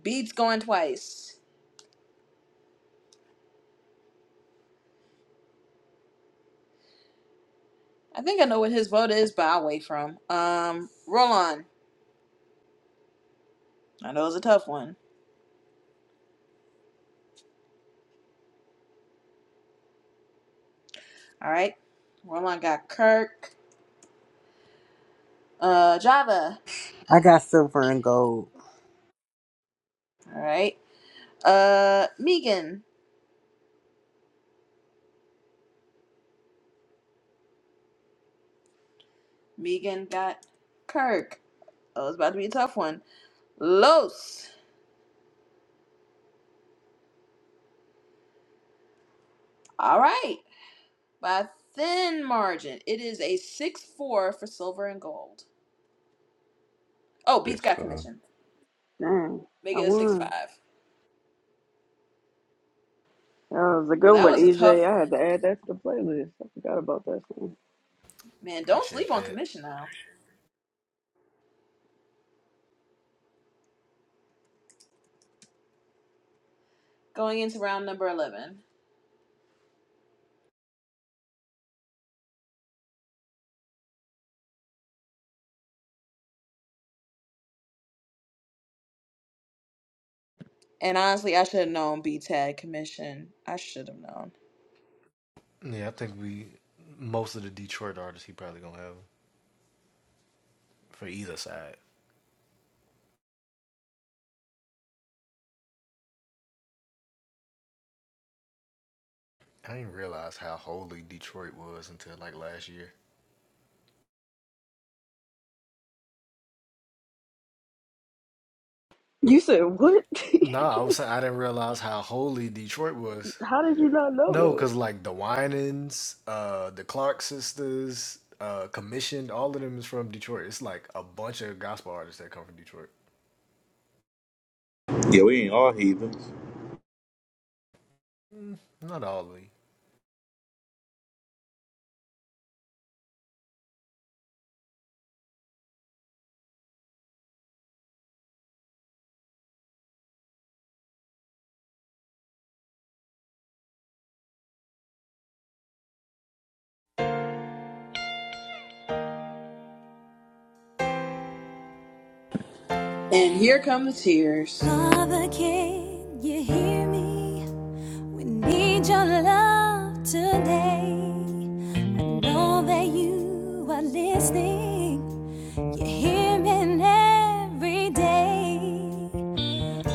Speaker 3: Beats going twice. I think I know what his vote is, but I'll wait for him. Um, Roland, I know it's a tough one. All right, Roland got Kirk. Uh, Java.
Speaker 10: I got silver and gold.
Speaker 3: All right. Uh, Megan. Megan got Kirk. Oh, it's about to be a tough one. Los. All right. by a thin margin. It is a six four for silver and gold. Oh, Beats
Speaker 13: Six
Speaker 3: got
Speaker 13: five.
Speaker 3: commission.
Speaker 1: Dang.
Speaker 3: Make
Speaker 1: I
Speaker 3: it a six
Speaker 1: won.
Speaker 3: five.
Speaker 1: That was a
Speaker 3: But
Speaker 1: good
Speaker 3: that
Speaker 1: one,
Speaker 3: was a
Speaker 1: EJ.
Speaker 3: tough
Speaker 1: I had
Speaker 3: one.
Speaker 1: to add that to the playlist. I forgot about that song.
Speaker 3: Man, don't sleep on commission now. Going into round number eleven. And honestly, I should have known Beats had commission. I should have known.
Speaker 1: You said what, *laughs* EJ? How did you not know that?
Speaker 14: Yeah, we ain't all heathens.
Speaker 3: And here come the tears.
Speaker 7: Father, can you hear me? We need your love today. I know that you are listening. You hear me every day.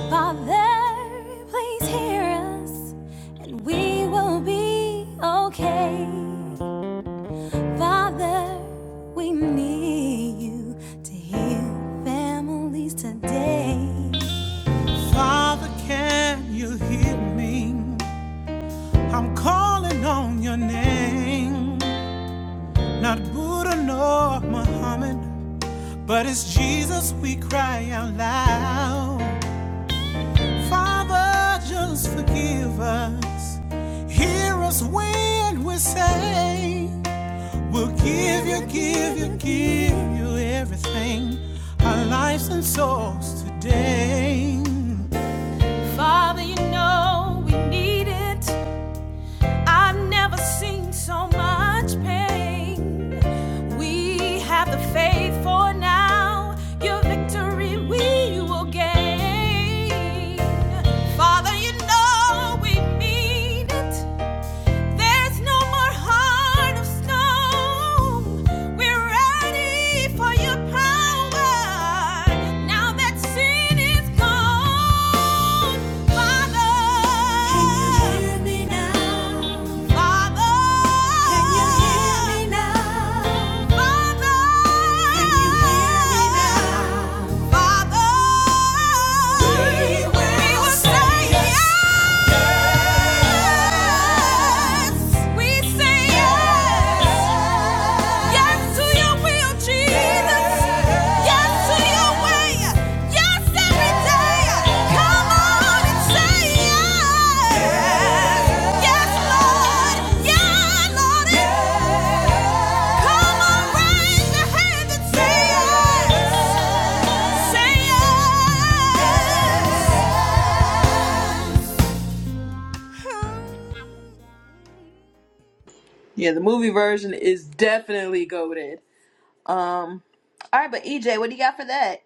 Speaker 7: Father, please hear us, and we will be okay. Father, we need you to heal families today. Can you hear me? I'm calling on your name. Not Buddha nor Muhammad, but it's Jesus we cry out loud. Father, just forgive us. Hear us when we say, We'll give you, give you, give you everything. Lives and souls today. Father, you know we need it. I've never seen so much pain. We have the faith for now. Your victory we will gain. Father, you know we need it. There's no more heart of stone. We're ready for your power. Now that sin is gone, Father. Can you hear me now? Father. Can you hear me now? Father. Can you hear me now? Father. We will say yes. Say yes.
Speaker 3: Yeah, the movie version is definitely goaded. Um all right, but EJ, what do you got for that?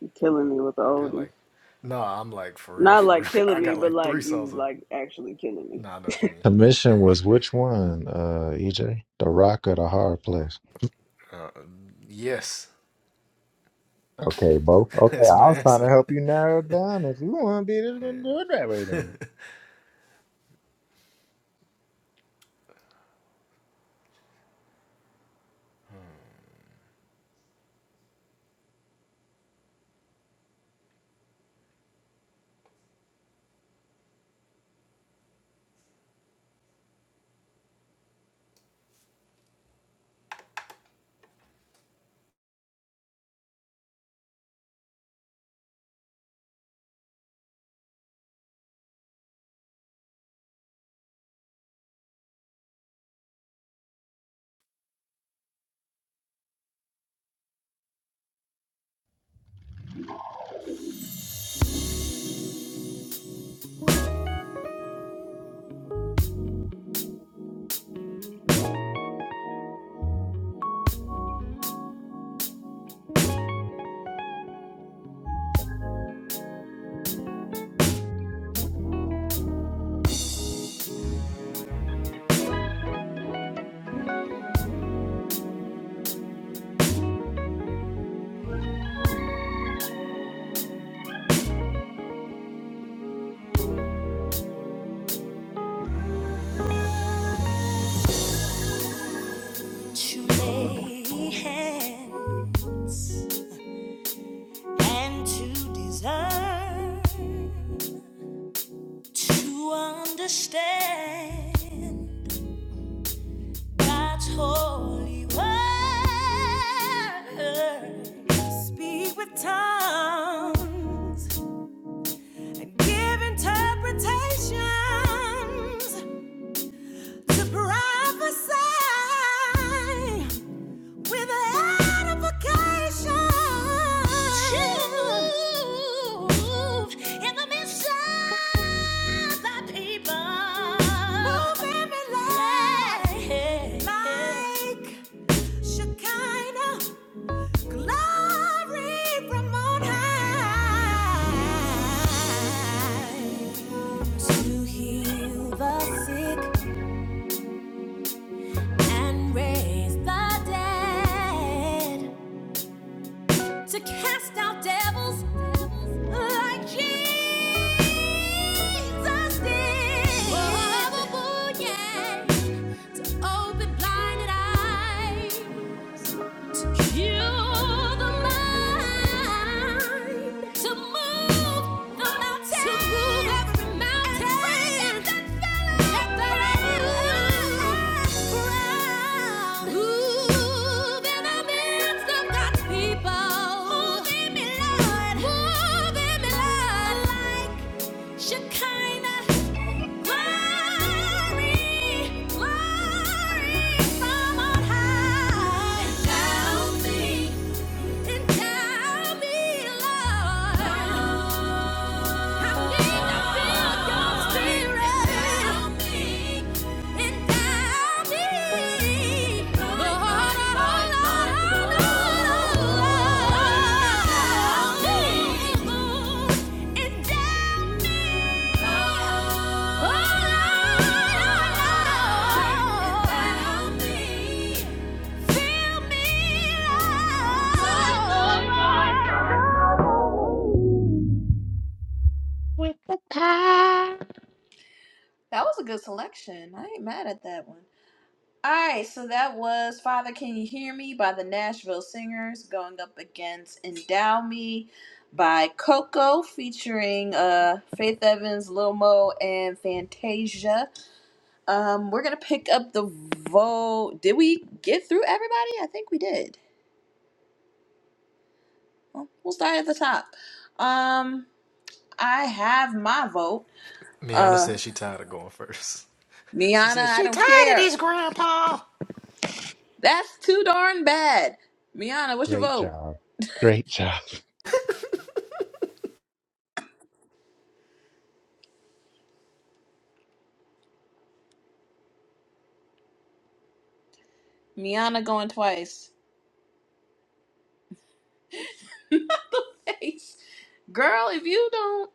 Speaker 1: You're killing me with the oldies. Not like killing me, but like you like actually killing me.
Speaker 13: Commission was which one, uh, EJ? The rock or the hard place? Okay, both. Okay, I was trying to help you narrow it down. If you want to be this, then do it that way then.
Speaker 6: That you lay hands and to discern, to understand God's holy word. Speak with tongues and give interpretations to prophesy. with an amplification. Truth in the midst of people. Moving me like, like glory from on high. To heal the sick and raise the dead. to cast out devils like Jesus did. Oh, yeah, to open blinded eyes. People, move in me, Lord, move in me, Lord, like Shekinah, glory, glory from on high. Now Oh, Lord, oh, Lord, oh, Lord, endow me. Fill me
Speaker 13: with the power.
Speaker 3: That was a good selection. I ain't mad at that one. All right, so that was Father Can You Hear Me by the Nashville Singers going up against Endow Me by Coco featuring uh, Faith Evans, Lil Mo, and Fantasia. Um, we're going to pick up the vote. Did we get through everybody? I think we did. Well, we'll start at the top. Um, I have my vote. Uh, Miana, I
Speaker 6: You
Speaker 3: don't
Speaker 6: tired of
Speaker 3: care.
Speaker 6: this, Grandpa?
Speaker 3: That's too darn bad. Miana, what's your
Speaker 13: Great
Speaker 3: vote?
Speaker 13: job. Great job.
Speaker 3: Miana going twice. *laughs* Girl, if you don't,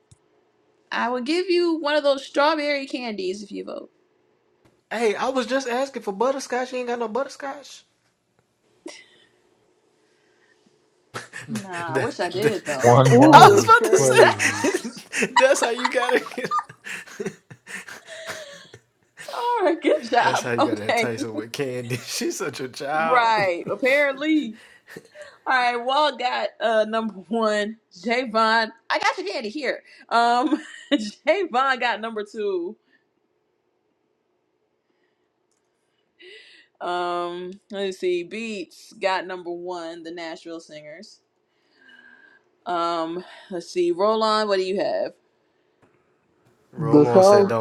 Speaker 3: I would give you one of those strawberry candies if you vote. Nah, I wish I did
Speaker 13: *laughs*
Speaker 3: though.
Speaker 13: One one,
Speaker 1: Ooh,
Speaker 13: he
Speaker 1: it's
Speaker 13: was
Speaker 1: crazy.
Speaker 13: crazy.
Speaker 3: All right, good job. Okay. *laughs* Right. Apparently. All right, Wall got uh number one. Javon. I got your candy here. Um *laughs* Javon got number two. Um let's see. Beats got number one, the Nashville Singers. Um, let's see. Roll on, what do you have?
Speaker 2: The song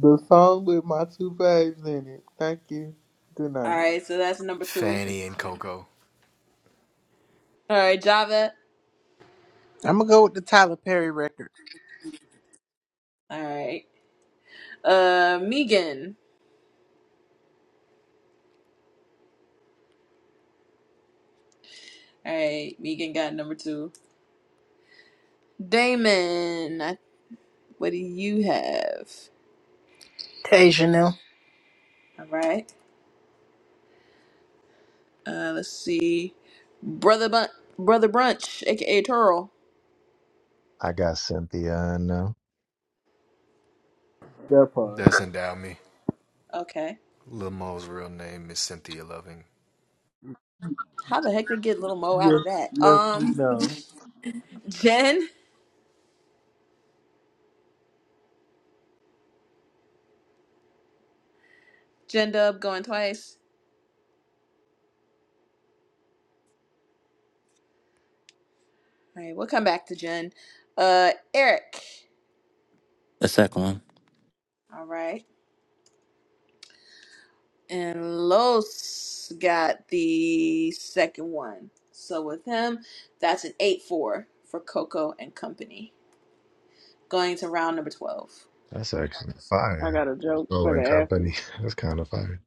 Speaker 2: The song with my two faves in it. Thank you. Good
Speaker 3: All
Speaker 2: night.
Speaker 3: right, so that's number two. All right, Java.
Speaker 10: I'm gonna go with the Tyler Perry record.
Speaker 3: All right. Uh, Megan. All right, Megan got number two. Damon, I- what do you have?
Speaker 11: Tay Janelle,
Speaker 3: All right. Uh, let's see. Brother Bun- Brother Brunch, aka Turl.
Speaker 13: I got Cynthia on now.
Speaker 2: That part.
Speaker 3: Okay. How the heck they get little Mo out
Speaker 2: Yes,
Speaker 3: of that?
Speaker 2: yes, we
Speaker 3: Um,
Speaker 2: know.
Speaker 3: *laughs* Jen. Jen Dub going twice. All right, we'll come back to Jen. Uh, Eric.
Speaker 9: The second one.
Speaker 3: All right. and Los got the second one. So with him, that's an 8 4 for Coco and Company. Going to round number 12.
Speaker 13: That's actually
Speaker 1: I
Speaker 13: fire.
Speaker 1: got a joke for
Speaker 13: Soul
Speaker 1: the
Speaker 13: and Company.
Speaker 1: afties.
Speaker 13: *laughs* That's kind of fire.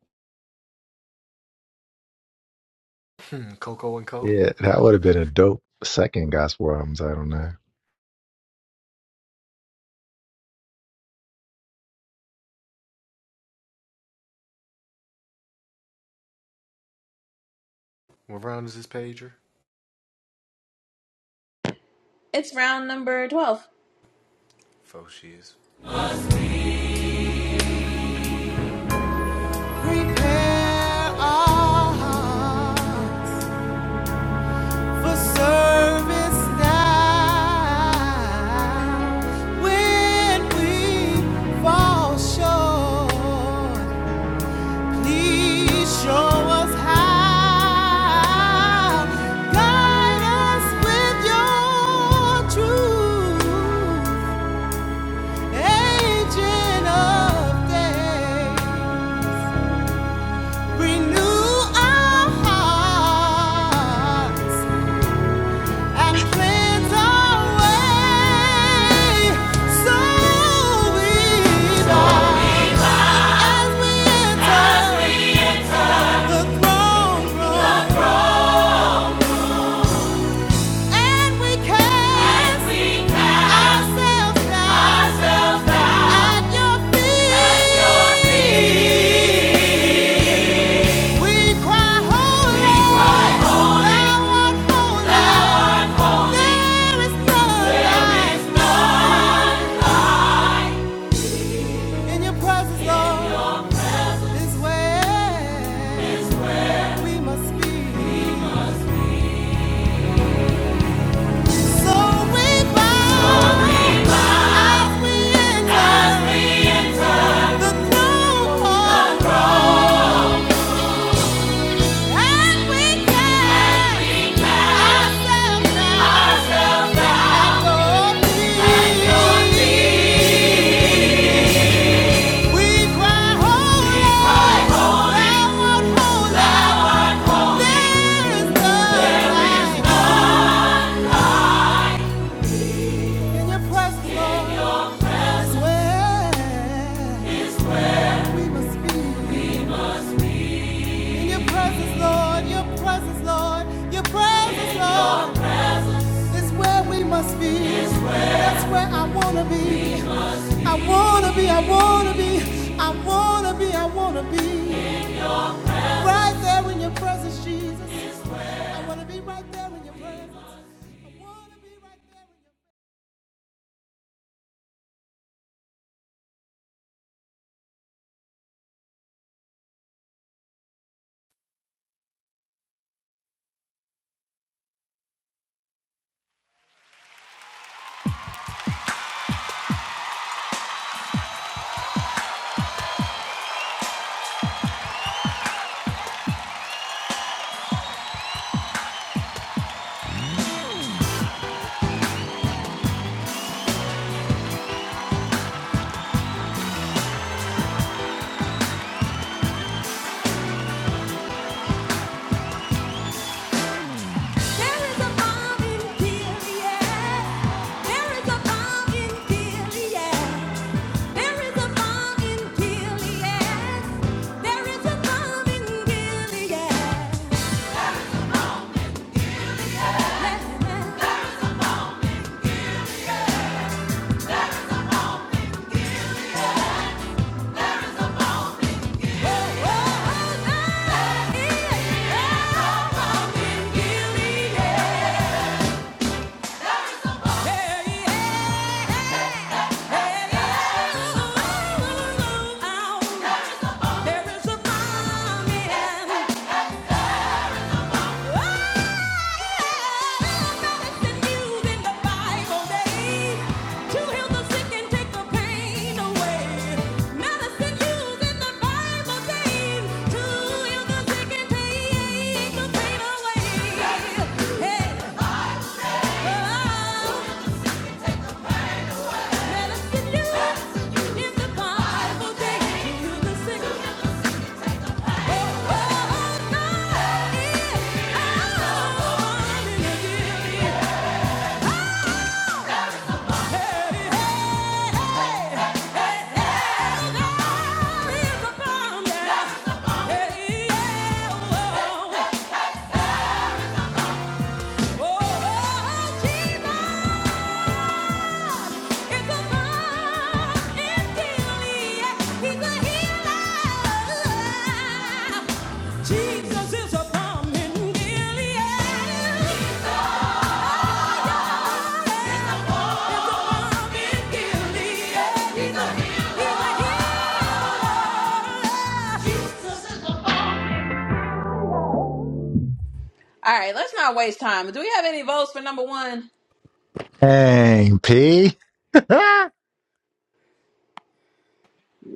Speaker 13: Yeah, that would have been a dope second gospel album don't know.
Speaker 3: It's round number 12.
Speaker 7: Prepare our heart for service now. please show us how with your truth. Agent of day, renew and cleanse our way. So we bow as we enter. Ourselves now. At your feet. We cry holy, thou art holy, there is none like In your presence, Lord, I wanna be, I wanna be. Right, I wanna be right there in your presence.
Speaker 6: There is a bomb in Gilead. There is a bomb in Gilead. There is a bomb in Gilead. There is a bomb in Gilead. Oh, oh, oh, oh. there is a bomb in Gilead. There is. a bomb in here, yeah. Hey, hey, hey, hey. sick. Jesus is a bomb in Gilead.
Speaker 3: All right, let's not waste time. Do we have any votes for number one?
Speaker 13: Dang, P. *laughs* I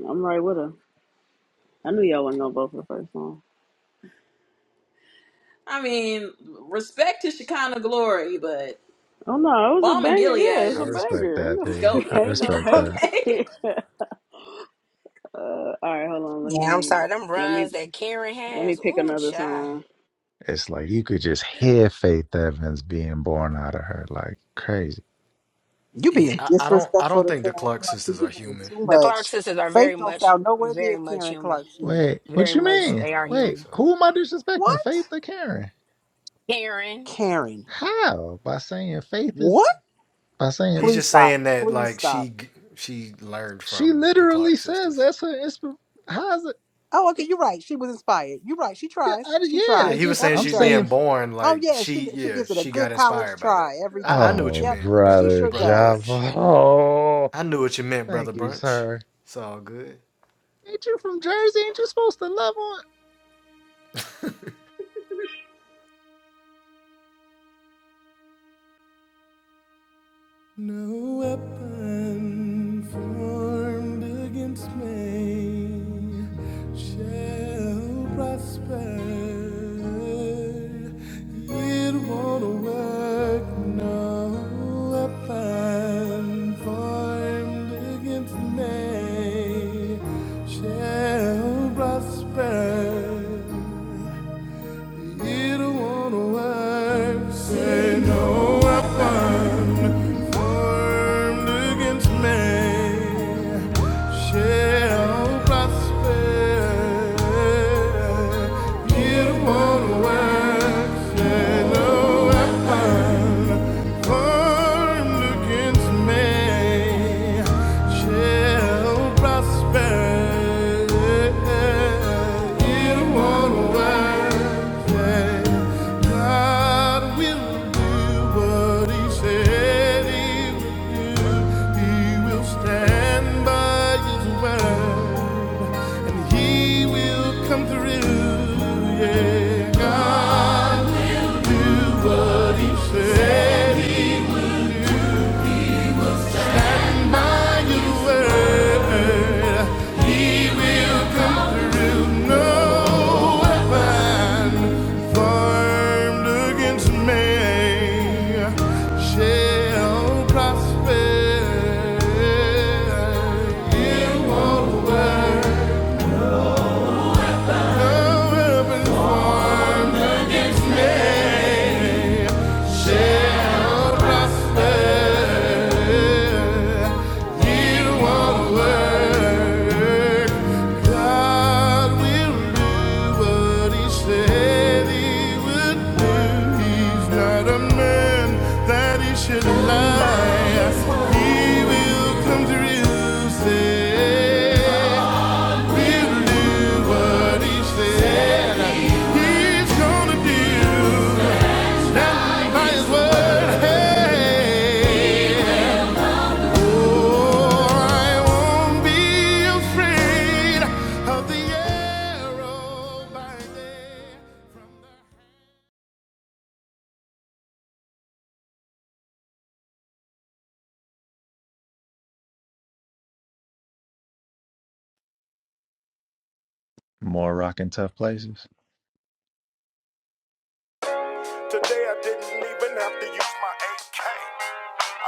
Speaker 1: I'm right with her. I knew y'all wasn't gonna vote for the first song.
Speaker 3: I mean, respect to Shekinah Glory, but
Speaker 1: Oh no, it was a
Speaker 3: Balm and
Speaker 1: banger.
Speaker 3: Gilead
Speaker 1: Yeah, it's a
Speaker 3: is,
Speaker 13: respect
Speaker 1: banger. Ain't
Speaker 13: that,
Speaker 3: is
Speaker 13: P. I
Speaker 1: no, *laughs*
Speaker 3: goaded.
Speaker 1: ain't no
Speaker 3: *laughs*
Speaker 13: respect
Speaker 1: hate.
Speaker 13: that.
Speaker 3: okay?
Speaker 1: *laughs* uh, all right, hold on. Let
Speaker 16: Yeah, I'm
Speaker 1: me,
Speaker 16: sorry. Them
Speaker 1: let me,
Speaker 16: runs that Karen
Speaker 1: let me
Speaker 16: has,
Speaker 1: pick
Speaker 16: ooh,
Speaker 1: another
Speaker 16: child.
Speaker 1: song.
Speaker 13: It's like you could just hear Faith Evans being born out of her like crazy.
Speaker 10: You being disrespectful to Karen Clark. shit. You doing too
Speaker 16: The Clark
Speaker 10: much.
Speaker 16: sisters are very
Speaker 10: Faith don't
Speaker 16: much,
Speaker 10: sound nowhere near
Speaker 16: very much
Speaker 10: Karen
Speaker 16: human.
Speaker 10: Clark shit.
Speaker 13: Wait,
Speaker 16: Very
Speaker 13: what you
Speaker 16: much,
Speaker 13: mean?
Speaker 16: they are
Speaker 13: Wait,
Speaker 16: human.
Speaker 13: who am I disrespecting? Faith
Speaker 10: What?
Speaker 13: or Karen?
Speaker 16: Karen,
Speaker 10: Karen.
Speaker 13: How? By saying faith is
Speaker 10: What?
Speaker 13: by saying
Speaker 10: Please stop. Please stop.
Speaker 13: she literally says that's her inspiration. How's it?
Speaker 10: Oh, okay. You're right. She was inspired. You're right. She
Speaker 13: Yeah,
Speaker 10: tries.
Speaker 13: I,
Speaker 10: She
Speaker 13: yeah, I
Speaker 10: tries
Speaker 13: just
Speaker 10: every
Speaker 13: I'm
Speaker 10: day.
Speaker 13: saying.
Speaker 10: Oh yeah, she she gives it a good college try every time.
Speaker 13: Oh,
Speaker 10: Yep, she
Speaker 13: brother
Speaker 10: sure does.
Speaker 13: Java. Oh, thank you, sir. Ain't you from Jersey? Ain't you supposed to love on
Speaker 7: No weapon formed against me shall prosper. It won't work. No weapon formed against me shall prosper. It won't work. Say no weapon formed against me shall prosper. You won't work, say no weapon formed against me shall prosper. It won't work. Yeah. God will do what He said He would do. He will stand by His word, and He will come through. Yeah, God will do what He said He would. And by your word, He will come through. No weapon formed against me shall prosper. You won't work. Should lie, he will come through. Say, we'll do what he said. He's gonna do by His word. Hey, oh, I won't be afraid of the arrow by day.
Speaker 13: more rockin' tough places?
Speaker 6: Today I didn't even have to use my AK.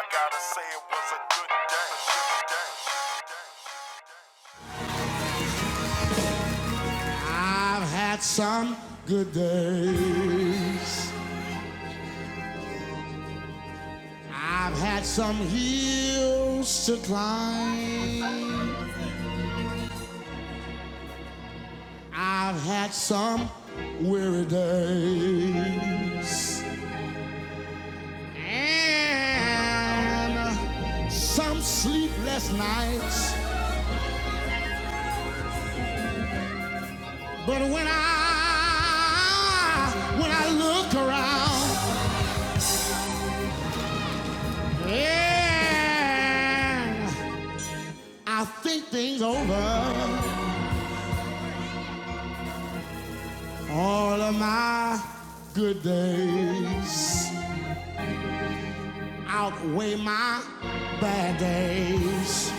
Speaker 6: I gotta say it was a good day. I've had some good days. I've had some hills to climb. I've had some weary days. and some sleepless nights. But when I when I look around and I think things over, all of my good days outweigh my bad days.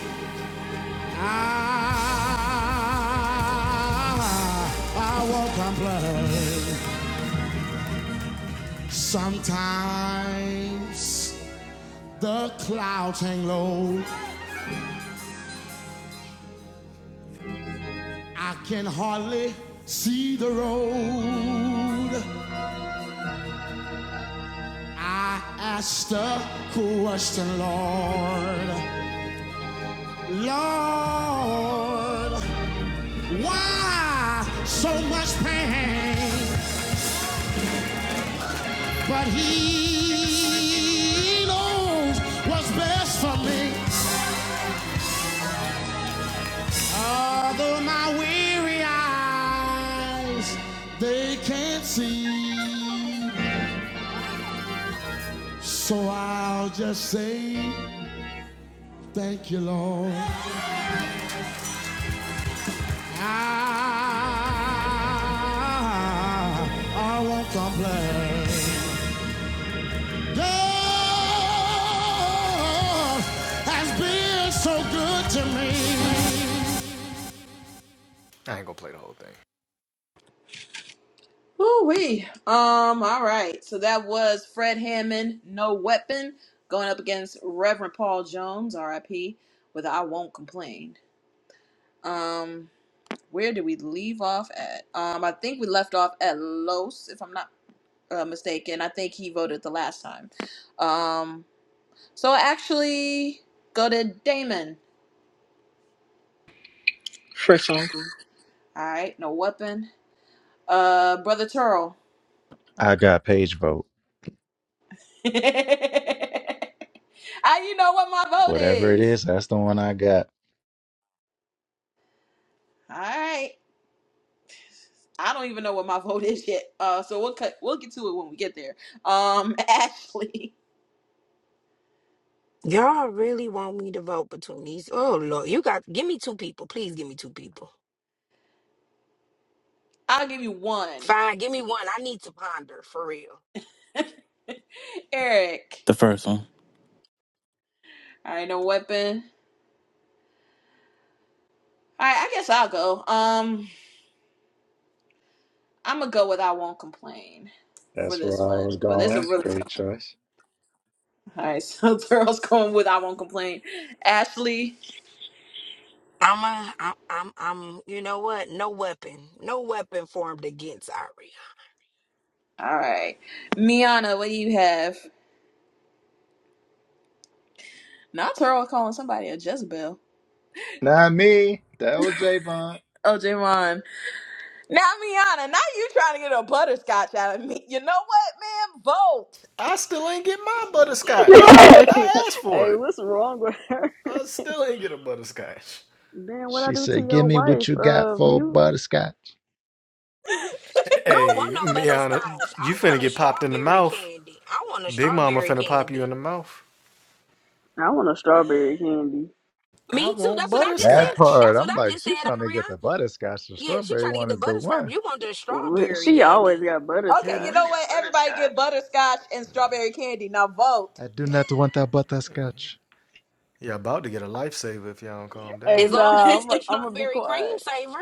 Speaker 6: I, I won't complain. Sometimes the clouds hang low. I can hardly see the road. I ask the question, Lord. Lord, why so much pain? But He knows what's best for me. Although my weary eyes, they can't see. So I'll just say, thank you, Lord. I, I won't complain. God has been so good to me.
Speaker 3: Ooh wee. Um. All right. So that was Fred Hammond, No Weapon, going up against Reverend Paul Jones, R.I.P. With I Won't Complain. Um. Where did we leave off at? Um. I think we left off at Los, if I'm not uh, mistaken. I think he voted the last time. Um. So actually, go to Damon.
Speaker 11: first song.
Speaker 3: All right. No Weapon. Uh. Brother Turl.
Speaker 13: I got page vote.
Speaker 3: *laughs* How you know what my vote
Speaker 13: Whatever it
Speaker 3: is?
Speaker 13: is, that's the one I got.
Speaker 3: All right. I don't even know what my *laughs* vote is yet. Uh, so we'll cut. We'll get to it when we get there. Um, *laughs* Ashley,
Speaker 16: y'all really want me to vote between these? Oh Lord, you got give me two people, please. Give me two people.
Speaker 3: I'll give you one.
Speaker 16: Fine, give me one. I need to ponder for real.
Speaker 3: *laughs* Eric,
Speaker 9: The first one.
Speaker 3: all right, no weapon. All right, I guess I'll go. Um, I'm gonna go with I won't complain for
Speaker 13: That's where
Speaker 3: this
Speaker 13: I was
Speaker 3: one, but it's a
Speaker 13: going.
Speaker 3: really cool. tough.
Speaker 13: Great choice.
Speaker 3: All right, so *laughs* Thurl's going with I won't complain. Ashley,
Speaker 16: I'm a, I'm, I'm, I'm. You know what? No weapon, no weapon formed against Aria.
Speaker 3: all right. Miana, what do you have? Not Thurl calling somebody a Jezebel.
Speaker 13: Not me. That was Javon.
Speaker 3: Oh, Javon. Now, Miana, now you trying to get a butterscotch out of me. You know what, man? Vote.
Speaker 1: *laughs* hey, hey, what's wrong with her? Then what I
Speaker 13: She
Speaker 1: do to
Speaker 13: said, "Give
Speaker 1: your
Speaker 13: me
Speaker 1: wife?
Speaker 13: what you got
Speaker 1: Uh,
Speaker 13: for a
Speaker 1: mute.
Speaker 13: butterscotch."
Speaker 16: I don't want no butterscotch. I want a strawberry candy. I want a strawberry candy.
Speaker 1: I want a strawberry candy. *laughs*
Speaker 16: Me too. That's what I just
Speaker 13: That
Speaker 16: said.
Speaker 13: part,
Speaker 16: That's what
Speaker 13: I'm
Speaker 16: I
Speaker 13: like,
Speaker 16: just said,
Speaker 13: she trying to get
Speaker 16: Ariana.
Speaker 13: the butterscotch. The
Speaker 16: Yeah, she
Speaker 13: strawberry
Speaker 16: trying to get
Speaker 13: one
Speaker 16: the
Speaker 13: is the
Speaker 16: butterscotch.
Speaker 13: one.
Speaker 16: You want the strawberry
Speaker 1: She always
Speaker 16: candy?
Speaker 1: got
Speaker 3: Okay, you know
Speaker 1: butterscotch.
Speaker 3: what? Everybody get butterscotch and strawberry candy. Now vote.
Speaker 13: I do not want that butterscotch.
Speaker 1: Hey,
Speaker 16: As long as
Speaker 1: nah,
Speaker 3: *laughs*
Speaker 16: it's
Speaker 1: I'm,
Speaker 16: the
Speaker 1: I'm gonna be
Speaker 16: strawberry cream
Speaker 1: quiet.
Speaker 16: savor.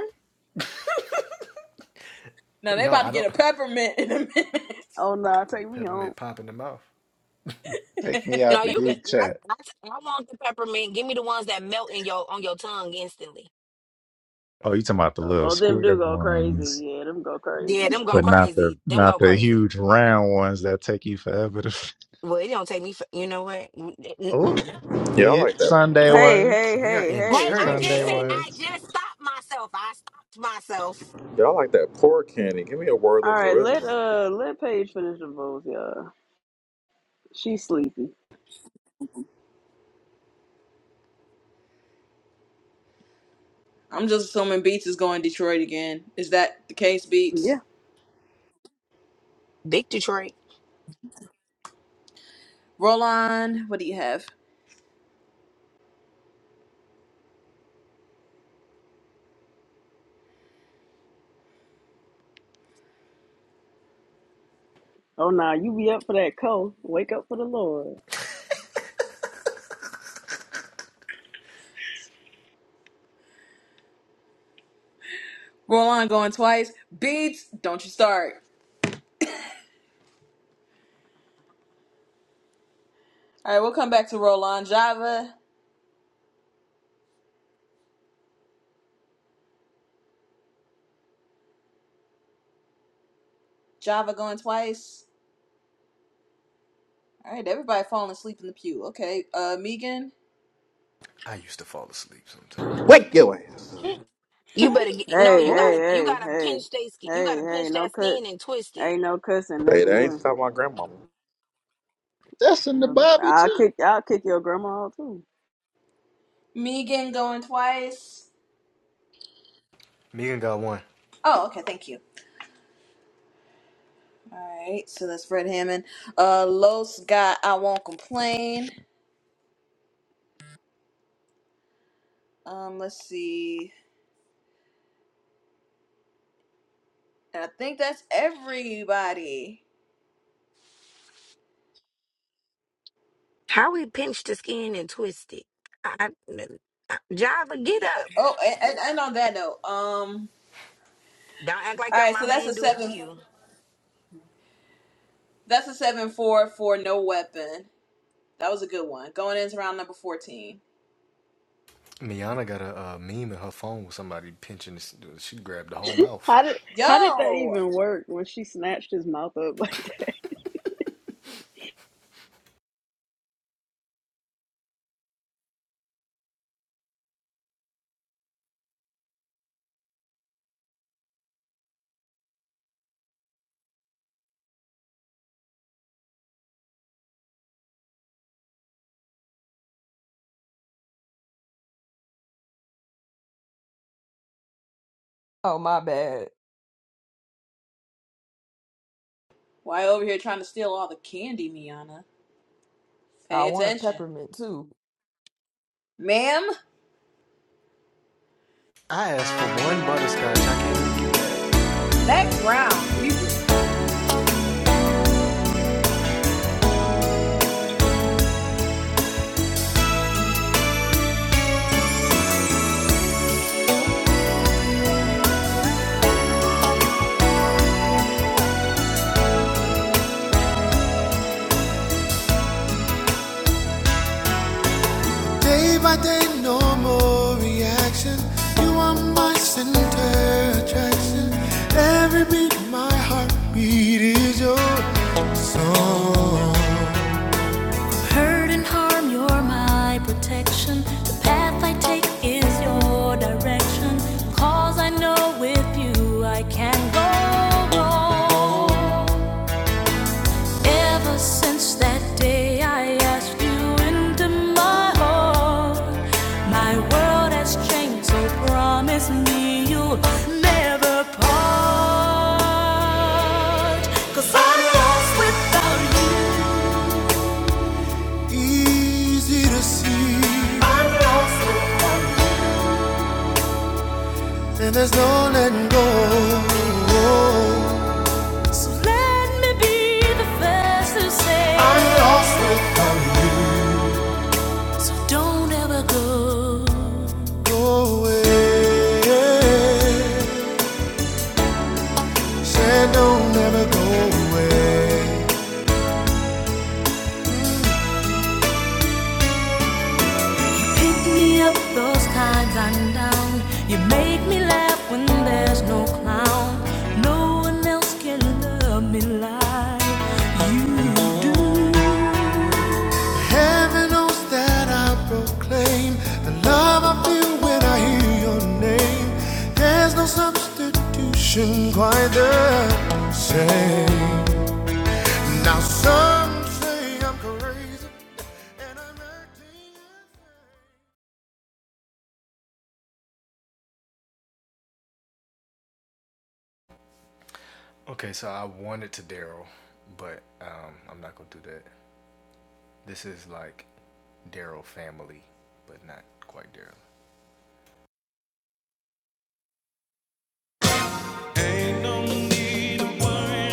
Speaker 3: Now they about to get a peppermint in a
Speaker 1: Oh nah, take me home.
Speaker 13: Take me
Speaker 16: No,
Speaker 13: out the
Speaker 3: minute.
Speaker 16: you can.
Speaker 13: group
Speaker 16: I,
Speaker 13: chat.
Speaker 16: I, I want the peppermint. Give me the ones that melt in your on your tongue instantly.
Speaker 13: Oh, you talking about the
Speaker 1: Oh,
Speaker 13: little
Speaker 1: oh, them do
Speaker 13: square
Speaker 1: go
Speaker 13: ones,
Speaker 1: crazy. Yeah, them go crazy.
Speaker 16: Yeah,
Speaker 1: *laughs*
Speaker 16: them go
Speaker 13: but not the
Speaker 16: crazy. Them
Speaker 13: not
Speaker 16: go
Speaker 13: the
Speaker 16: crazy.
Speaker 13: huge round ones that take you forever to. *laughs*
Speaker 16: Well, it don't take me. For, you know what? Mm, mm, mm.
Speaker 13: Oh,
Speaker 14: Yeah, I
Speaker 13: weird
Speaker 14: like that.
Speaker 13: Sunday
Speaker 1: hey,
Speaker 13: words.
Speaker 1: hey, hey,
Speaker 16: Wait,
Speaker 1: hey,
Speaker 16: I
Speaker 1: hey,
Speaker 13: Sunday
Speaker 16: just said
Speaker 1: hey.
Speaker 16: I
Speaker 13: words.
Speaker 16: just stopped myself. I stopped myself.
Speaker 14: Yeah, I like that poor candy. Give me a word
Speaker 1: All
Speaker 14: that's
Speaker 1: right,
Speaker 14: original.
Speaker 1: let uh let Paige finish the votes, y'all. She's sleepy.
Speaker 3: *laughs* I'm just assuming Beats is going Detroit again. Is that the case,
Speaker 1: Yeah.
Speaker 3: Beats?
Speaker 16: Big Detroit.
Speaker 3: Roland, what do you have?
Speaker 1: Oh nah, you be up for that co. Wake up for the Lord.
Speaker 3: Roland going twice. Beats, don't you start. All right, we'll come back to Roland. Java, Java going twice. All right, everybody falling asleep in the pew. Okay, uh, Megan.
Speaker 14: Wake your ass.
Speaker 13: *laughs*
Speaker 16: You
Speaker 13: Oh,
Speaker 16: better get,
Speaker 1: Hey,
Speaker 16: no. You
Speaker 1: hey,
Speaker 13: oh,
Speaker 16: gotta you
Speaker 1: hey,
Speaker 16: gotta
Speaker 1: hey,
Speaker 16: pinch that skin. You
Speaker 1: hey,
Speaker 16: gotta
Speaker 1: hey.
Speaker 16: pinch
Speaker 1: No
Speaker 16: that
Speaker 1: cut.
Speaker 16: skin and twist it.
Speaker 1: Ain't no cussing. That's
Speaker 14: Hey, that ain't
Speaker 1: one.
Speaker 14: stop my grandmama.
Speaker 13: that's
Speaker 1: You
Speaker 13: in the
Speaker 1: know,
Speaker 13: Bible
Speaker 1: I'll
Speaker 13: too.
Speaker 1: kick. I'll kick your grandma out too.
Speaker 3: Megan going twice. Oh, okay, thank you. Alright, so that's Fred Hammond. Uh Los got I Won't Complain. Um, let's see. And I think that's everybody.
Speaker 16: How we pinch the skin and twist it. I, I, Java, get
Speaker 3: Yeah, uh,
Speaker 16: up.
Speaker 3: Oh, and, and and on that note, um
Speaker 16: Don't act like your
Speaker 3: alright, so
Speaker 16: mama
Speaker 3: that's a
Speaker 16: ain't do it to
Speaker 3: seven
Speaker 16: you.
Speaker 3: that's a seven four for no weapon. That was a good one. Going into round number fourteen.
Speaker 1: How did How did that
Speaker 3: Yo!
Speaker 1: even work when she snatched his mouth up *laughs* like that?
Speaker 4: Oh my bad.
Speaker 3: Why over here trying to steal all the candy, Miana?
Speaker 4: I
Speaker 3: Pay
Speaker 4: want a
Speaker 3: attention.
Speaker 4: peppermint too.
Speaker 3: Ma'am, next round, Jesus.
Speaker 7: Hurt and harm, you're my protection. The path I take is your direction. 'Cause I know with you I can go. wrong. Ever since that day I asked you into my heart, my world has changed, so promise me you'll never part. i I'm lost without you. Easy to see, and there's no letting go. So let me be the first to say, I'm lost without you. so don't ever go. Pick me up those times I'm down. You make me laugh when there's no clown. No one else can love me like you do. Heaven knows that I proclaim the love I feel when I hear your name. There's no substitution quite the same. Now some say I'm crazy and I'm acting.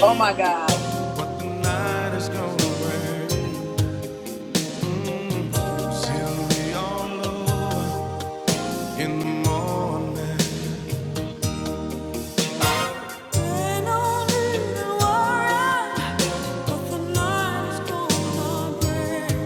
Speaker 3: Oh my god.
Speaker 6: Been all in the world, but the night's gonna break.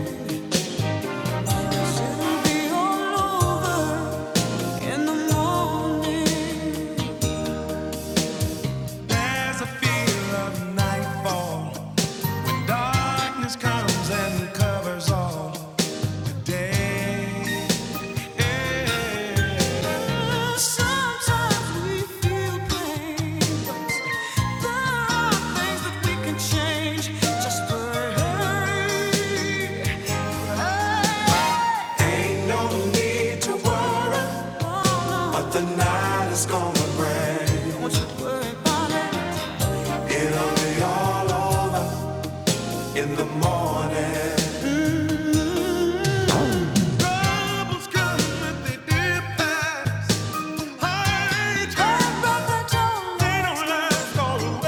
Speaker 6: In the morning, troubles come and they dip that high tide. They don't last all the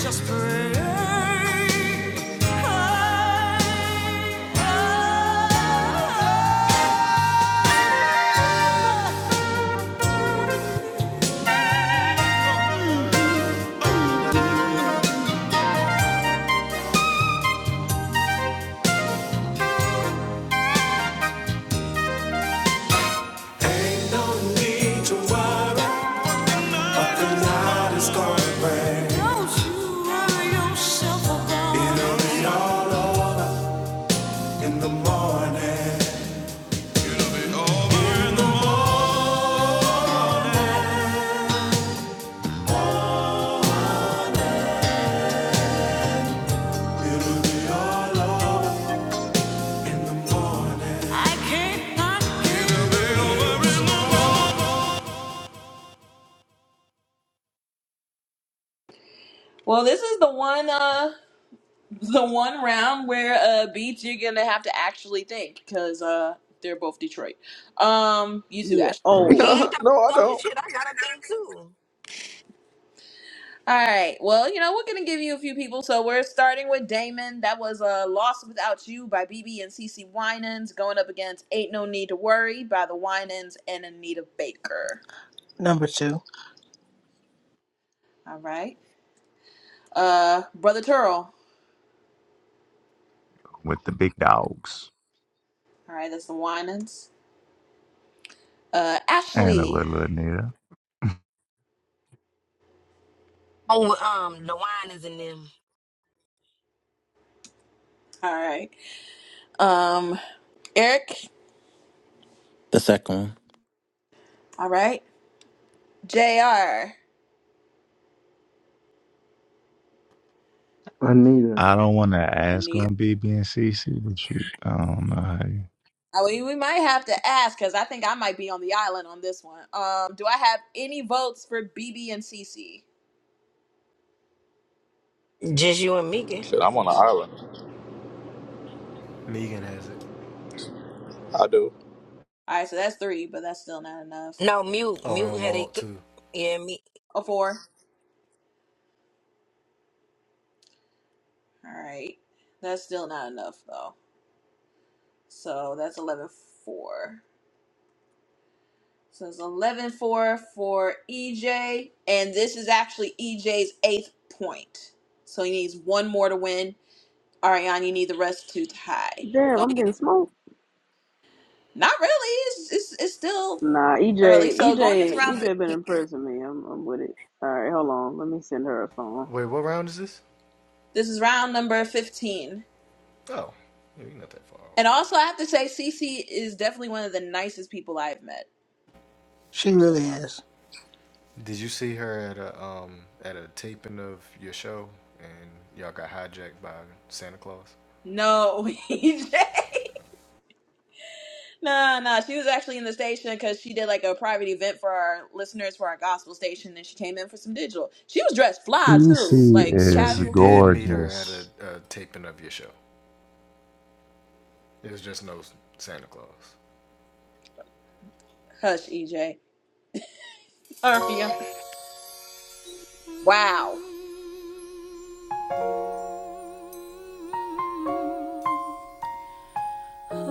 Speaker 6: Just don't you worry yourself about it. I can't not
Speaker 3: Well, this is the one uh the one round where uh Beats you're gonna have to actually think because uh they're both Detroit. Um, you too,
Speaker 1: Yeah,
Speaker 3: Ashley.
Speaker 14: *laughs*
Speaker 16: He
Speaker 1: old.
Speaker 16: ain't
Speaker 14: no,
Speaker 16: the
Speaker 14: I
Speaker 16: only one
Speaker 14: don't.
Speaker 16: shit. I got a thing too.
Speaker 3: All right. Well, you know we're gonna give you a few people. So we're starting with Damon. That was uh "Lost Without You" by BB and CC Winans going up against "Ain't No Need to Worry" by the Winans and Anita Baker.
Speaker 11: Number two,
Speaker 3: All right. Uh, Brother Turl.
Speaker 13: with the big dogs
Speaker 3: All right, that's the Winans. Uh,
Speaker 13: and a
Speaker 3: Ashley.
Speaker 13: little Anita. *laughs*
Speaker 16: Oh, um, the wine is in them.
Speaker 3: All right. Um, Eric.
Speaker 9: The second one.
Speaker 3: All right. JR,
Speaker 12: Anita.
Speaker 13: I don't want to ask
Speaker 3: Anita.
Speaker 13: on BB and CC, but you, I don't know how you.
Speaker 3: I mean, we might have to ask because I think I might be on the island on this one. Um, do I have any votes for BB and CC?
Speaker 16: Just you and Mika.
Speaker 14: Shit, I'm on an island. I do.
Speaker 3: All right, so that's three, but that's still not enough.
Speaker 16: No, mute. Mute had it. ki- Yeah, me.
Speaker 3: Oh, four. All right, that's still not enough though. So that's eleven four. So it's eleven four for EJ, and this is actually EJ's eighth point. So he needs one more to win. Ariane, you need the rest to tie.
Speaker 1: Damn,
Speaker 3: Go-
Speaker 1: I'm getting smoked.
Speaker 3: Not really. It's, it's, it's still
Speaker 1: Nah, EJ,
Speaker 3: early. So going into
Speaker 1: EJ,
Speaker 3: round six,
Speaker 1: EJ been impressing me. I'm, I'm with it. All right, hold on. Let me send her a song.
Speaker 3: this is round number 15. And also, I have to say, Cece is definitely one of the nicest people I've met
Speaker 11: she
Speaker 3: so
Speaker 11: really
Speaker 3: far.
Speaker 11: is.
Speaker 3: No, *laughs* EJ. No, no, she was actually in the station because she did like a private event for our listeners for our gospel station, and she came in for some digital. She was dressed fly too,
Speaker 13: CC
Speaker 3: like
Speaker 13: is
Speaker 3: casual, cool.
Speaker 13: gorgeous.
Speaker 3: Hush, EJ. Sorry. Wow.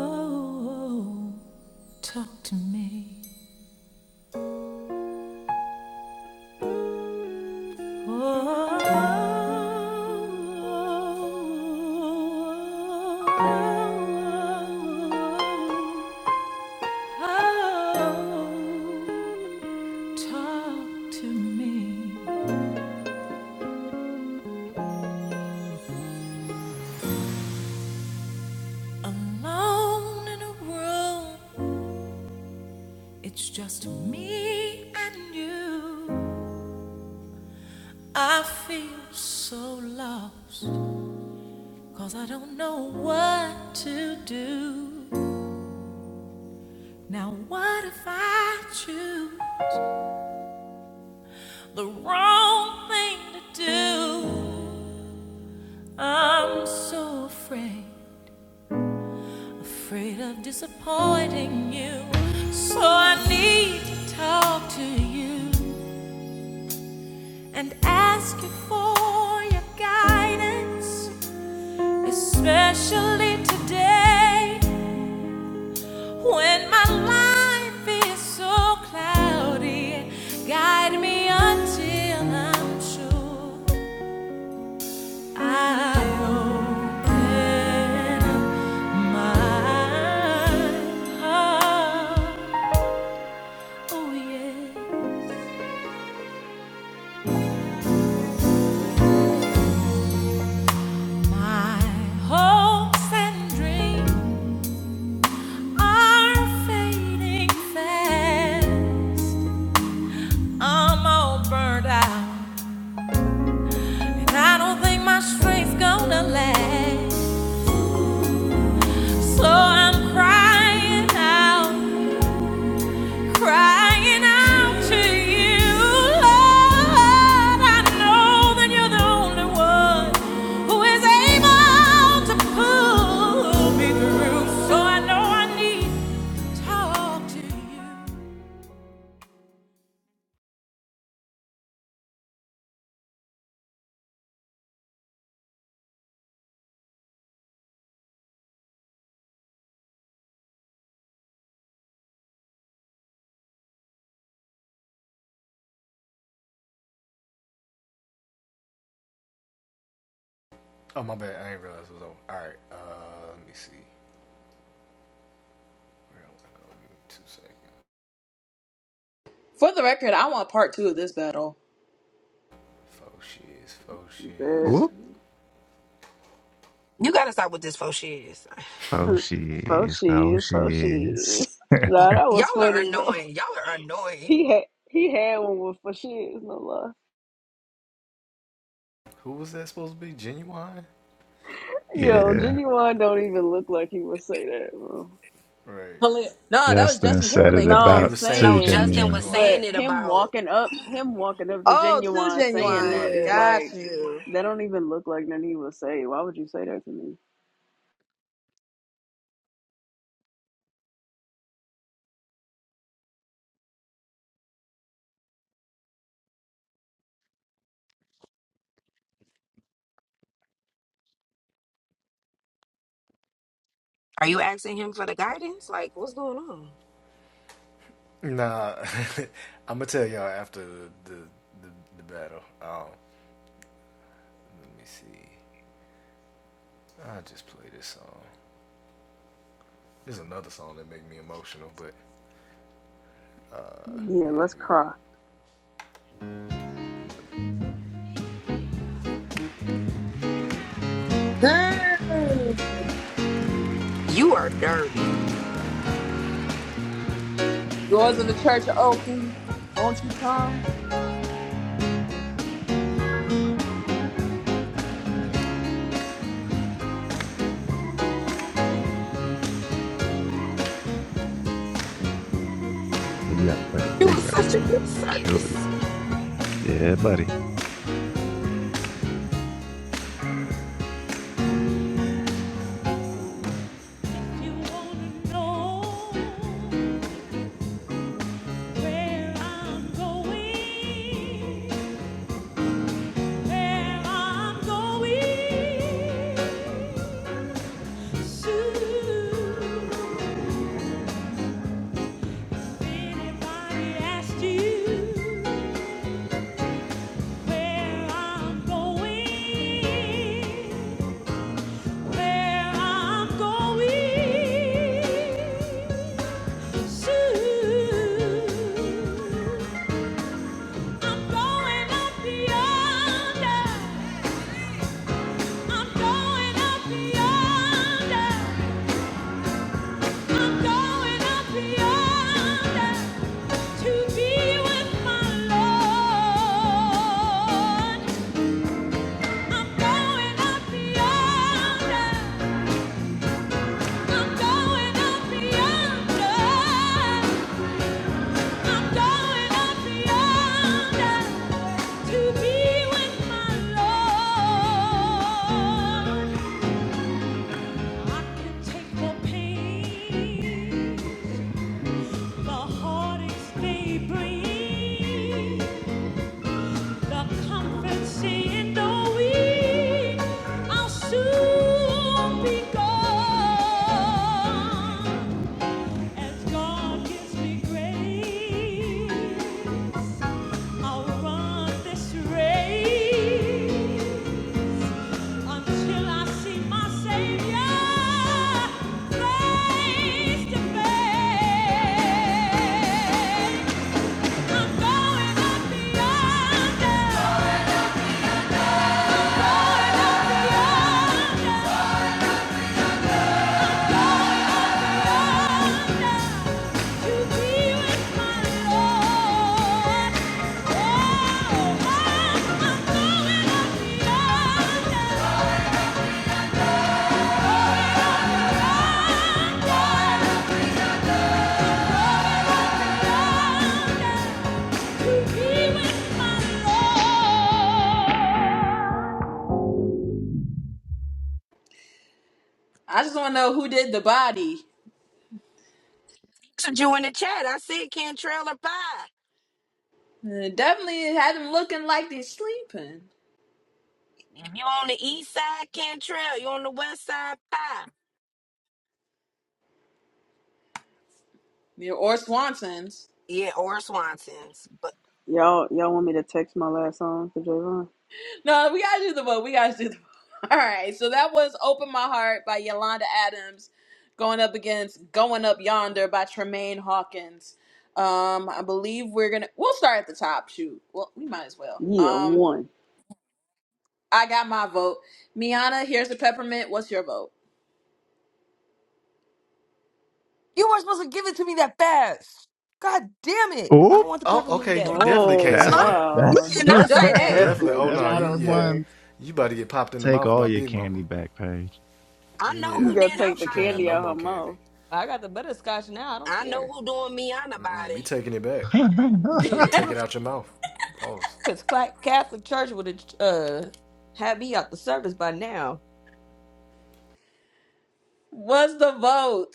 Speaker 7: Oh, talk to me. Oh, oh, oh, oh, oh, talk to me. Alone in a room, it's just me and you. I feel so lost, 'cause I don't know what to do. Now, what if I choose the wrong thing to do? I'm so afraid, afraid of disappointing you. So I need to talk to you and ask you for guidance. When my life is so cloudy, guide me until I'm sure. I open up my heart. Oh, yeah. My hopes and dreams are fading fast. I'm all burned out, I don't think my strength's gonna last. So I'm crying out. crying out to you, Lord. I know that you're the only one who is able to pull me through. So I know I need to talk to you.
Speaker 3: For the record, I want part two of this battle.
Speaker 1: That
Speaker 13: Whoop.
Speaker 16: You gotta stop with this faux shit.
Speaker 13: Oh, she
Speaker 1: so
Speaker 13: is. Oh,
Speaker 1: she's
Speaker 13: she
Speaker 1: so
Speaker 13: is.
Speaker 1: she's.
Speaker 16: Y-
Speaker 1: Nah, that was
Speaker 16: Y'all are
Speaker 1: funny, bro. *laughs*
Speaker 16: annoying. Y'all are annoying.
Speaker 1: He had he had one with for shiz, no lie.
Speaker 13: *laughs*
Speaker 1: Yo,
Speaker 13: yeah.
Speaker 1: genuine don't even look like he would say that, bro.
Speaker 3: Hell- No, that was
Speaker 13: Justin
Speaker 3: Justin
Speaker 13: said it
Speaker 3: Timberlake, I think.
Speaker 1: No, I'm
Speaker 13: about
Speaker 16: No,
Speaker 13: too
Speaker 1: saying,
Speaker 16: Justin
Speaker 13: genuine.
Speaker 16: was saying
Speaker 1: but
Speaker 16: it
Speaker 1: him
Speaker 16: about.
Speaker 1: walking up, him walking up to
Speaker 3: Oh, too
Speaker 1: genuine saying that
Speaker 3: genuine.
Speaker 1: is
Speaker 16: Yeah.
Speaker 3: Got
Speaker 1: like,
Speaker 3: you.
Speaker 1: that don't even look like nothing he would say. Why would you say that to me?
Speaker 16: Are you asking him for the guidance? Like, what's going on?
Speaker 1: Yeah, let's cry.
Speaker 3: Hey,
Speaker 16: You are dirty.
Speaker 3: doors of the church are open. Won't you come?
Speaker 13: So You gotta play a
Speaker 16: It
Speaker 13: big
Speaker 16: was
Speaker 13: record.
Speaker 16: such a good service.
Speaker 13: Peculiar. Yeah, buddy.
Speaker 6: get where I'm going, where I'm going. Soon, anybody asked you. Where I'm going, where I'm going soon. I'm going up yonder. I'm going up yonder. I'm going up yonder to be with my Lord. I'm going up yonder. Soon be gone. As God gives me grace, I'll run this race until I see my Savior face to face. I'm going up beyond, going
Speaker 3: I just want to know who did the body.
Speaker 16: messaged you in the chat. I said Cantrell or pie.
Speaker 3: Uh, definitely it had them looking like they're sleeping.
Speaker 16: If you on the east side, Cantrell. You on the west side, pie.
Speaker 3: Yeah, Or Swanson's.
Speaker 16: Yeah, or Swanson's. But
Speaker 1: Y'all, y'all want me to text my last song to Javon?
Speaker 3: No, we gotta do the vote. We gotta do the vote. *laughs* All right, so that was "Open My Heart" by Yolanda Adams, going up against "Going Up Yonder" by Tremaine Hawkins. Um, I believe we're gonna. We'll start at the top. Shoot, well, we might as well.
Speaker 1: Yeah,
Speaker 3: Um,
Speaker 1: one.
Speaker 3: I got my vote. Miana, here's the peppermint. What's your vote?
Speaker 4: You weren't supposed to give it to me that fast. God damn it! I don't
Speaker 13: Oop.
Speaker 4: want the peppermint yet.
Speaker 1: Oh
Speaker 13: That's,
Speaker 16: hello, you
Speaker 1: wow,
Speaker 13: that's, *laughs*
Speaker 16: cannot
Speaker 3: You
Speaker 1: that's
Speaker 3: sure
Speaker 16: say that.
Speaker 3: can't.
Speaker 1: definitely
Speaker 13: that's one
Speaker 1: not
Speaker 13: of the
Speaker 1: okay.
Speaker 13: ones. Take all your candy back, Paige.
Speaker 16: I know
Speaker 1: You
Speaker 16: who
Speaker 1: gotta
Speaker 16: did her
Speaker 1: take the candy
Speaker 16: body.
Speaker 1: out her mouth.
Speaker 4: I got the butterscotch now. I don't
Speaker 16: I know
Speaker 4: care.
Speaker 16: who doing me on the body.
Speaker 13: *laughs*
Speaker 4: Good,
Speaker 3: *laughs*
Speaker 4: cause Cla- Catholic Church would have uh had me out the service by now.
Speaker 3: What's the vote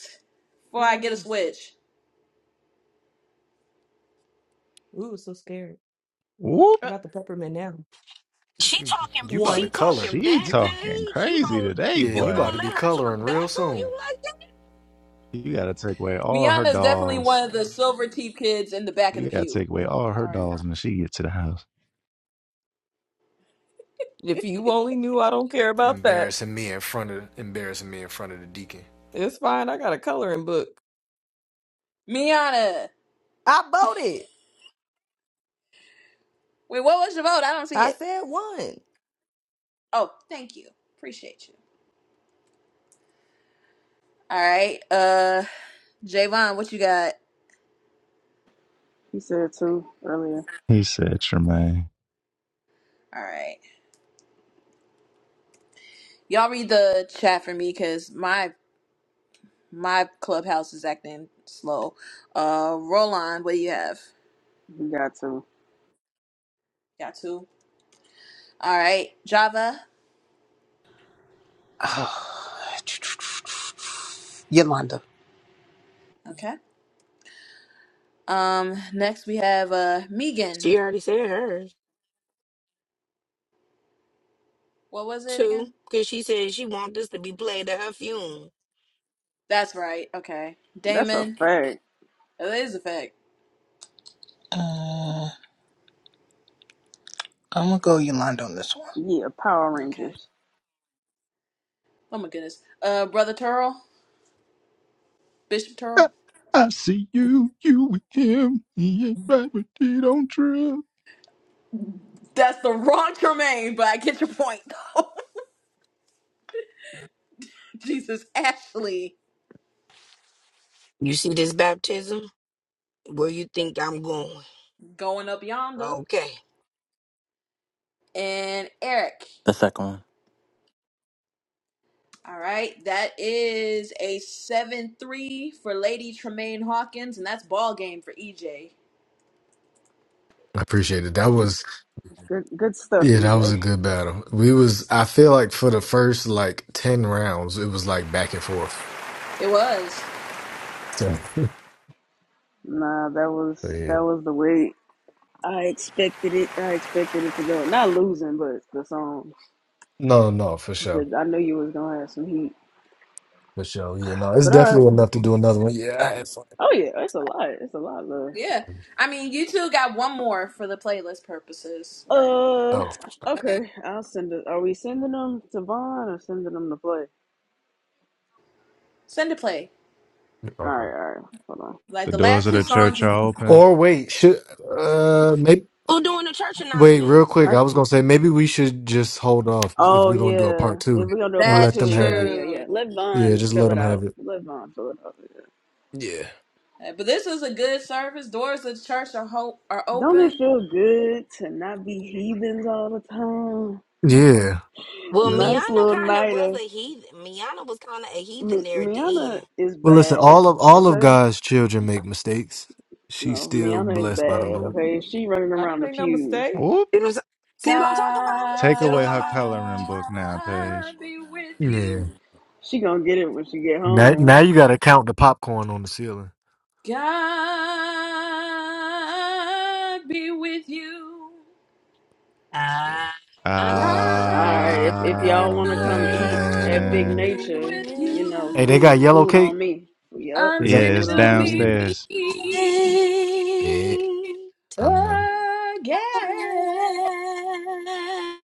Speaker 3: before
Speaker 4: I
Speaker 3: I
Speaker 4: don't
Speaker 3: get a
Speaker 4: know.
Speaker 3: switch?
Speaker 4: Ooh, so scared.
Speaker 13: Whoop.
Speaker 4: I
Speaker 3: Uh,
Speaker 4: got the peppermint now.
Speaker 16: She talking. She
Speaker 4: One.
Speaker 16: talking
Speaker 13: She
Speaker 16: back
Speaker 13: talking
Speaker 16: page. You
Speaker 13: crazy
Speaker 16: gon'
Speaker 13: today,
Speaker 16: you
Speaker 13: boy.
Speaker 16: gonna let her talk back on you like that?
Speaker 13: You gotta take away all her
Speaker 3: Miana is definitely one
Speaker 13: dolls.
Speaker 3: of the silver teeth kids in the back of the
Speaker 13: You gotta
Speaker 3: pew.
Speaker 13: take away all her
Speaker 3: All right.
Speaker 13: dolls when she get to the house.
Speaker 4: If you only knew, I don't care about that. It's fine. I got a coloring book.
Speaker 3: Miana.
Speaker 4: I bought it.
Speaker 3: Wait, what was your vote? I don't see
Speaker 4: I
Speaker 3: it.
Speaker 4: said one.
Speaker 3: Oh, thank you. Appreciate you. All right. Uh, Javon, what you got?
Speaker 1: He said two earlier.
Speaker 13: He said, Tremaine.
Speaker 3: All right. Y'all read the chat for me because my my clubhouse is acting slow. Uh, Roland, what do you have?
Speaker 1: He got two.
Speaker 3: Got two. All right. Java.
Speaker 10: *sighs* Yolanda.
Speaker 3: Okay. Um, next we have uh Megan.
Speaker 16: She already said hers
Speaker 3: What was it
Speaker 16: too,
Speaker 3: again?
Speaker 16: cause she said she want this to be played at her funeral.
Speaker 3: That's right. Okay.
Speaker 1: That's a
Speaker 3: Damon.
Speaker 1: fact.
Speaker 3: Oh, that is a fact.
Speaker 11: Uh. I'm gonna go Yolanda on this one.
Speaker 1: Yeah, Power
Speaker 3: Okay.
Speaker 1: Rangers.
Speaker 3: Oh my goodness. Uh, brother Turl, Bishop Turl.
Speaker 13: I, I see you, you with him. He ain't right, but he don't trip.
Speaker 3: That's the wrong Tremaine, but I get your point though. *laughs* Jesus, Ashley
Speaker 16: You see this baptism? Where you think I'm going?
Speaker 3: going up yonder,
Speaker 16: Okay.
Speaker 3: and Eric.
Speaker 9: The second one.
Speaker 3: All right, that is a seven-three for Lady Tremaine Hawkins, and that's ball game for EJ.
Speaker 1: Good, good stuff, EJ.
Speaker 3: It was.
Speaker 1: Nah, that was that was the way I expected it. I expected it to go. Not losing, but the song because I knew you was gonna have some heat. But all right. Oh yeah, it's a lot. It's a lot, love.
Speaker 3: Yeah. I mean, you two got one more for the playlist purposes, but
Speaker 1: Uh, okay. I'll send it. Are we sending them to Vaughn or sending them to Play?
Speaker 3: Send a play.
Speaker 1: All right, all right. Hold on.
Speaker 3: Like
Speaker 13: The
Speaker 3: the
Speaker 13: doors
Speaker 3: last
Speaker 13: of
Speaker 3: two
Speaker 13: the
Speaker 3: songs,
Speaker 13: church
Speaker 3: is-
Speaker 13: are open.
Speaker 16: Who doing the church announcements?
Speaker 1: I, oh yeah, if we gonna do a part
Speaker 3: that's
Speaker 1: two, yeah, yeah,
Speaker 3: true.
Speaker 1: yeah. Let Vaughn fill it out. Let Vaughn fill it out. yeah.
Speaker 3: Uh, But this is a good service. Doors of the church are hope are
Speaker 1: Don't it
Speaker 3: open.
Speaker 1: feel good to not be heathens all the time?
Speaker 16: Well,
Speaker 1: nice
Speaker 16: Miana
Speaker 1: little
Speaker 16: kind of was
Speaker 1: nighter.
Speaker 16: a heathen. Miana was kind of a heathen
Speaker 1: Mi-
Speaker 16: there at the
Speaker 1: Miana
Speaker 16: end.
Speaker 1: is bad. Okay,
Speaker 6: Make mistakes. She's
Speaker 1: no,
Speaker 6: still
Speaker 1: Miana is
Speaker 6: blessed by the
Speaker 1: bad.
Speaker 6: Lord.
Speaker 1: Okay, she running
Speaker 4: I didn't
Speaker 1: around the
Speaker 4: make no
Speaker 1: pews.
Speaker 4: mistake.
Speaker 13: Whoop.
Speaker 16: See what I'm, see what I'm talking about?
Speaker 13: Take
Speaker 16: See what I'm
Speaker 13: away
Speaker 16: talking
Speaker 13: her
Speaker 16: about?
Speaker 13: coloring book now, Paige.
Speaker 3: God be with
Speaker 6: Yeah.
Speaker 3: you.
Speaker 1: She gonna get it when she get
Speaker 6: Now,
Speaker 1: home.
Speaker 6: now you got to count the popcorn on the ceiling.
Speaker 3: God be with you.
Speaker 6: Yeah.
Speaker 16: Ah,
Speaker 1: All
Speaker 3: God
Speaker 1: right, if if y'all want to
Speaker 16: ah,
Speaker 1: come eat at Big
Speaker 13: Amen.
Speaker 3: be
Speaker 1: Nature,
Speaker 3: with
Speaker 1: you know,
Speaker 3: you
Speaker 6: Hey, they got
Speaker 1: food
Speaker 6: yellow
Speaker 1: food on me. Yup,
Speaker 13: Yeah, it's
Speaker 1: food on
Speaker 3: until
Speaker 1: me.
Speaker 3: we
Speaker 13: downstairs.
Speaker 3: meet again.
Speaker 16: ah,